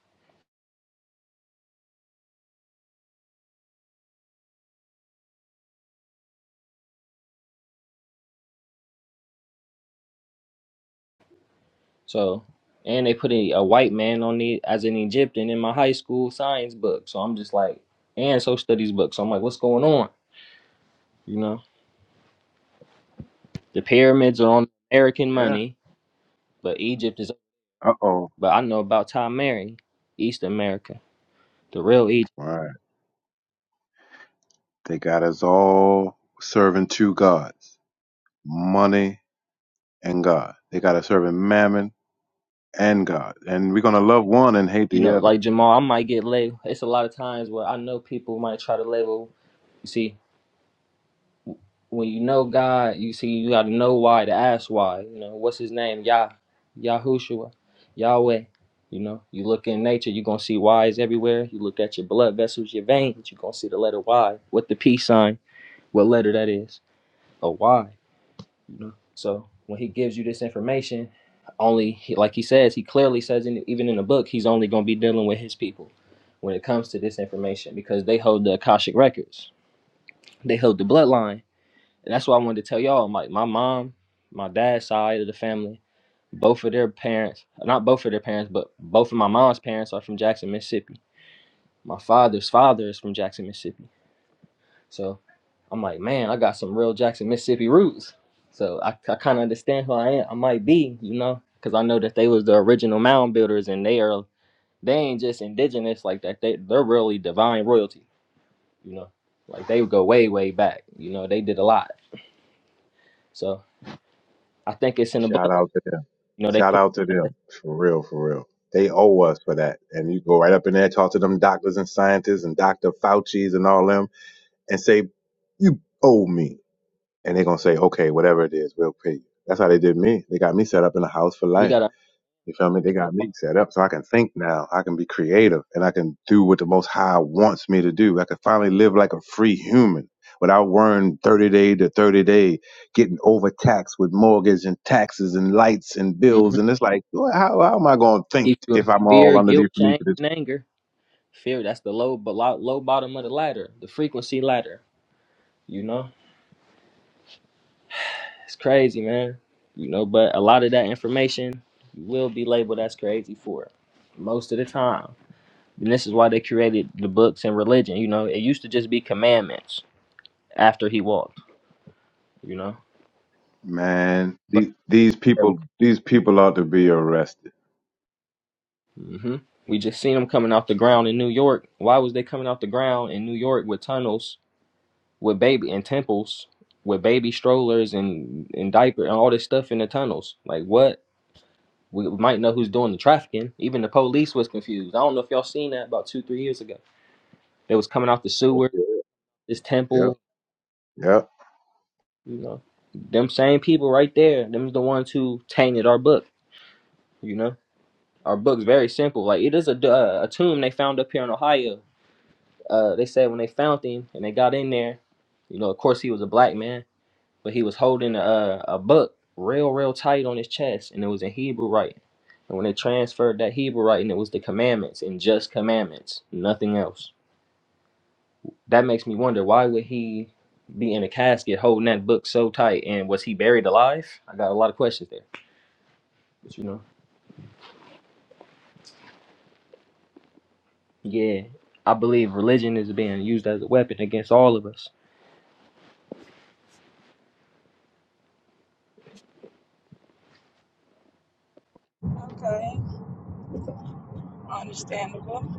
so and they put a, a white man on the as an Egyptian in my high school science book. So I'm just like, and social studies book. So I'm like, what's going on? You know, the pyramids are on American
Yeah.
money, but Egypt is.
Uh oh.
But I know about Tom Mary, East America, the real Egypt.
Right. They got us all serving two gods. Money and God. They got us serving mammon and God. And we're gonna love one and hate
you
the
know,
other.
like Jamal, I might get labeled. It's a lot of times where I know people might try to label. You see, when you know God, you see, you got to know why to ask why. You know, what's his name? Yah, Yahushua, Yahweh. You know, you look in nature, you're going to see Y's everywhere. You look at your blood vessels, your veins, you're going to see the letter Y with the peace sign. What letter that is? A Y. You know? So when he gives you this information, only he, like he says, he clearly says, in, even in the book, he's only going to be dealing with his people when it comes to this information because they hold the Akashic records, they hold the bloodline, and that's why I wanted to tell y'all. Like my mom, my dad's side of the family, both of their parents, not both of their parents, but both of my mom's parents are from Jackson, Mississippi. My father's father is from Jackson, Mississippi. So I'm like, man, I got some real Jackson, Mississippi roots. So I, I kind of understand who I am. I might be, you know, because I know that they was the original mound builders, and they are they ain't just indigenous like that. They they're really divine royalty, you know. Like they go way way back, you know. They did a lot. So I think it's in the blood.
Shout out to them.
You know, they
Shout
clear,
out to them. For real, for real. They owe us for that. And you go right up in there, talk to them doctors and scientists and Dr. Fauci's and all them and say, You owe me. and they're gonna say, okay, whatever it is, we'll pay you. That's how they did me. They got me set up in a house for
we
life.
gotta
You feel me? They got me set up so I can think now. I can be creative and I can do what the most high wants me to do. I can finally live like a free human without worrying 30 day to 30 day, getting overtaxed with mortgage and taxes and lights and
mhm,
bills. And it's like, well, how, how am I going to think
keep you in
if I'm
fear,
all
guilt,
underneath beneath
shame,
this?
and anger. Fear that's the low but low low bottom of the ladder, the frequency ladder, you know. It's crazy, man. You know, but a lot of that information you will be labeled as crazy for it, most of the time. And this is why they created the books and religion. You know, it used to just be commandments after he walked, you know.
Man,
But
these, these people, these people ought to be arrested.
hmm we just seen them coming off the ground in New York. Why was they coming off the ground in New York with tunnels, with baby and temples, with baby strollers and, and diaper and all this stuff in the tunnels? Like what? We might know who's doing the trafficking. Even the police was confused. I don't know if y'all seen that about two, three years ago. They was coming out the sewer,
Okay.
this
Yep.
temple,
Yep
you know. Them same people right there. Them's the ones who tainted our book, you know. Our book's very simple. Like it is a, uh, a tomb they found up here in Ohio. Uh, they said when they found him and they got in there, you know, of course he was a black man but he was holding a, a book real, real tight on his chest, and it was in Hebrew writing. And when they transferred that Hebrew writing, it was the commandments and just commandments, nothing else. That makes me wonder why would he be in a casket holding that book so tight, and was he buried alive? I got a lot of questions there, but you know, yeah, I believe religion is being used as a weapon against all of us.
Okay, understandable.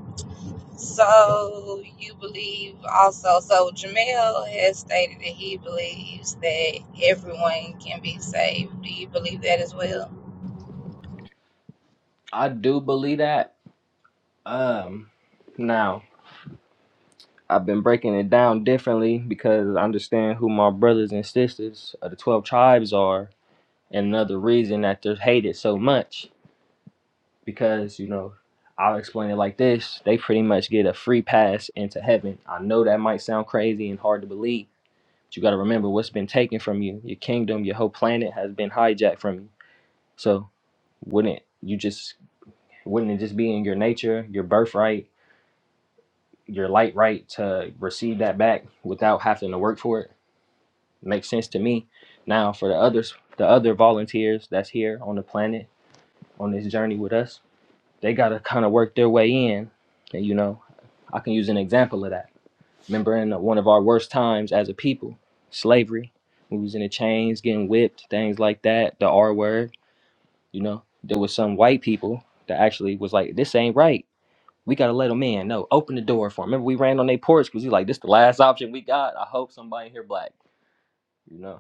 So you believe also. So Jamel has stated that he believes that everyone can be saved. Do you believe that as well?
I do believe that. Um, now. I've been breaking it down differently because I understand who my brothers and sisters of the 12 tribes are, and another reason that they're hated so much because, you know, I'll explain it like this they pretty much get a free pass into heaven. I know that might sound crazy and hard to believe, but you got to remember what's been taken from you. Your kingdom, your whole planet has been hijacked from you. So, wouldn't you just, wouldn't it just be in your nature, your birthright, your light right to receive that back without having to work for it? Makes sense to me. Now for the others, the other volunteers that's here on the planet on this journey with us, they gotta kind of work their way in, and you know, I can use an example of that. Remember in one of our worst times as a people, slavery, we was in the chains, getting whipped, things like that, the R word, you know. There was some white people that actually was like, this ain't right. We gotta let them in. No, open the door for 'em." Remember we ran on their porch because we like, this the last option we got. I hope somebody here black. You know.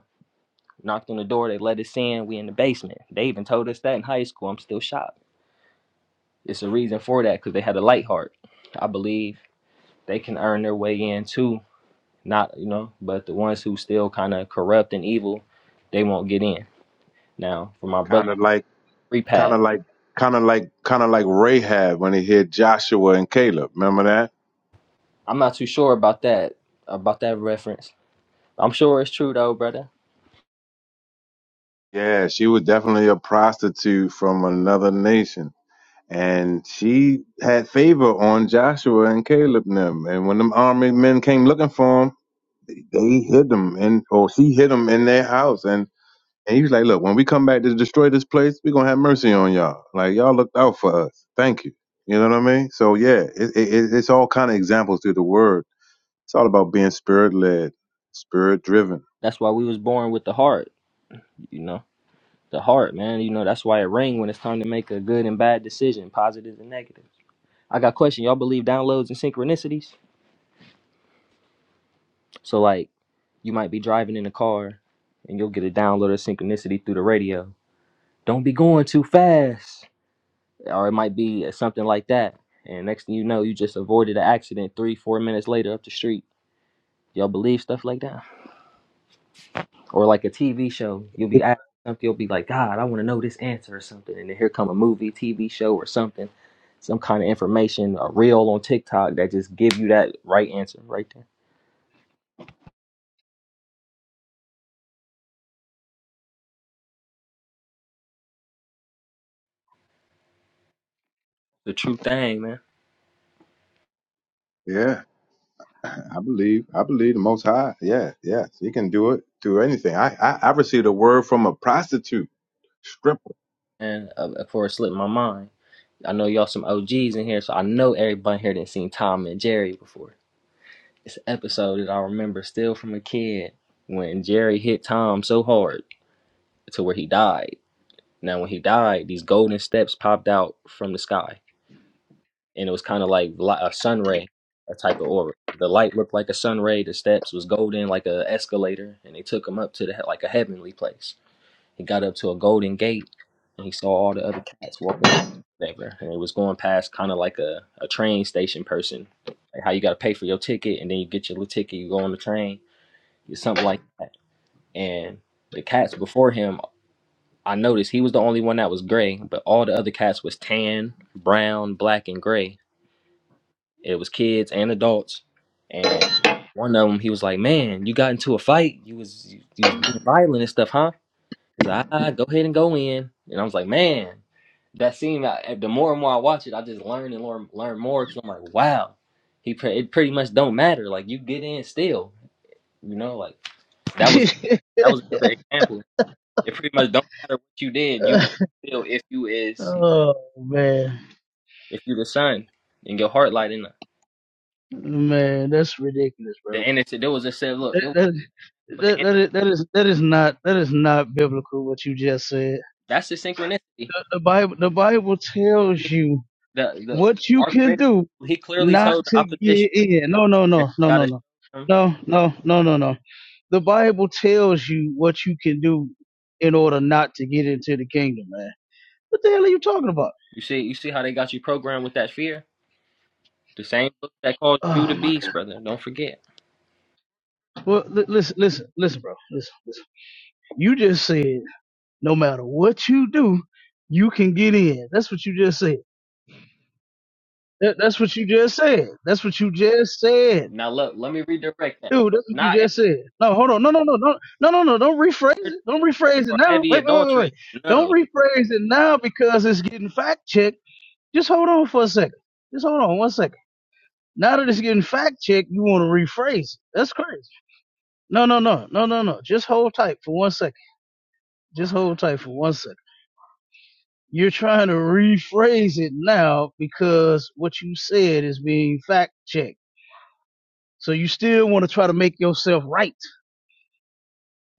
Knocked on the door, they let us in. We in the basement. They even told us that in high school. I'm still shocked. It's a reason for that because they had a light heart. I believe they can earn their way in too. Not you know, but the ones who still kind of corrupt and evil, they won't get in. Now for my brother
Kind of like
free
Kind
pad,
of like, kind of like, kind of like Rahab when he hid Joshua and Caleb. Remember that?
I'm not too sure about that about that reference. I'm sure it's true though, brother.
Yeah, she was definitely a prostitute from another nation, and she had favor on Joshua and Caleb and them. And when them army men came looking for him, they hid them, and or she hid them in their house. And and he was like, "Look, when we come back to destroy this place, we're gonna have mercy on y'all. Like y'all looked out for us. Thank you." You know what I mean? So yeah, it, it, it's all kind of examples through the word It's all about being spirit led, spirit driven.
That's why we was born with the heart. You know, the heart, man. You know that's why it ring when it's time to make a good and bad decision, positive and negative. I got a question. Y'all believe downloads and synchronicities? So like you might be driving in a car and you'll get a download of synchronicity through the radio. Don't be going too fast. Or it might be something like that. And next thing you know, you just avoided an accident three, four minutes later up the street. Y'all believe stuff like that? Or like a TV show. You'll be asking something, you'll be like, God, I want to know this answer or something. And then here come a movie, TV show or something, some kind of information, a reel on TikTok that just give you that right answer right there. The true thing, man.
Yeah, <clears throat> I believe. I believe the Most High. Yeah, yeah, He can do it through anything. I I, I received a word from a prostitute stripper.
and uh, before it slipped my mind. I know y'all some OGs in here, so I know everybody here didn't seen Tom and Jerry before. It's an episode that I remember still from a kid when Jerry hit Tom so hard to where he died. Now, when he died, these golden steps popped out from the sky, and it was kind of like li- a sun ray, a type of aura. The light looked like a sun ray. The steps was golden, like a escalator, and they took him up to the he- like a heavenly place. He got up to a golden gate and he saw all the other cats walking whatever. And it was going past kind of like a, a train station person. Like how you gotta pay for your ticket and then you get your little ticket, you go on the train, it's something like that. And the cats before him, I noticed he was the only one that was gray, but all the other cats was tan, brown, black, and gray. It was kids and adults. And one of them, he was like, "Man, you got into a fight. You was you, you was being violent and stuff, huh?" Cause I go ahead and go in, and I was like, man, that scene. I, eh, the more and more I watch it, I just learn and learn, learn more. Cause I'm like, wow, he pre- it pretty much don't matter. Like you get in still, you know. Like that was
either.
that was another example. It pretty much don't matter what you did. You get still if you
<laughs>
is
oh man,
if you the son and your heart light in the
man, that's ridiculous, bro.
the innocent. There was just said, look, there was
That,
the
that, that,
inno-
is, that is that is not that is not biblical what you just said.
that's the synchronicity.
The Bible the Bible tells
He,
you
the the
what you
our
can
creator,
do
he clearly
not
told the
to
opposition
get in. No, no,
that
no,
you
no, no,
gotta. show
no,
them
no, no, no, no, no, no. the Bible tells you what you can do in order not to get into the kingdom, man. What the hell are you talking about?
You see, you see how they got you programmed with that fear? The same book that caused you the
Oh my
beast,
God.
brother. Don't forget.
Well, li- listen, listen, listen, bro. Listen, listen. You just said no matter what you do, you can get in. That's what you just said. That, that's what you just said. That's what you just said.
Now look, let me redirect that.
Dude, that's what you
Not every
just said. No, hold on. No, no, no, no, no, no, no. Don't rephrase
murder
it. Don't rephrase it
or
now.
heavy
Wait, wait, wait, wait.
adultery.
wait. Don't
No.
rephrase it now because it's getting fact checked. Just hold on for a second. Just hold on one second. Now that it's getting fact checked, you want to rephrase it. That's crazy. No, no, no, no, no, no. Just hold tight for one second. Just hold tight for one second. You're trying to rephrase it now because what you said is being fact checked. So you still want to try to make yourself right.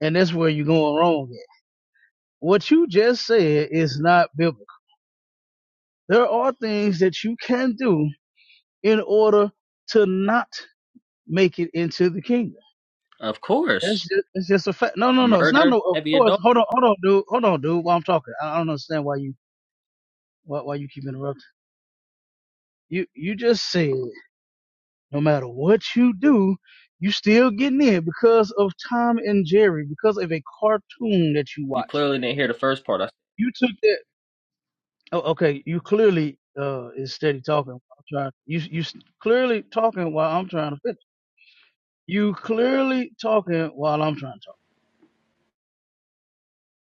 And that's where you're going wrong at. What you just said is not biblical. There are things that you can do in order to not make it into the kingdom.
Of
That's
course.
just, that's just a fact. No, no, no. It's not
Murder,
no. Of
heavy
course.
adultery.
Hold on, hold on, dude. Hold on, dude. While I'm talking, I I don't understand why you why, why you keep interrupting. You you just said no matter what you do, you still getting in because of Tom and Jerry because of a cartoon that you
You
watched.
clearly didn't hear the first part. I said,
You took that. Oh, okay. You clearly uh is steady talking. while I'm trying. You you s- clearly talking while I'm trying to finish. You clearly talking while I'm trying to talk.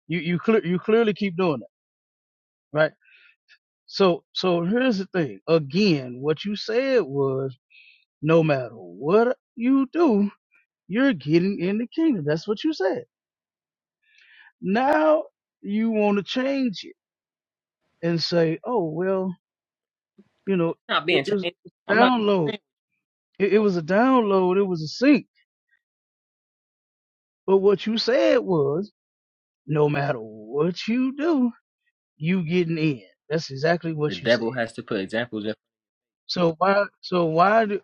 You you clear you clearly keep doing that, right? So so here's the thing. Again, what you said was no matter what you do, you're getting in the kingdom. That's what you said. Now you want to change it and say, oh well, you know,
it's not
it,
being
it was
changed.
a
I'm not
download.
disagreeing.
It, it was a download. It was a sync. But what you said was no matter what you do, you getting in. That's exactly
The
what you said.
devil has to put examples in.
So why? So why? Do,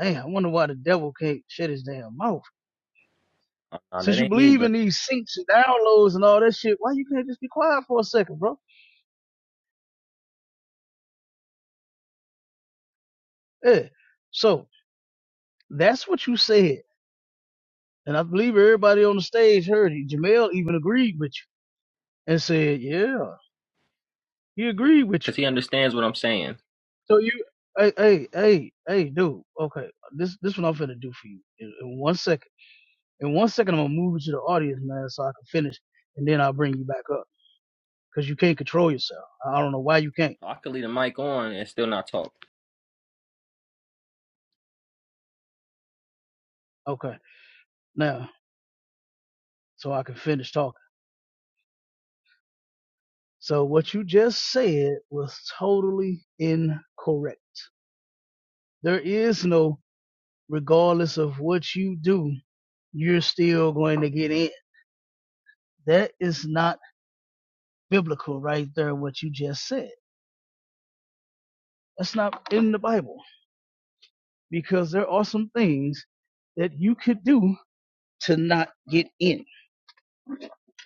damn, I wonder why the devil can't shut his damn mouth
Oh, no, that
Since you
ain't me,
believe
bro.
in these syncs and downloads and all that shit, why you can't just be quiet for a second, bro? Yeah. So that's what you said. And I believe everybody on the stage heard it. Jamel even agreed with you and said, yeah, he agreed with you.
Because he understands what I'm saying.
So you, hey, hey, hey, hey, dude, okay, this this what I'm finna do for you in, in one second. In one second, I'm gonna move you to the audience, man, so I can finish, and then I'll bring you back up because you can't control yourself. I don't know why you can't.
I could leave the mic on and still not talk.
Okay, now, so I can finish talking. So what you just said was totally incorrect. There is no regardless of what you do, you're still going to get in. That is not biblical right there, what you just said. That's not in the Bible because there are some things that you could do to not get in.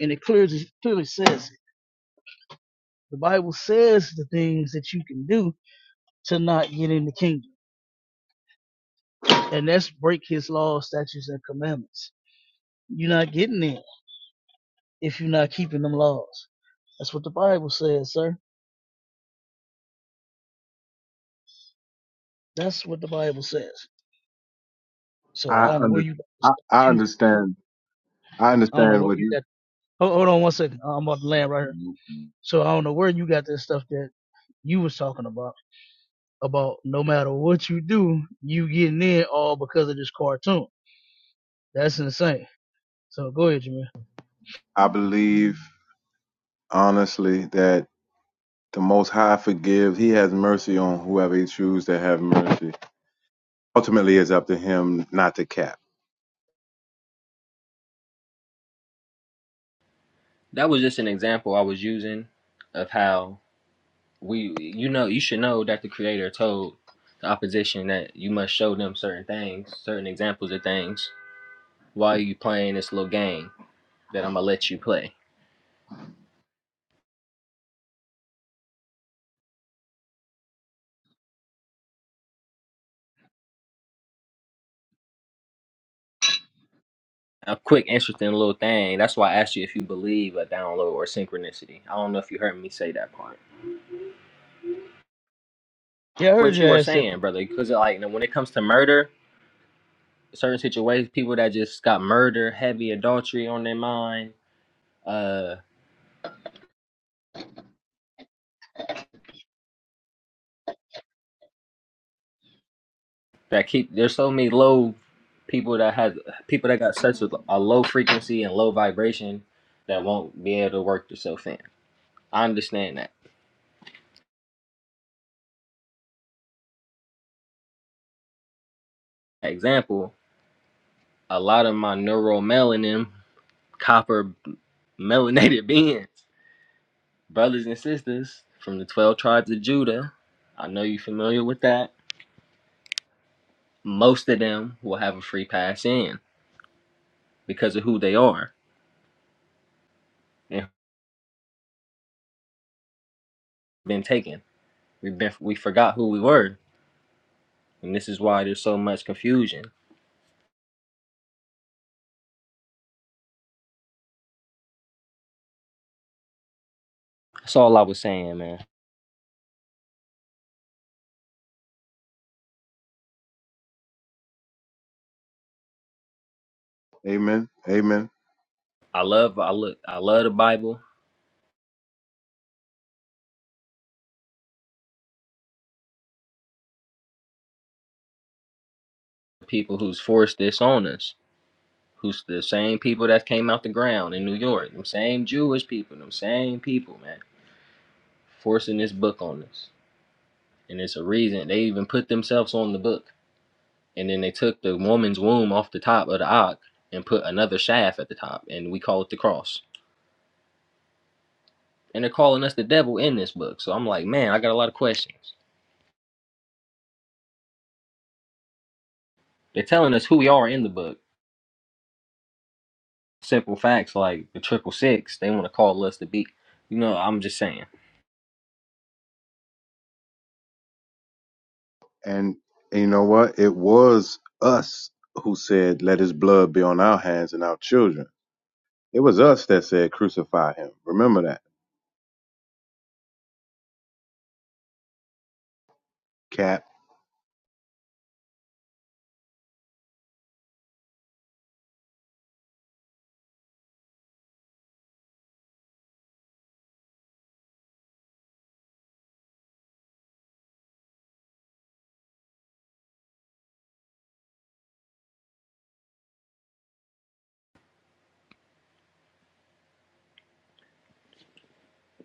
And it clearly, clearly says it. The Bible says the things that you can do to not get in the kingdom. And that's break his laws, statutes, and commandments. You're not getting in if you're not keeping them laws. That's what the Bible says, sir. That's what the Bible says. So I
I
don't know where
under
you got this
I,
stuff.
I
that
understand. I
I don't know
understand
where
what
you
he.
got. Hold, hold on one second. I'm about to land right here. So I don't know where you got this stuff that you was talking about about no matter what you do, you getting in all because of this cartoon. That's insane. So go ahead, Jameer.
I believe honestly that the Most High forgives. He has mercy on whoever He chooses to have mercy. Ultimately, it's up to Him not to cap.
That was just an example I was using of how we you know you should know that the creator told the opposition that you must show them certain things certain examples of things why are you playing this little game that i'm gonna let you play a quick interesting little thing that's why i asked you if you believe a download or synchronicity i don't know if you heard me say that part
Yeah, I heard
what
you
you were
ask that. que-
saying brother because like when it comes to murder certain situations people that just got murder heavy adultery on their mind Uh. that keep there's so many low people that had people that got such a, a low frequency and low vibration that won't be able to work themselves in. I understand that. For Example, a lot of my neuromelanin, copper melanated <laughs> beings, brothers and sisters from the 12 tribes of Judah, I know you're familiar with that. Most of them will have a free pass in because of who they are and who've been taken. We've been we forgot who we were, and this is why there's so much confusion That's all I was saying, man.
Amen. Amen.
I love I look I love the Bible. People who's forced this on us, who's the same people that came out the ground in New York, them same Jewish people, them same people, man, forcing this book on us. And it's a reason they even put themselves on the book. And then they took the woman's womb off the top of the ark and put another shaft at the top, and we call it the cross. And they're calling us the devil in this book. So I'm like, man, I got a lot of questions. They're telling us who we are in the book Simple facts like the triple six, they want to call us the beat. You know, I'm just saying.
And, and you know what? It was us who said, Let his blood be on our hands and our children. It was us that said, Crucify him. Remember that. Cap,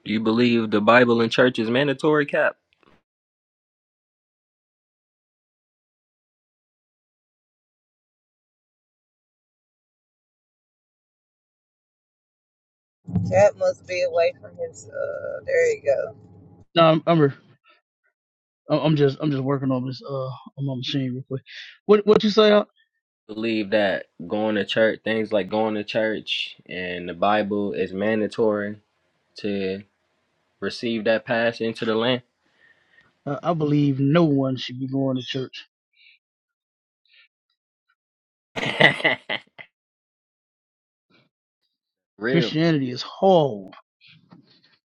Do you believe the Bible and church is mandatory, Cap?
That must be away from his. Uh, there you go.
No, I'm I'm, re- I'm I'm just I'm just working on this uh on my machine real quick. What what you say? Al?
Believe that going to church, things like going to church and the Bible is mandatory to receive that pass into the land.
Uh, I believe no one should be going to church.
<laughs> Real.
Christianity is whole.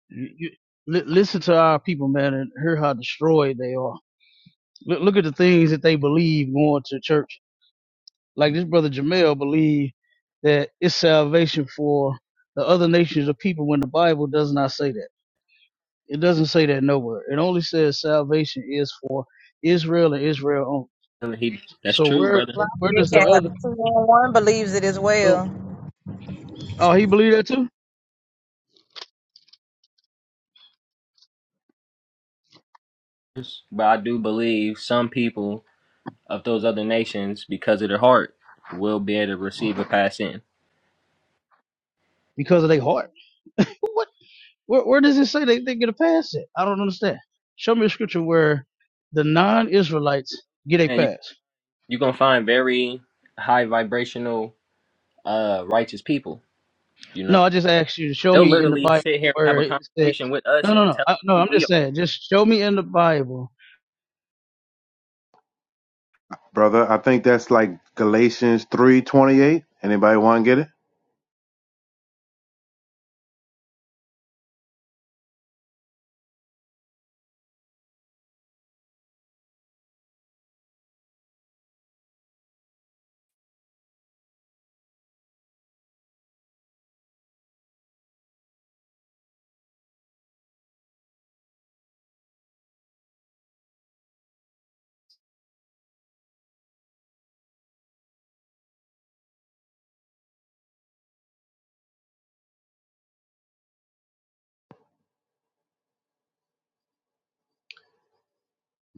You, you, li- listen to our people, man, and hear how destroyed they are. Look, look at the things that they believe going to church. Like this brother Jamel believed that it's salvation for the other nations of people when the Bible does not say that. It doesn't say that nowhere. It only says salvation is for Israel and Israel only.
He, that's
So
true,
where
brother.
so where
Your
does the
child,
other
two one believes it as
so
well.
oh he believed that too?
But I do believe some people of those other nations, because of their heart, will be able to receive a pass in.
Because of their heart. Where, where does it say they, they get a pass at? I don't understand. Show me a scripture where the non Israelites get a
And you,
pass.
you're going to find very high vibrational uh righteous people. You know,
No, I just asked you to show
they'll
me in the
literally
Bible
sit here and have
where
a
it said,
conversation with us
no, no,
and
no.
tell us
I, no,
who
I'm
we
just
are.
saying, just show me in the Bible.
brother, I think that's like Galatians three twenty eight. Anybody wanna get it?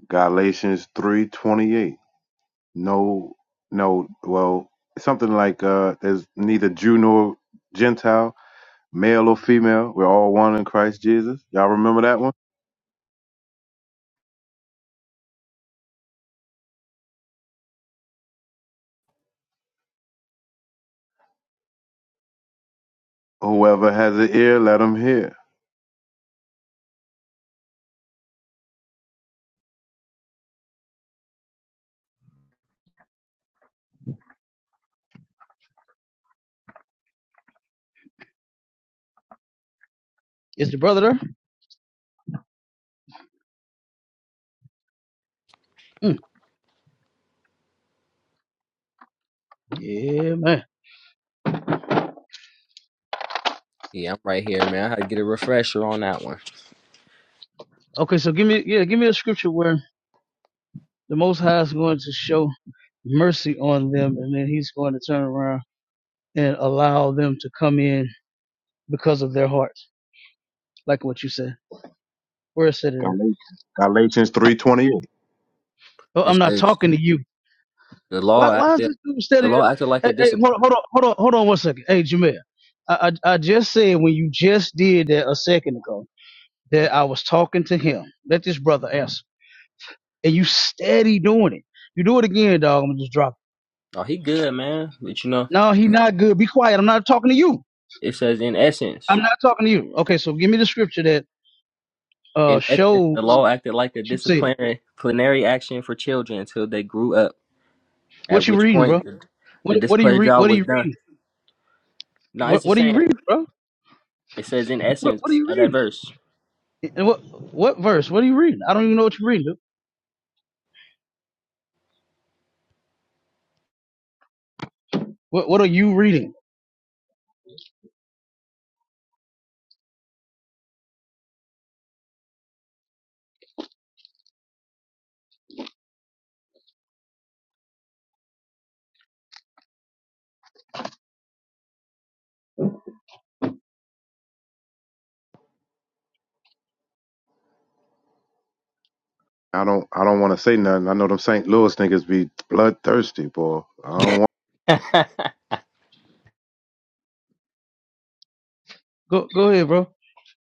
Galatians three twenty eight. No no well, something like uh there's neither Jew nor Gentile, male or female. We're all one in Christ Jesus. Y'all remember that one? Whoever has an ear, let him hear.
Is the brother there? Mm, yeah, man.
Yeah, I'm right here, man. I had to get a refresher on that one.
Okay, so give me, yeah, give me a scripture where the Most High is going to show mercy on them and then he's going to turn around and allow them to come in because of their hearts, like what you said. Where it said it at?
Galatians, Galatians three twenty eight.
Oh,
It
I'm not
says
talking to you.
the law
Why why is
acted,
this dude
the
steady?
law acted like a
Hey, hey, hold
disapproval.
on, hold on, hold on, hold on one second. Hey, Jameer, I, I I just said when you just did that a second ago that I was talking to him. Let this brother answer, and you steady doing it. You do it again, dog. I'm gonna just drop.
Oh, he good, man. But you know,
It. No, he not good. Be quiet. I'm not talking to you.
it says in
I'm
essence,
not talking to you. Okay, so give me the scripture that uh
in essence,
shows
the law acted like a
what you said.
disciplinary plenary action for children until they grew up. At
What you
which
reading,
point,
bro?
the, the
What what are you
display
read?
job
What are
was
you
done.
reading?
No, it's
What
just
what are you
saying.
reading, bro?
It says in
What what are
essence
you
of that
reading?
verse.
And what what verse? What are you reading? I don't even know what you're reading. dude. What What are you reading?
I don't I don't want to say nothing. I know them St. Louis niggas be bloodthirsty, boy. I don't
<laughs>
Go Go ahead, bro.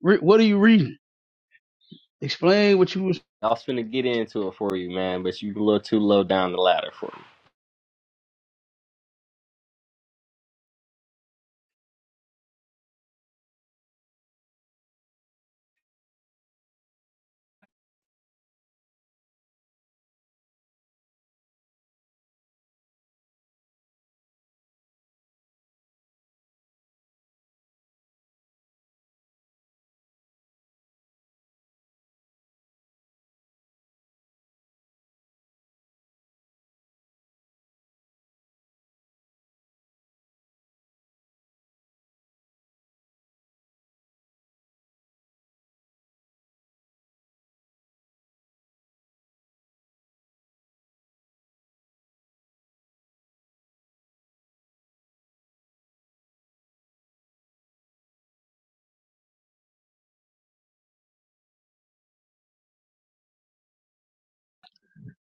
Re- what are you reading? Explain what you was,
I was finna get into it for you, man, but you a little too low down the ladder for me.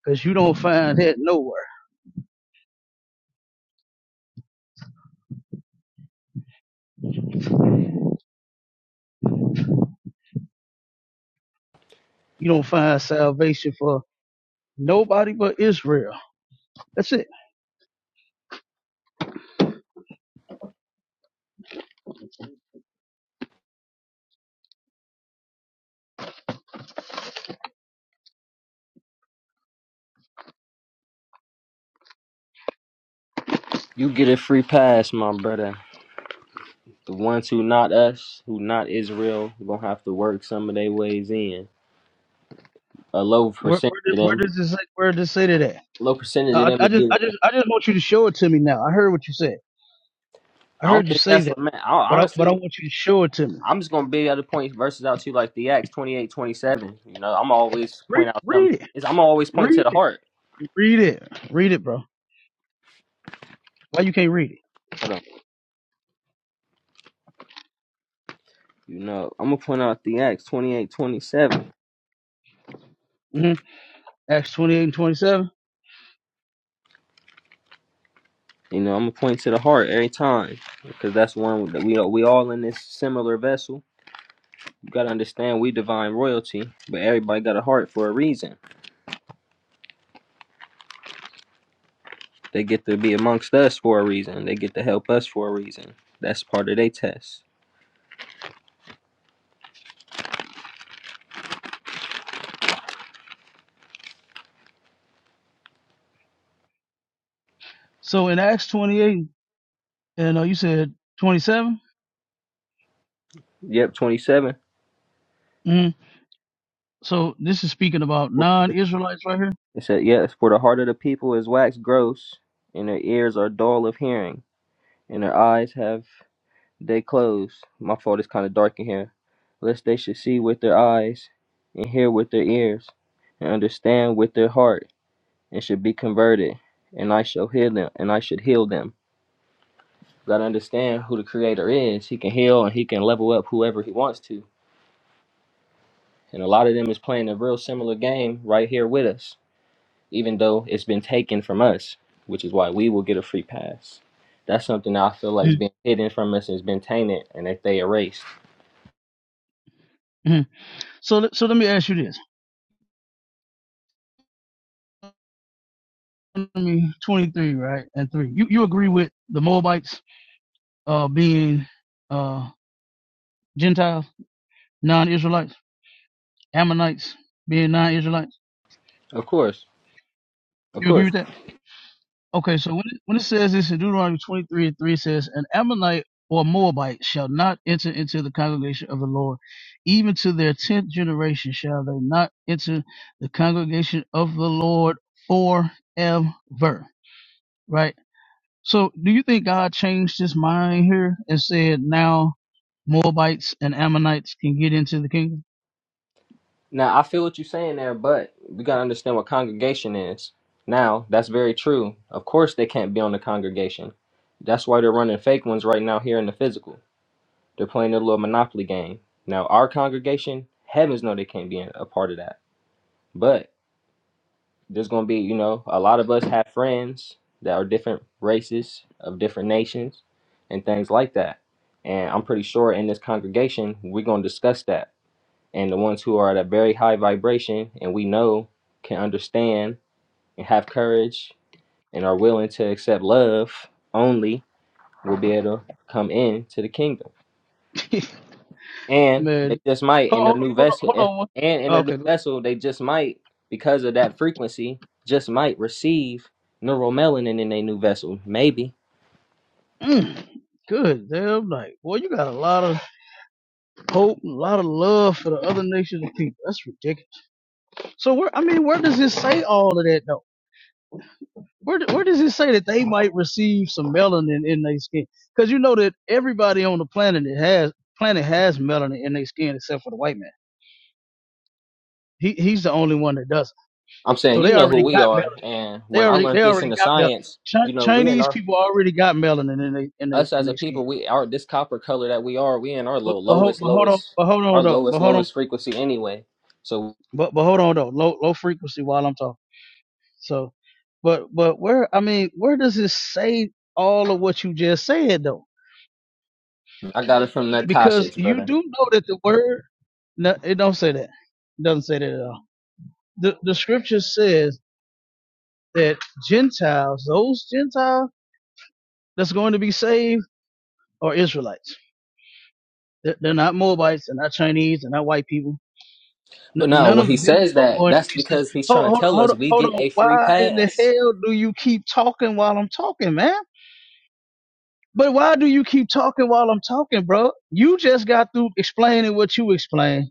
because you don't find that nowhere. You don't find salvation for nobody but Israel. That's it.
You get a free pass, my brother. The ones who not us, who not Israel, gonna have to work some of their ways in. A low
Where
percentage
Where,
of
did, where
them,
does this Where does it say that at?
low percentage of
Uh,
them
I, I
are
just
getting.
I just I just want you to show it to me now. I heard what you said. I
I don't
heard you
think
say
that's what
that,
man. I,
but I but I
honestly,
want you to show it to me.
I'm just gonna be able to point verses out to you like the Acts 28:27. You know, I'm always
Read
point out
Read
something.
it.
It's, I'm always point to
Read
the
it.
heart.
Read it. Read it, bro. Why you can't read it?
Hold on. You know, I'm gonna point out the Acts 28:27.
hmm Acts twenty eight and twenty seven.
You know, I'm gonna point to the heart every time because that's one that we we all in this similar vessel. You gotta understand we divine royalty, but everybody got a heart for a reason. They get to be amongst us for a reason. They get to help us for a reason. That's part of their test.
So in Acts twenty eight and uh, you said twenty seven.
Yep, 27.
So this is speaking about non-Israelites right here.
It said, "Yes, for the heart of the people is wax gross, and their ears are dull of hearing, and their eyes have." They closed. My fault is kind of dark in here. Lest they should see with their eyes, and hear with their ears, and understand with their heart, and should be converted, and I shall heal them. And I should heal them. Gotta understand who the Creator is. He can heal and He can level up whoever He wants to. And a lot of them is playing a real similar game right here with us, even though it's been taken from us, which is why we will get a free pass. That's something that I feel like is
Mhm.
being hidden from us and has been tainted, and that they erased.
Mhm. So let- so let me ask you this. Deuteronomy 23, right? And 3. You you agree with the Moabites uh being uh Gentiles, non-Israelites, Ammonites being non-Israelites?
Of course. Of
You
course.
agree with that? Okay, so when it, when it says this in Deuteronomy 23 and 3 it says, An Ammonite or Moabite shall not enter into the congregation of the Lord, even to their tenth generation shall they not enter the congregation of the Lord forever. Right? So do you think God changed his mind here and said now Moabites and Ammonites can get into the kingdom?
Now I feel what you're saying there, but we gotta understand what congregation is. Now that's very true. Of course they can't be on the congregation. That's why they're running fake ones right now here in the physical. They're playing their little monopoly game. Now our congregation, heavens know they can't be a part of that. But there's gonna be, you know, a lot of us have friends that are different races of different nations and things like that. And I'm pretty sure in this congregation we're gonna discuss that and the ones who are at a very high vibration and we know can understand and have courage and are willing to accept love only will be able to come in to the kingdom.
<laughs>
And they
Man,
just might in their
hold,
new
hold, hold on,
vessel
hold
eh,
on.
and in their new
Okay.
vessel they just might because of that frequency just might receive neuromelanin in their new vessel. Maybe.
Mm, good damn night. Boy, you got a lot of hope, and a lot of love for the other nations of people. That's ridiculous. So where I mean, where does it say all of that though? Where where does it say that they might receive some melanin in their skin? Because you know that everybody on the planet that has planet has melanin in their skin except for the white man. He he's the only one that doesn't.
I'm
So
saying you
they
know who
already
we
got
are
melanin.
and
They
when I
already
learned
they
this in
already
the
got melanin.
science,
Chi-
you know, we in
Chinese
our
people already got melanin in they in they
us
in
as a
their skin.
people, we are this copper color that we are, we in our
But,
low
but, hold,
lowest,
but hold on,
lowest,
but hold
our
on though,
lowest,
but hold on,
lowest frequency anyway. So
but, but hold on though, low low frequency while I'm talking. So, but but where I mean, where does it say all of what you just said though?
I got it from that
Because
Nakash's
you
brother.
do know that the word no, it don't say that. It doesn't say that at all. The the scripture says that Gentiles, those Gentiles that's going to be saved, are Israelites. They're, they're not Moabites, they're not Chinese, they're not white people. N-
But no,
none
when
of
he
them
says
are
that,
going to
that's
be saved.
because he's
Hold
trying to
hold
tell
hold
us
on,
we
hold
get
on.
a free
Why in the
pass.
hell do you keep talking while I'm talking, man? But why do you keep talking while I'm talking, bro? You just got through explaining what you explained.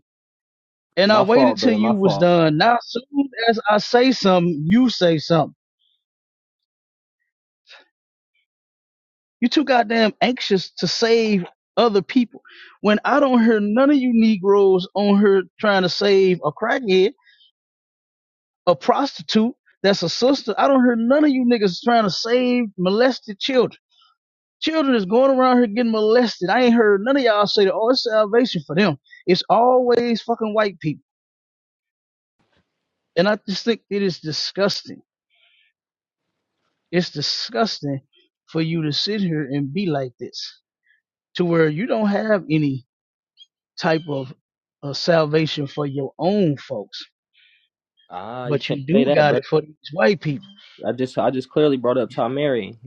And I
My
waited
fault,
till
brother. My
you was
fault.
done. Now, as soon as I say something, you say something. You too goddamn anxious to save other people. When I don't hear none of you Negroes on here trying to save a crackhead, a prostitute that's a sister. I don't hear none of you niggas trying to save molested children. Children is going around here getting molested. I ain't heard none of y'all say that, oh, it's salvation for them. It's always fucking white people. And I just think it is disgusting. It's disgusting for you to sit here and be like this to where you don't have any type of uh, salvation for your own folks,
Ah, you
but
can't
you
say
do
that,
got
brother.
it for these white people.
I just, I just clearly brought up Tom Mary.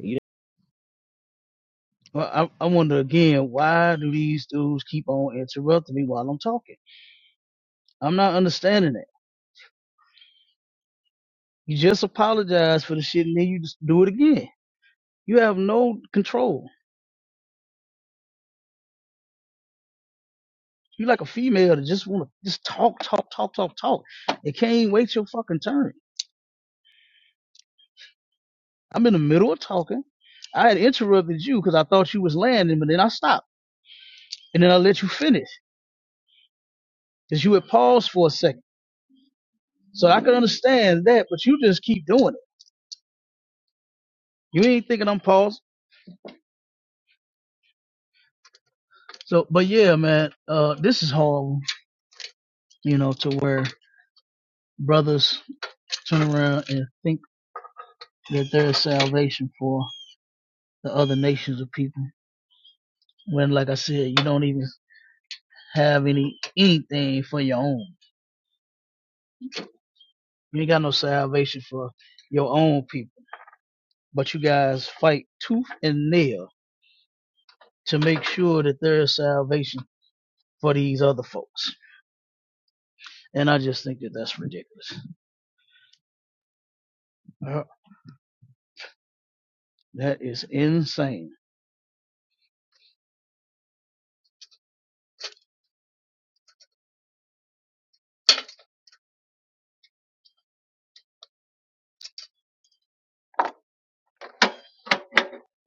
Well, I, I wonder again, why do these dudes keep on interrupting me while I'm talking? I'm not understanding that. You just apologize for the shit and then you just do it again. You have no control. You like a female that just wanna just talk, talk, talk, talk, talk. It can't wait your fucking turn. I'm in the middle of talking. I had interrupted you because I thought you was landing, but then I stopped. And then I let you finish. Because you had paused for a second. So I could understand that, but you just keep doing it. You ain't thinking I'm paused. So but yeah, man, uh this is horrible, you know, to where brothers turn around and think that there is salvation for the other nations of people. When like I said, you don't even have any anything for your own. You ain't got no salvation for your own people. But you guys fight tooth and nail to make sure that there is salvation for these other folks. And I just think that that's ridiculous. Uh, that is insane.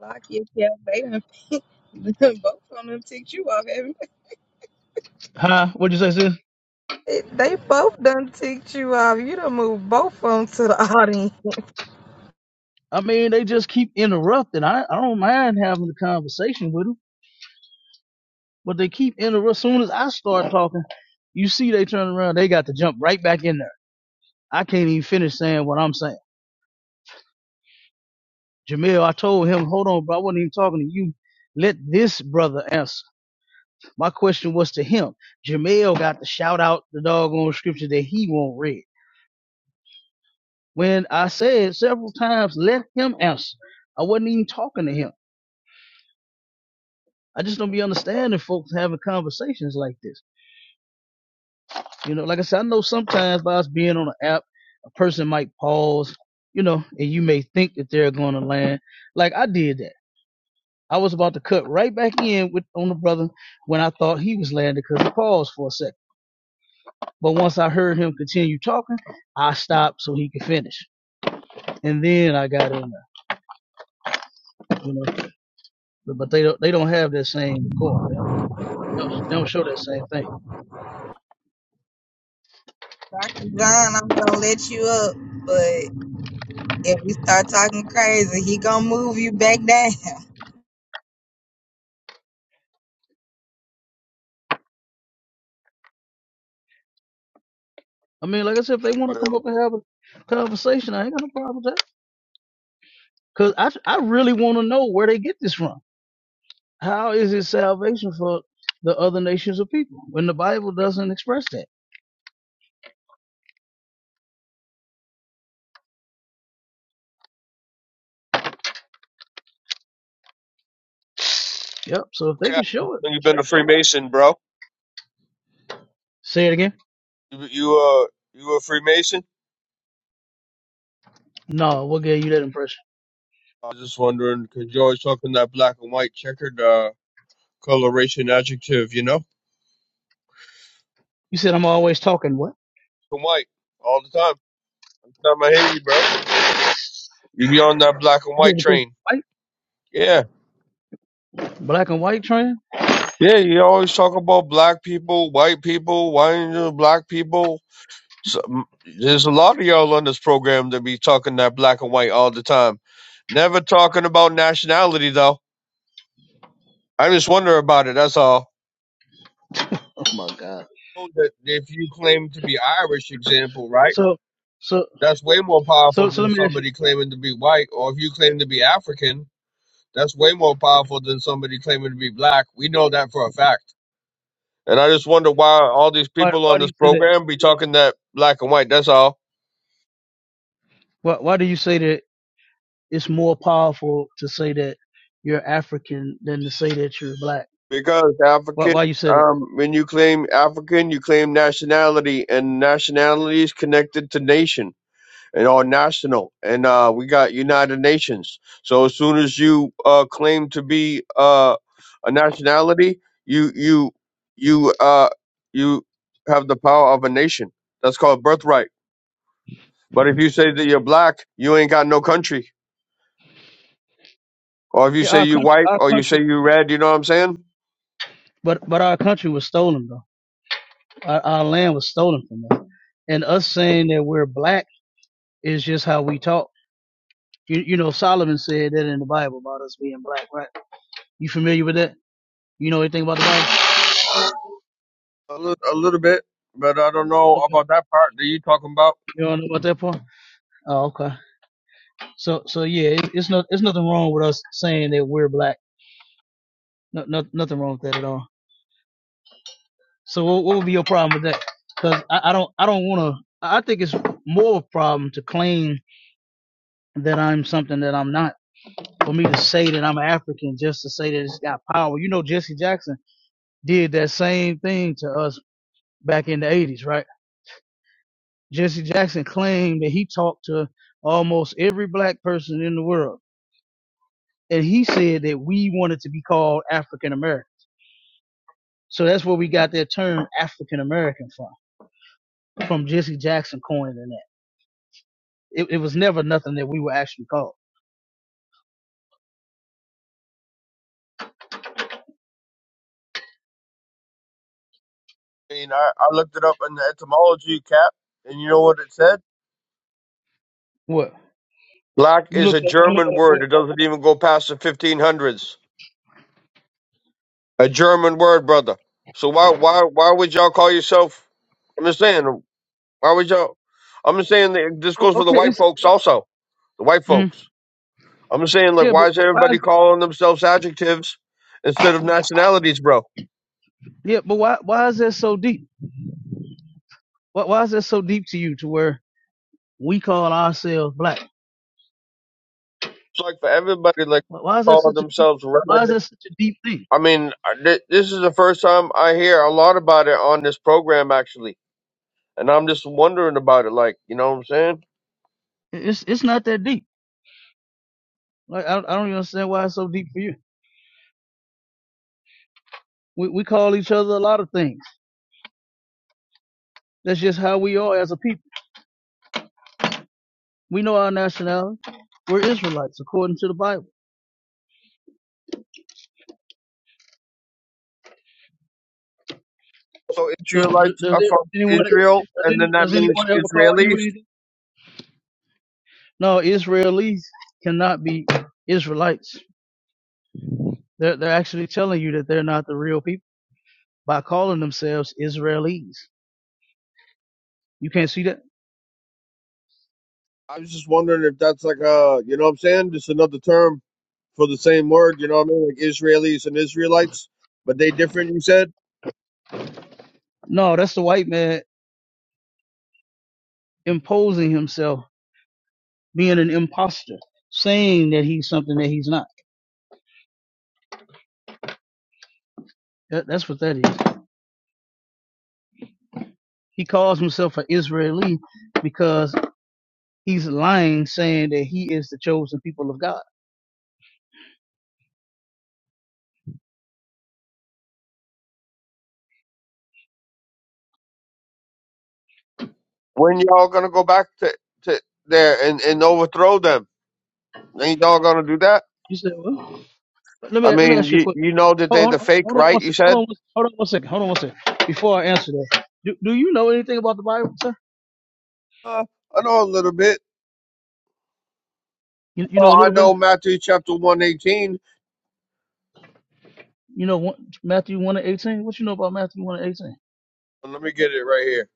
Like your child, they <laughs> both of them ticked you off, haven't
Huh? What'd you say, sis?
They both done ticked you off. You done moved both of them to the audience.
I mean, they just keep interrupting. I, I don't mind having the conversation with them, but they keep interrupting. As soon as I start talking, you see they turn around, they got to jump right back in there. I can't even finish saying what I'm saying. Jamil, I told him, hold on, bro, I wasn't even talking to you. Let this brother answer. My question was to him. Jamil got to shout out the doggone scripture that he won't read. When I said several times, let him answer. I wasn't even talking to him. I just don't be understanding folks having conversations like this. You know, like I said, I know sometimes by us being on an app, a person might pause, you know, and you may think that they're going to land. Like I did that. I was about to cut right back in with on the brother when I thought he was landing because he paused for a second. But once I heard him continue talking, I stopped so he could finish, and then I got in there. You know, but, but they don't they don't have that same decorum. They don't, they don't they don't show that same thing.
Dr. John, I'm gonna let you up, but if we start talking crazy, he gonna move you back down. <laughs>
I mean, like I said, if they want to
You
come up and have a conversation, I ain't got no problem with that. Cause I I really want to know where they get this from. How is it salvation for the other nations of people when the Bible doesn't express that? Yep. So if they
okay?
can show it,
You've
sh-
been a
show it.
Freemason, bro.
Say it again.
You you uh you a Freemason?
No, what gave you that impression?
I was just wondering because you always talking that black and white checkered uh coloration adjective, you know?
You said I'm always talking. What?
Black and white all the time. It's not my Haley, bro. You be on that black and
You
white
said because
train.
white,
Yeah,
black and white trans.
yeah. You always talk about black people, white people, white and black people. So, mm, there's a lot of y'all on this program that be talking that black and white all the time. Never talking about nationality though. I just wonder about it. That's all. that if you claim to be Irish, example, right?
So, so,
That's way more powerful
so, so
than
let me ask you,
somebody claiming to be white, or if you claim to be African, that's way more powerful than somebody claiming to be black. We know that for a fact. And I just wonder why all these
why,
people
why
on
do
this
you say that?
program be talking that black and white. That's all.
Why, why do you say that it's more powerful to say that you're African than to say that you're black?
Because
Why,
African,
why you say that?
um, when you claim African, you claim nationality, and nationality is connected to nation. and all national and uh we got united nations so as soon as you uh claim to be uh a nationality you you you uh you have the power of a nation that's called birthright but if you say that you're black you ain't got no country or if you
Yeah,
say
our
you
country,
white
our
or you say
country,
you red you know what i'm saying
but but our country was stolen though. Our, our land was stolen from us, and us saying that we're black is just how we talk. You, you know, Solomon said that in the Bible about us being black, right? You familiar with that? You know anything about the Bible?
a little, a little bit but i don't know
You
about that part that you talking about
don't know about that part? Oh, okay. So, so yeah, it, it's not, it's nothing wrong with us saying that we're black. No, no, nothing wrong with that at all. So, what, what would be your problem with that? Because I, I don't, I don't want to. I I think it's more of a problem to claim that I'm something that I'm not. For me to say that I'm African just to say that it's got power. You know, Jesse Jackson did that same thing to us back in the '80s, right? Jesse Jackson claimed that he talked to almost every black person in the world and he said that we wanted to be called African American. So that's where we got that term African American from, from Jesse Jackson coining that. It, it was never nothing that we were actually called.
i mean i, I looked it up in the etymology cap and you know what it said
What
Black
you
is a
looked up, you
German
looked up what?
word. It doesn't even go past the 1500s. A German word, brother. So why why why would y'all call yourself? I'm just saying. Why would y'all? I'm just saying that this
Oh,
goes for the
okay,
white
it's
folks also. The white
Mm.
folks. I'm just saying like
yeah,
why
but
is
why
everybody
is it?
calling themselves adjectives instead of nationalities, bro?
Yeah, but why why is that so deep? Why, why is that so deep to you to where we call ourselves black?
It's like for everybody like
Why, why is that
calling
such a deep?
themselves.
Why is
redhead.
that such a deep thing?
I mean, I- thi- this is the first time I hear a lot about it on this program actually, and I'm just wondering about it. Like you know what I'm saying?
It- It's it's not that deep. Like I, I don't even understand why it's so deep for you. We we call each other a lot of things. That's just how we are as a people. We know our nationality. We're Israelites according to the Bible.
So
So d-
Israelites
does
are
it,
from
anyone
Israel,
does
and then
any
that
does
means
anyone ever call you
Israelis.
anything? No, Israelis cannot be Israelites. They're they're actually telling you that they're not the real people by calling themselves Israelis. You can't see that.
I was just wondering if that's like a, you know what I'm saying? Just another term for the same word, you know what I mean? Like Israelis and Israelites, but they different, you said?
No, that's the white man imposing himself, being an imposter, saying that he's something that he's not. That, that's what that is. He calls himself an Israeli because he's lying, saying that he is the chosen people of God.
When y'all gonna go back to, to there and, and overthrow them? Ain't y'all gonna do that?
You said what? Let me
I
let me
mean,
ask you a
you,
quick.
you know that they
Hold,
the
hold,
fake,
hold on
right?
one
You
second. Hold on,
said?
one- hold on one second. Hold on one second. Before I answer that, do, do you know anything about the Bible, sir?
Uh, I know a little bit.
You, you know a
Oh, I
little bit.
know Matthew chapter 118.
You know one, Matthew one and eighteen. What you know about Matthew one and eighteen?
Let me get it right here.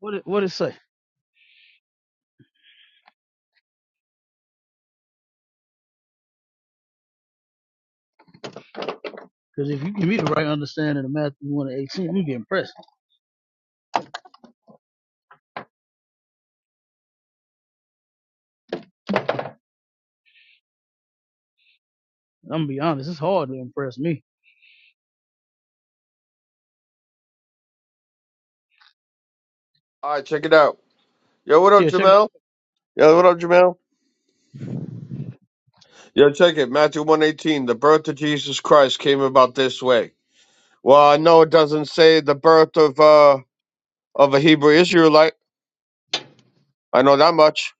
What it, what it say? Because if you give me the right understanding of Matthew one and eighteen, I'm gonna be impressed. I'm gonna be honest. It's hard to impress me.
All right, check it out. Yo, what up,
Yeah, check it.
Jamel? Yo, what up, Jamel? Yo, check it. Matthew 118. The birth of Jesus Christ came about this way. Well, I know it doesn't say the birth of uh of a Hebrew Israelite. I know that much.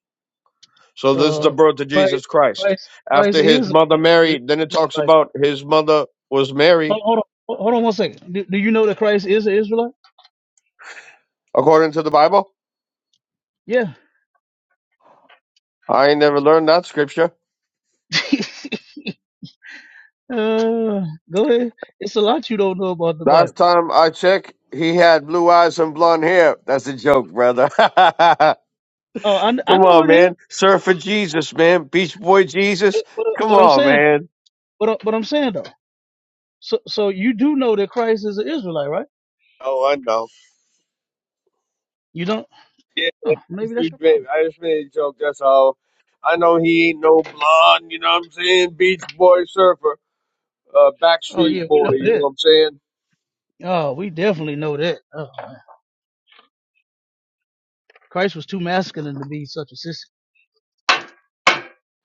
So
out.
this is the
Uh,
birth of
Christ,
Jesus Christ.
Christ, Christ
After his
is an
mother Mary, then it talks about his mother was Mary,
Hold, hold on, hold on one second. Do, do you know that Christ is an Israelite?
according to the Bible.
Yeah.
I ain't never learned that scripture.
<laughs> uh, go ahead. It's a lot you don't know about the Bible.
Last time I checked, he had blue eyes and blonde hair. That's a joke, brother. <laughs>
Oh, I, I
Come
know
on,
it is.
man. Surfer Jesus, man. Beach boy Jesus.
But, but
Come
I'm
on,
saying,
man.
but but I'm saying though. So so you do know that Christ is an Israelite, right?
Oh, I know.
You don't?
Yeah,
Oh,
it's
maybe
pretty
that's your
great.
problem.
I just made a joke. That's all. I know he ain't no blonde. You know what I'm saying? Beach boy surfer, uh,
Oh
Backstreet
yeah, we
boy.
know
You know
that.
what I'm saying?
Oh, we definitely know that. Oh, Christ was too masculine to be such a sissy.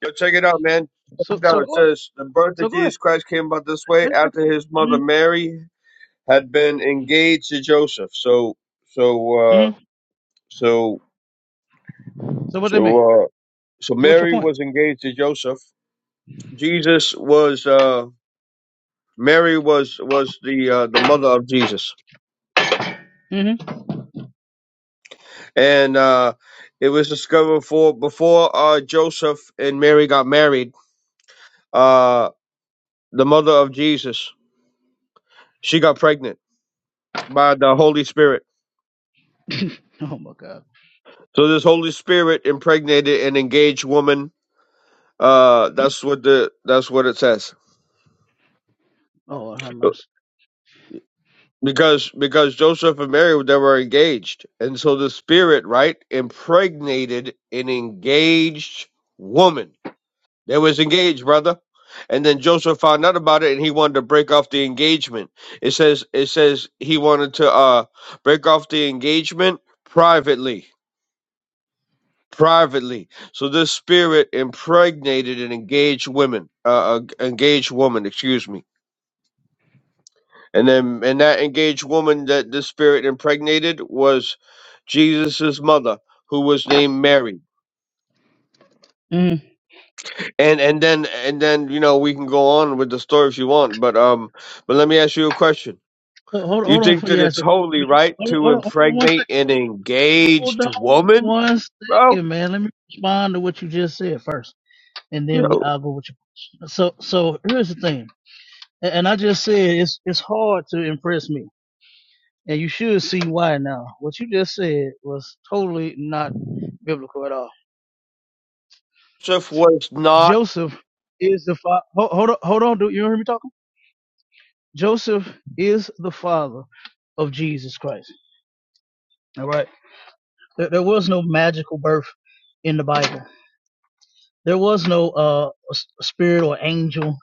Yo, check it out, man. Check
So
it
so
out. It
go ahead.
says the birth
So
of
go ahead.
Jesus Christ came about this way
Make your
after
point.
his mother Mary had been engaged to Joseph. So, so, uh,
Mm-hmm.
so,
So what that mean?
so, uh, so
So what's your
Mary
point?
was engaged to Joseph. Jesus was, uh, Mary was was the uh, the mother of Jesus.
Mm-hmm.
and uh, it was discovered for before uh, Joseph and Mary got married. Uh, the mother of Jesus, she got pregnant by the Holy Spirit.
<laughs> <coughs> oh my God.
So this Holy Spirit impregnated an engaged woman. Uh, that's what the that's what it says.
Oh, have mercy.
Because because Joseph and Mary they were engaged, and so the Spirit right impregnated an engaged woman. They was engaged, brother. And then Joseph found out about it and he wanted to break off the engagement. It says it says he wanted to uh break off the engagement privately. Privately. So this spirit impregnated an engaged woman, uh, uh engaged woman, excuse me. And then and that engaged woman that the spirit impregnated was Jesus's mother, who was named Mary.
Mm.
And and then and then, you know, we can go on with the story if you want, but um but let me ask you a question
Ho- Hold,
You
hold on
think
for
that
you ask
it's
that question.
holy,
Let me-
right,
Hold on,
to
hold on, hold on one second.
impregnate an
Hold
engaged
on
woman,
one
bro?
second, man. Let me respond to what you just said first, and
You
then we
know,
I'll go with your question. So so here's the thing, A- and I just said it's it's hard to impress me, and you should see why now. What you just said was totally not biblical at all.
Joseph was not
Joseph is the father. Hold, hold on, hold on. Do you hear me talking? Joseph is the father of Jesus Christ. All right. There, there was no magical birth in the Bible. There was no uh, spirit or angel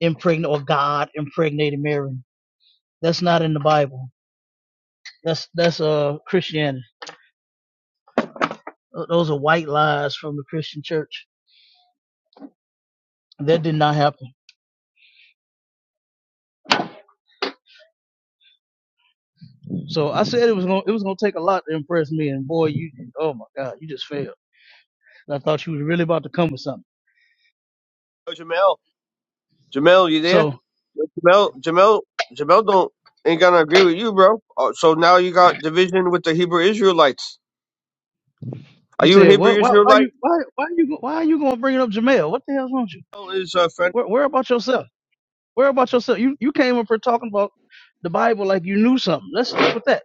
impregnate or God impregnated Mary. That's not in the Bible. That's that's uh Christianity. Those are white lies from the Christian church. That did not happen. So I said it was gonna it was gonna take a lot to impress me, and boy, you oh my God, you just failed. And I thought you were really about to come with something.
Oh, Jamel. Jamel, you there?
So
Jamel, Jamel, Jamel don't ain't gonna agree with you, bro. Oh, so now you got division with the Hebrew Israelites. Are
you
you a
said
Hebrew
what? Why, why are
Israelite?
you why why are you why are you gonna bring up Jamel? What the hell's wrong with you?
Jamel Is a friend.
Where, where about yourself? Worry about yourself. You you came up here talking about the Bible like you knew something. Let's stick with that.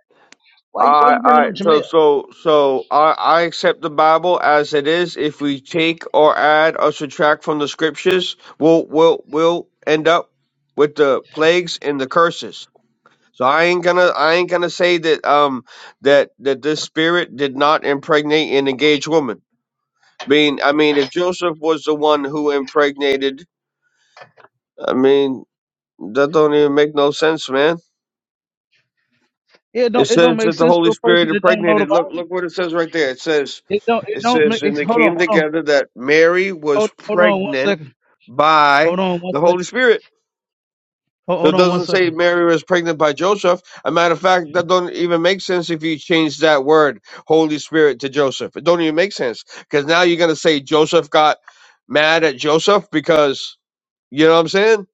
Why you why
I
you bringing
I
up
so
Jamel?
so so I I accept the Bible as it is. If we take or add or subtract from the scriptures, we'll we'll we'll end up with the plagues and the curses. So I ain't gonna I ain't gonna say that um that that this spirit did not impregnate an engaged woman. Being I mean, if Joseph was the one who impregnated, I mean that don't even make no sense, man.
It
It
don't it don't
says
make
that the
sense
Holy
to a
Spirit
person that don't know the
impregnated. Look,
Bible.
look what it says right there. It says,
It don't it
it
don't
says,
make.
and
It's,
they
hold on
came
hold on
together that Mary was
hold hold on one
pregnant
second.
by
Hold on one
the
second.
Holy Spirit.
Hold,
So
hold
it
on one
doesn't say
second.
Mary was pregnant by Joseph. A matter of fact, that don't even make sense if you change that word Holy Spirit to Joseph. It don't even make sense because now you're gonna say Joseph got mad at Joseph because you know what I'm saying?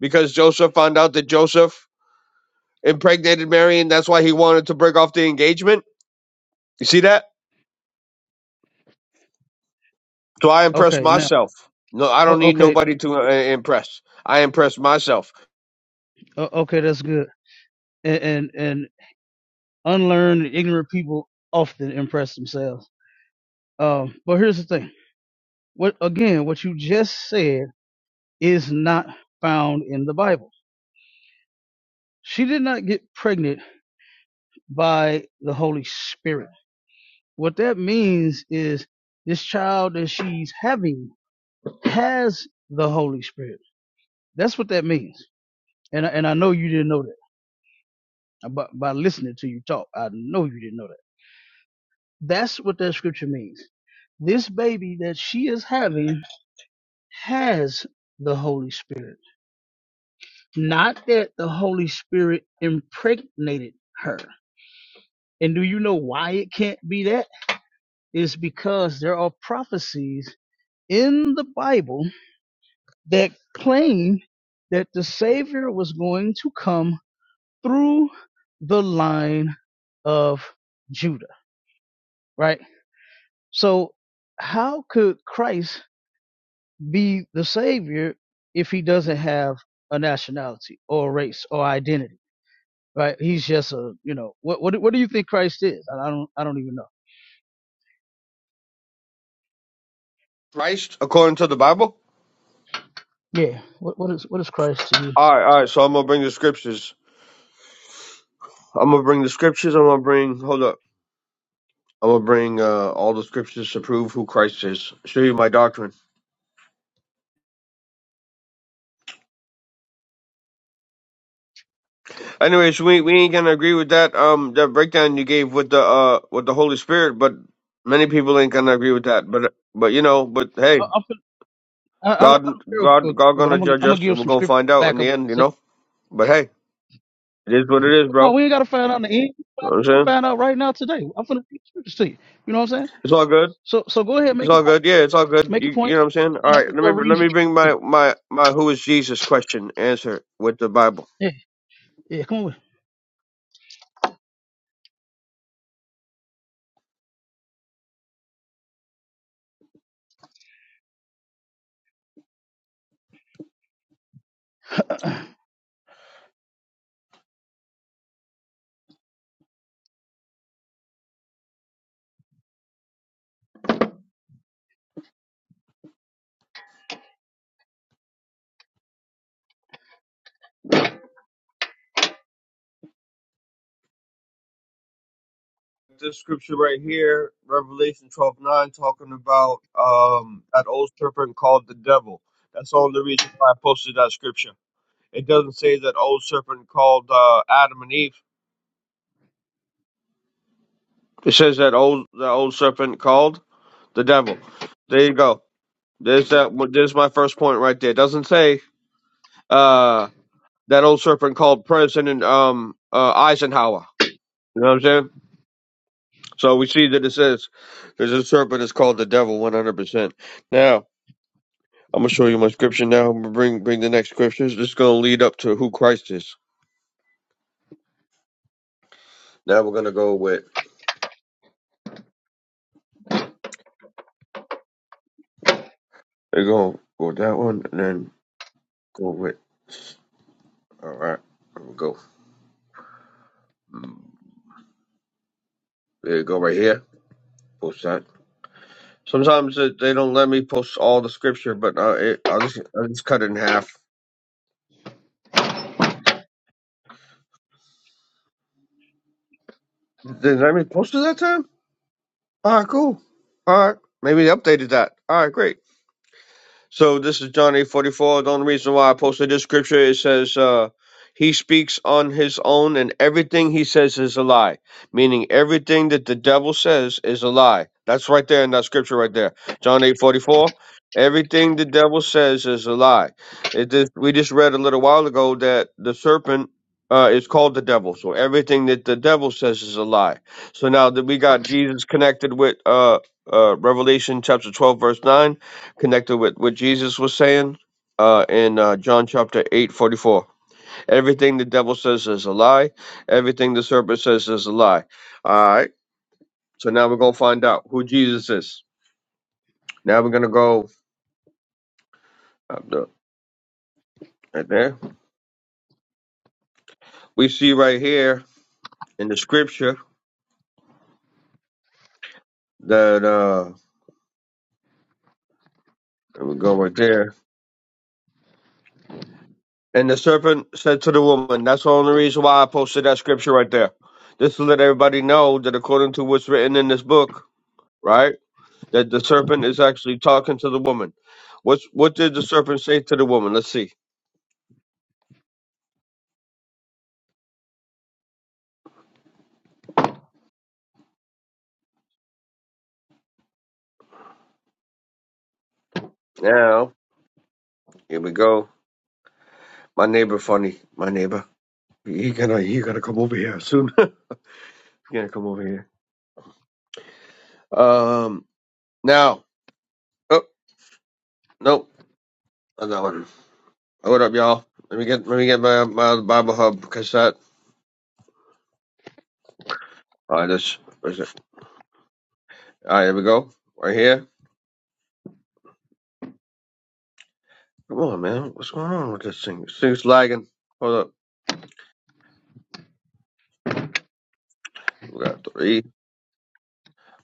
Because Joseph found out that Joseph impregnated Mary and that's why he wanted to break off the engagement. You see that? So I impress
Okay now.
myself. No, I don't
O-
need
okay
nobody to uh, impress. I impress myself.
o- okay that's good. And and, and unlearned ignorant people often impress themselves. Um, but here's the thing. What again? What you just said is not found in the Bible. She did not get pregnant by the Holy Spirit. What that means is this child that she's having has the Holy Spirit. That's what that means. And and I know you didn't know that Uh, by, by listening to you talk. I know you didn't know that. That's what that scripture means. This baby that she is having has the Holy Spirit. Not that the Holy Spirit impregnated her. And do you know why it can't be that? It's because there are prophecies in the Bible that claim that the Savior was going to come through the line of Judah, right? So, how could Christ be the Savior if he doesn't have a nationality or race or identity, right? He's just a, you know, what what, what do you think Christ is? I, I don't I don't even know.
Christ, according to the Bible.
Yeah, what what is what is Christ to you?
All right, all right. So I'm gonna bring the scriptures. I'm gonna bring the scriptures. I'm gonna bring. Hold up. I'm gonna bring uh, all the scriptures to prove who Christ is. Show you my doctrine. Anyways, we we ain't gonna agree with that um that breakdown you gave with the uh with the Holy Spirit, but many people ain't gonna agree with that. But but you know, but hey,
I, I'm fin- I, I don't I
God
don't care, if-
God God
but
gonna
I'm gonna
judge
I'm gonna
us, and
give
we're
some
gonna
scripture
find
to
out in
back up.
the
what I
end, you
said.
know. But hey, it is what it is, bro.
No, we ain't gotta find out in the end.
You know
We
what I'm
can
saying?
find out right now today. I'm finna read the scriptures to you. You know what I'm saying?
It's all good.
So so go ahead,
It's
make your
all
point.
good. Yeah, it's all good.
Make your
You, you
point,
know what
and
I'm saying?
then
All
I
right,
can
let
start
me
reading
let
some
me bring
scriptures to
my
you.
my my who is Jesus question answer with the Bible.
Yeah, yeah. Come on. With it.
This scripture right here, Revelation 12:9, talking about um that old serpent called the devil. That's the only reason why I posted that scripture. It doesn't say that old serpent called uh, Adam and Eve. It says that old the old serpent called the devil. There you go. There's that. There's my first point right there. It doesn't say. uh. that old serpent called President um uh, Eisenhower. You know what I'm saying? So we see that it says there's a serpent is called the devil 100%. Now I'm gonna show you my scripture. Now I'm gonna bring bring the next scriptures. This is gonna lead up to who Christ is. Now we're gonna go with we're gonna go with that one and then go with all right. we go. Mm, There you go right here. Post that. Sometimes it, they don't let me post all the scripture, but uh, it, I'll just I'll just cut it in half. Did they let me post it that time? All right, cool. All right. Maybe they updated that. All right, great. So this is John 8:44. The only reason why I posted this scripture it says uh he speaks on his own and everything he says is a lie, meaning everything that the devil says is a lie. That's right there in that scripture right there. John 8:44. Everything the devil says is a lie. It just, we just read a little while ago that the serpent uh, is called the devil. So everything that the devil says is a lie. So now that we got Jesus connected with uh, uh, Revelation chapter 12 verse 9, connected with what Jesus was saying uh, in uh, John chapter 8:44. Everything the devil says is a lie, everything the serpent says is a lie. All right, so now we're going to find out who Jesus is. Now we're going to go up the, right there. We see right here in the scripture that uh, we go right there. And the serpent said to the woman, That's the only reason why I posted that scripture right there. Just to let everybody know that according to what's written in this book, right? that the serpent is actually talking to the woman. What's what did the serpent say to the woman? Let's see. Now here we go. My neighbor, funny. My neighbor. He gonna he gonna come over here soon. <laughs> he gonna come over here. Um. Now. Oh no. Another one. Hold up, y'all. Let me get let me get my my other Bible Hub cassette. All right, this. Where's it? All right, here we go. Right here. Come on, man. What's going on with this thing? This thing's lagging. Hold up. We got three.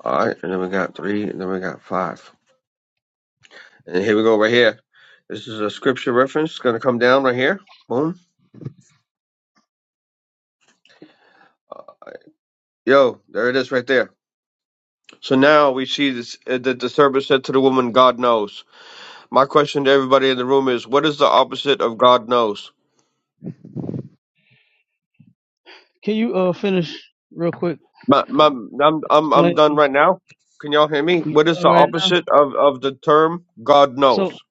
All right, and then we got three, and then we got five. And here we go right here. This is a scripture reference. It's going to come down right here. Boom. Yo, there it is right there. So now we see this, uh, that the servant said to the woman, God knows. My question to everybody in the room is, what is the opposite of God knows?
<clears throat> Can you uh finish real quick
My, my, I'm, I'm, I'm done
explaining
right now. Can y'all hear me?
what you
What is the
doing right now?
opposite of, of the term God
So
knows?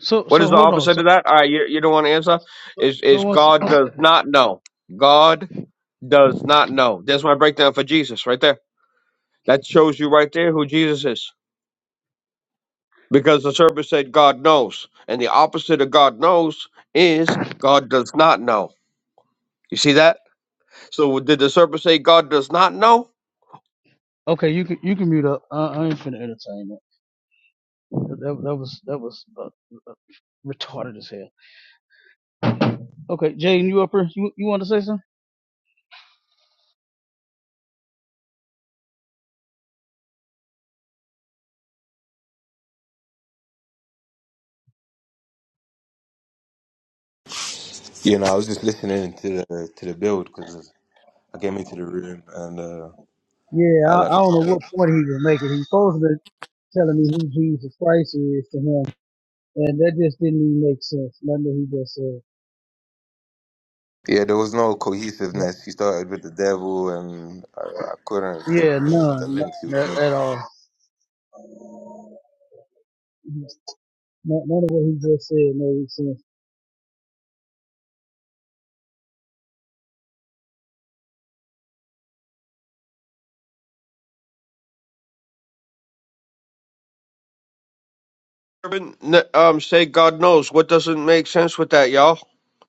so
What
so
is the
hold on.
opposite
So
of that? All right, you, you don't want to answer?
so
Is
so
is
once
God does not know. God does not know. That's my breakdown for Jesus right there. That shows you right there who Jesus is. Because the serpent said God knows. And the opposite of God knows is God does not know. You see that? So did the serpent say God does not know?
okay, you can you can mute up. I, I ain't finna entertain that. That, that, that was that was uh, uh, retarded as hell. Okay, Jaden, you up here? You you want to say something?
You know, I was just listening to the to the build because I came into the room and uh,
Yeah,
I
I,
like
I don't know
fuck it.
what point he was making. He's supposed to. telling me who Jesus Christ is to him, and that just didn't even make sense. Nothing that he just said.
yeah, there was no
But
cohesiveness. He started with the devil, and I, I couldn't get
yeah,
the, the
none,
links he was
none
making.
at, at all. None, none of what he just said made sense.
Serpent n- um, say God knows. What doesn't make sense with that, y'all?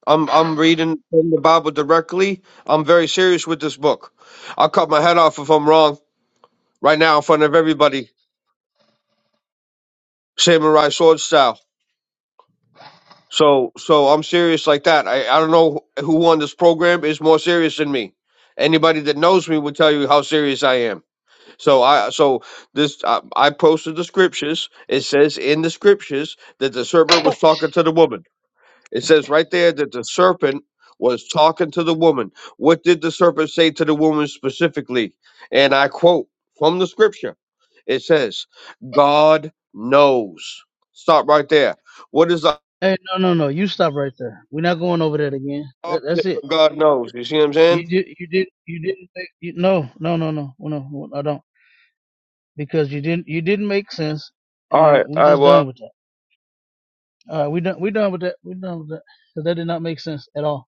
I'm I'm reading from the Bible directly. I'm very serious with this book. I'll cut my head off if I'm wrong right now in front of everybody, samurai sword style. So, so I'm serious like that. I, I don't know who on this program is more serious than me. Anybody that knows me would tell you how serious I am. So I, so this, I, I posted the scriptures. It says in the scriptures that the serpent was talking to the woman. It says right there that the serpent was talking to the woman. What did the serpent say to the woman specifically? And I quote from the scripture. It says, "God knows." Stop right there. What is the
Hey, no, no, no! You stop right there. We're not going over that again. That,
All
that's
shit
it.
from God knows. You see what I'm
You
saying?
did, you did, you didn't make. You, no, no, no, no, no, I don't. Because you didn't, you didn't make sense,
All
and
right.
we
All right.
just done
Well,
with that. All right, we done, we done with that. We done with that because that did not make sense at all.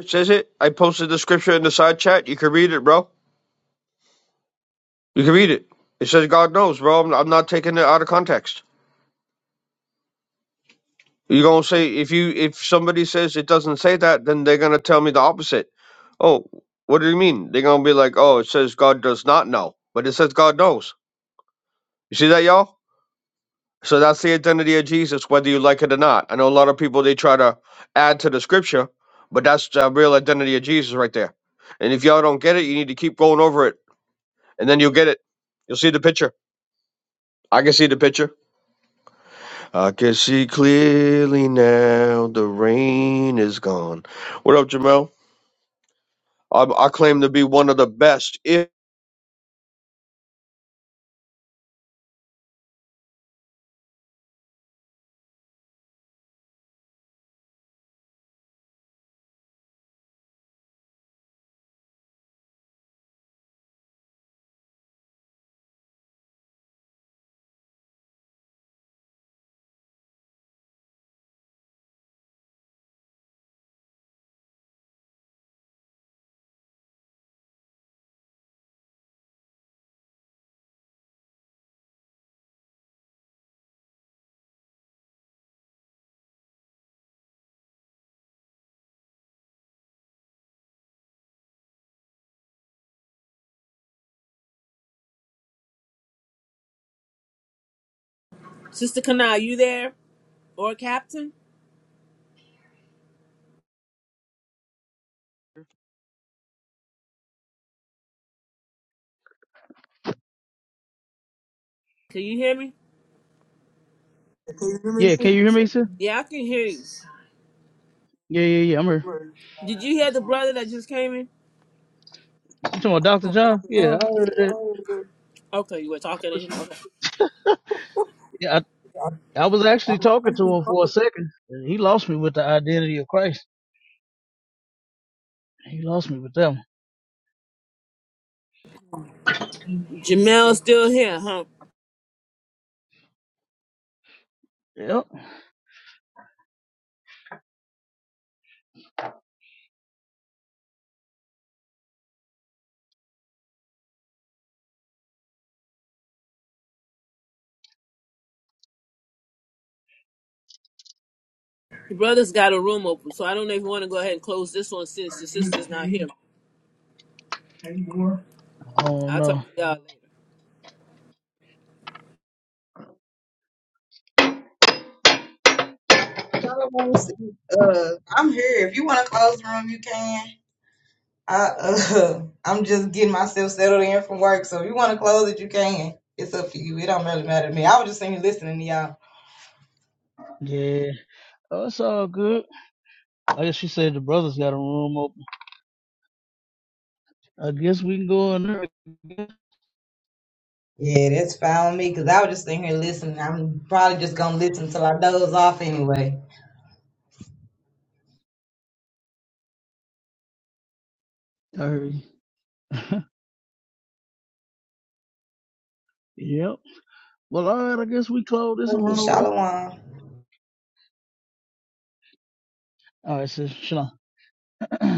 it says it. I posted the scripture in the side chat. You can read it, bro. You can read it. It says God knows, bro. I'm, I'm not taking it out of context. You're gonna say if you if somebody says it doesn't say that, then they're gonna tell me the opposite. Oh, what do you mean? They're gonna be like, oh, it says God does not know, but it says God knows. You see that, y'all? So that's the identity of Jesus, whether you like it or not. I know a lot of people they try to add to the scripture, but that's the real identity of Jesus right there. And if y'all don't get it, you need to keep going over it, and then you'll get it. You'll see the picture. I can see the picture. I can see clearly now. The rain is gone. What up, Jamel? I, I claim to be one of the best. If
Sister Kana, you there? Or Captain? Can you hear me?
Yeah, can you hear me, sir?
Yeah, I can hear you.
Yeah, yeah, yeah. I'm here.
Did you hear the brother that just came in?
You talking about Dr. John? Yeah, I heard of that.
Okay, you were talking to him. Okay.
Yeah, I, I was actually talking to him for a second. and He lost me with the identity of Christ. He lost me with them.
Jamel's still here, huh?
Yep.
The brother's got a room open, so I don't know if you want to go ahead and close this one since the sister's not here.
Oh
I'll talk
no.
to y'all later.
I won't see- <laughs> Uh, I'm here. If you wanna close the room, you can. I, uh, <laughs> I'm just getting myself settled in from work, so if you wanna close it, you can. It's up to you. It don't really matter to me. I was just sitting here listening to y'all.
Yeah. Oh, it's all good. I guess she said the brothers got a room open. I guess we can go in there.
Yeah, that's fine with me, cause I was just sitting here listening. I'm probably just gonna listen till I doze off anyway.
I heard you. Yep. Well, all right. I guess we close this and run over there. All right, sis. Shalom. <clears throat>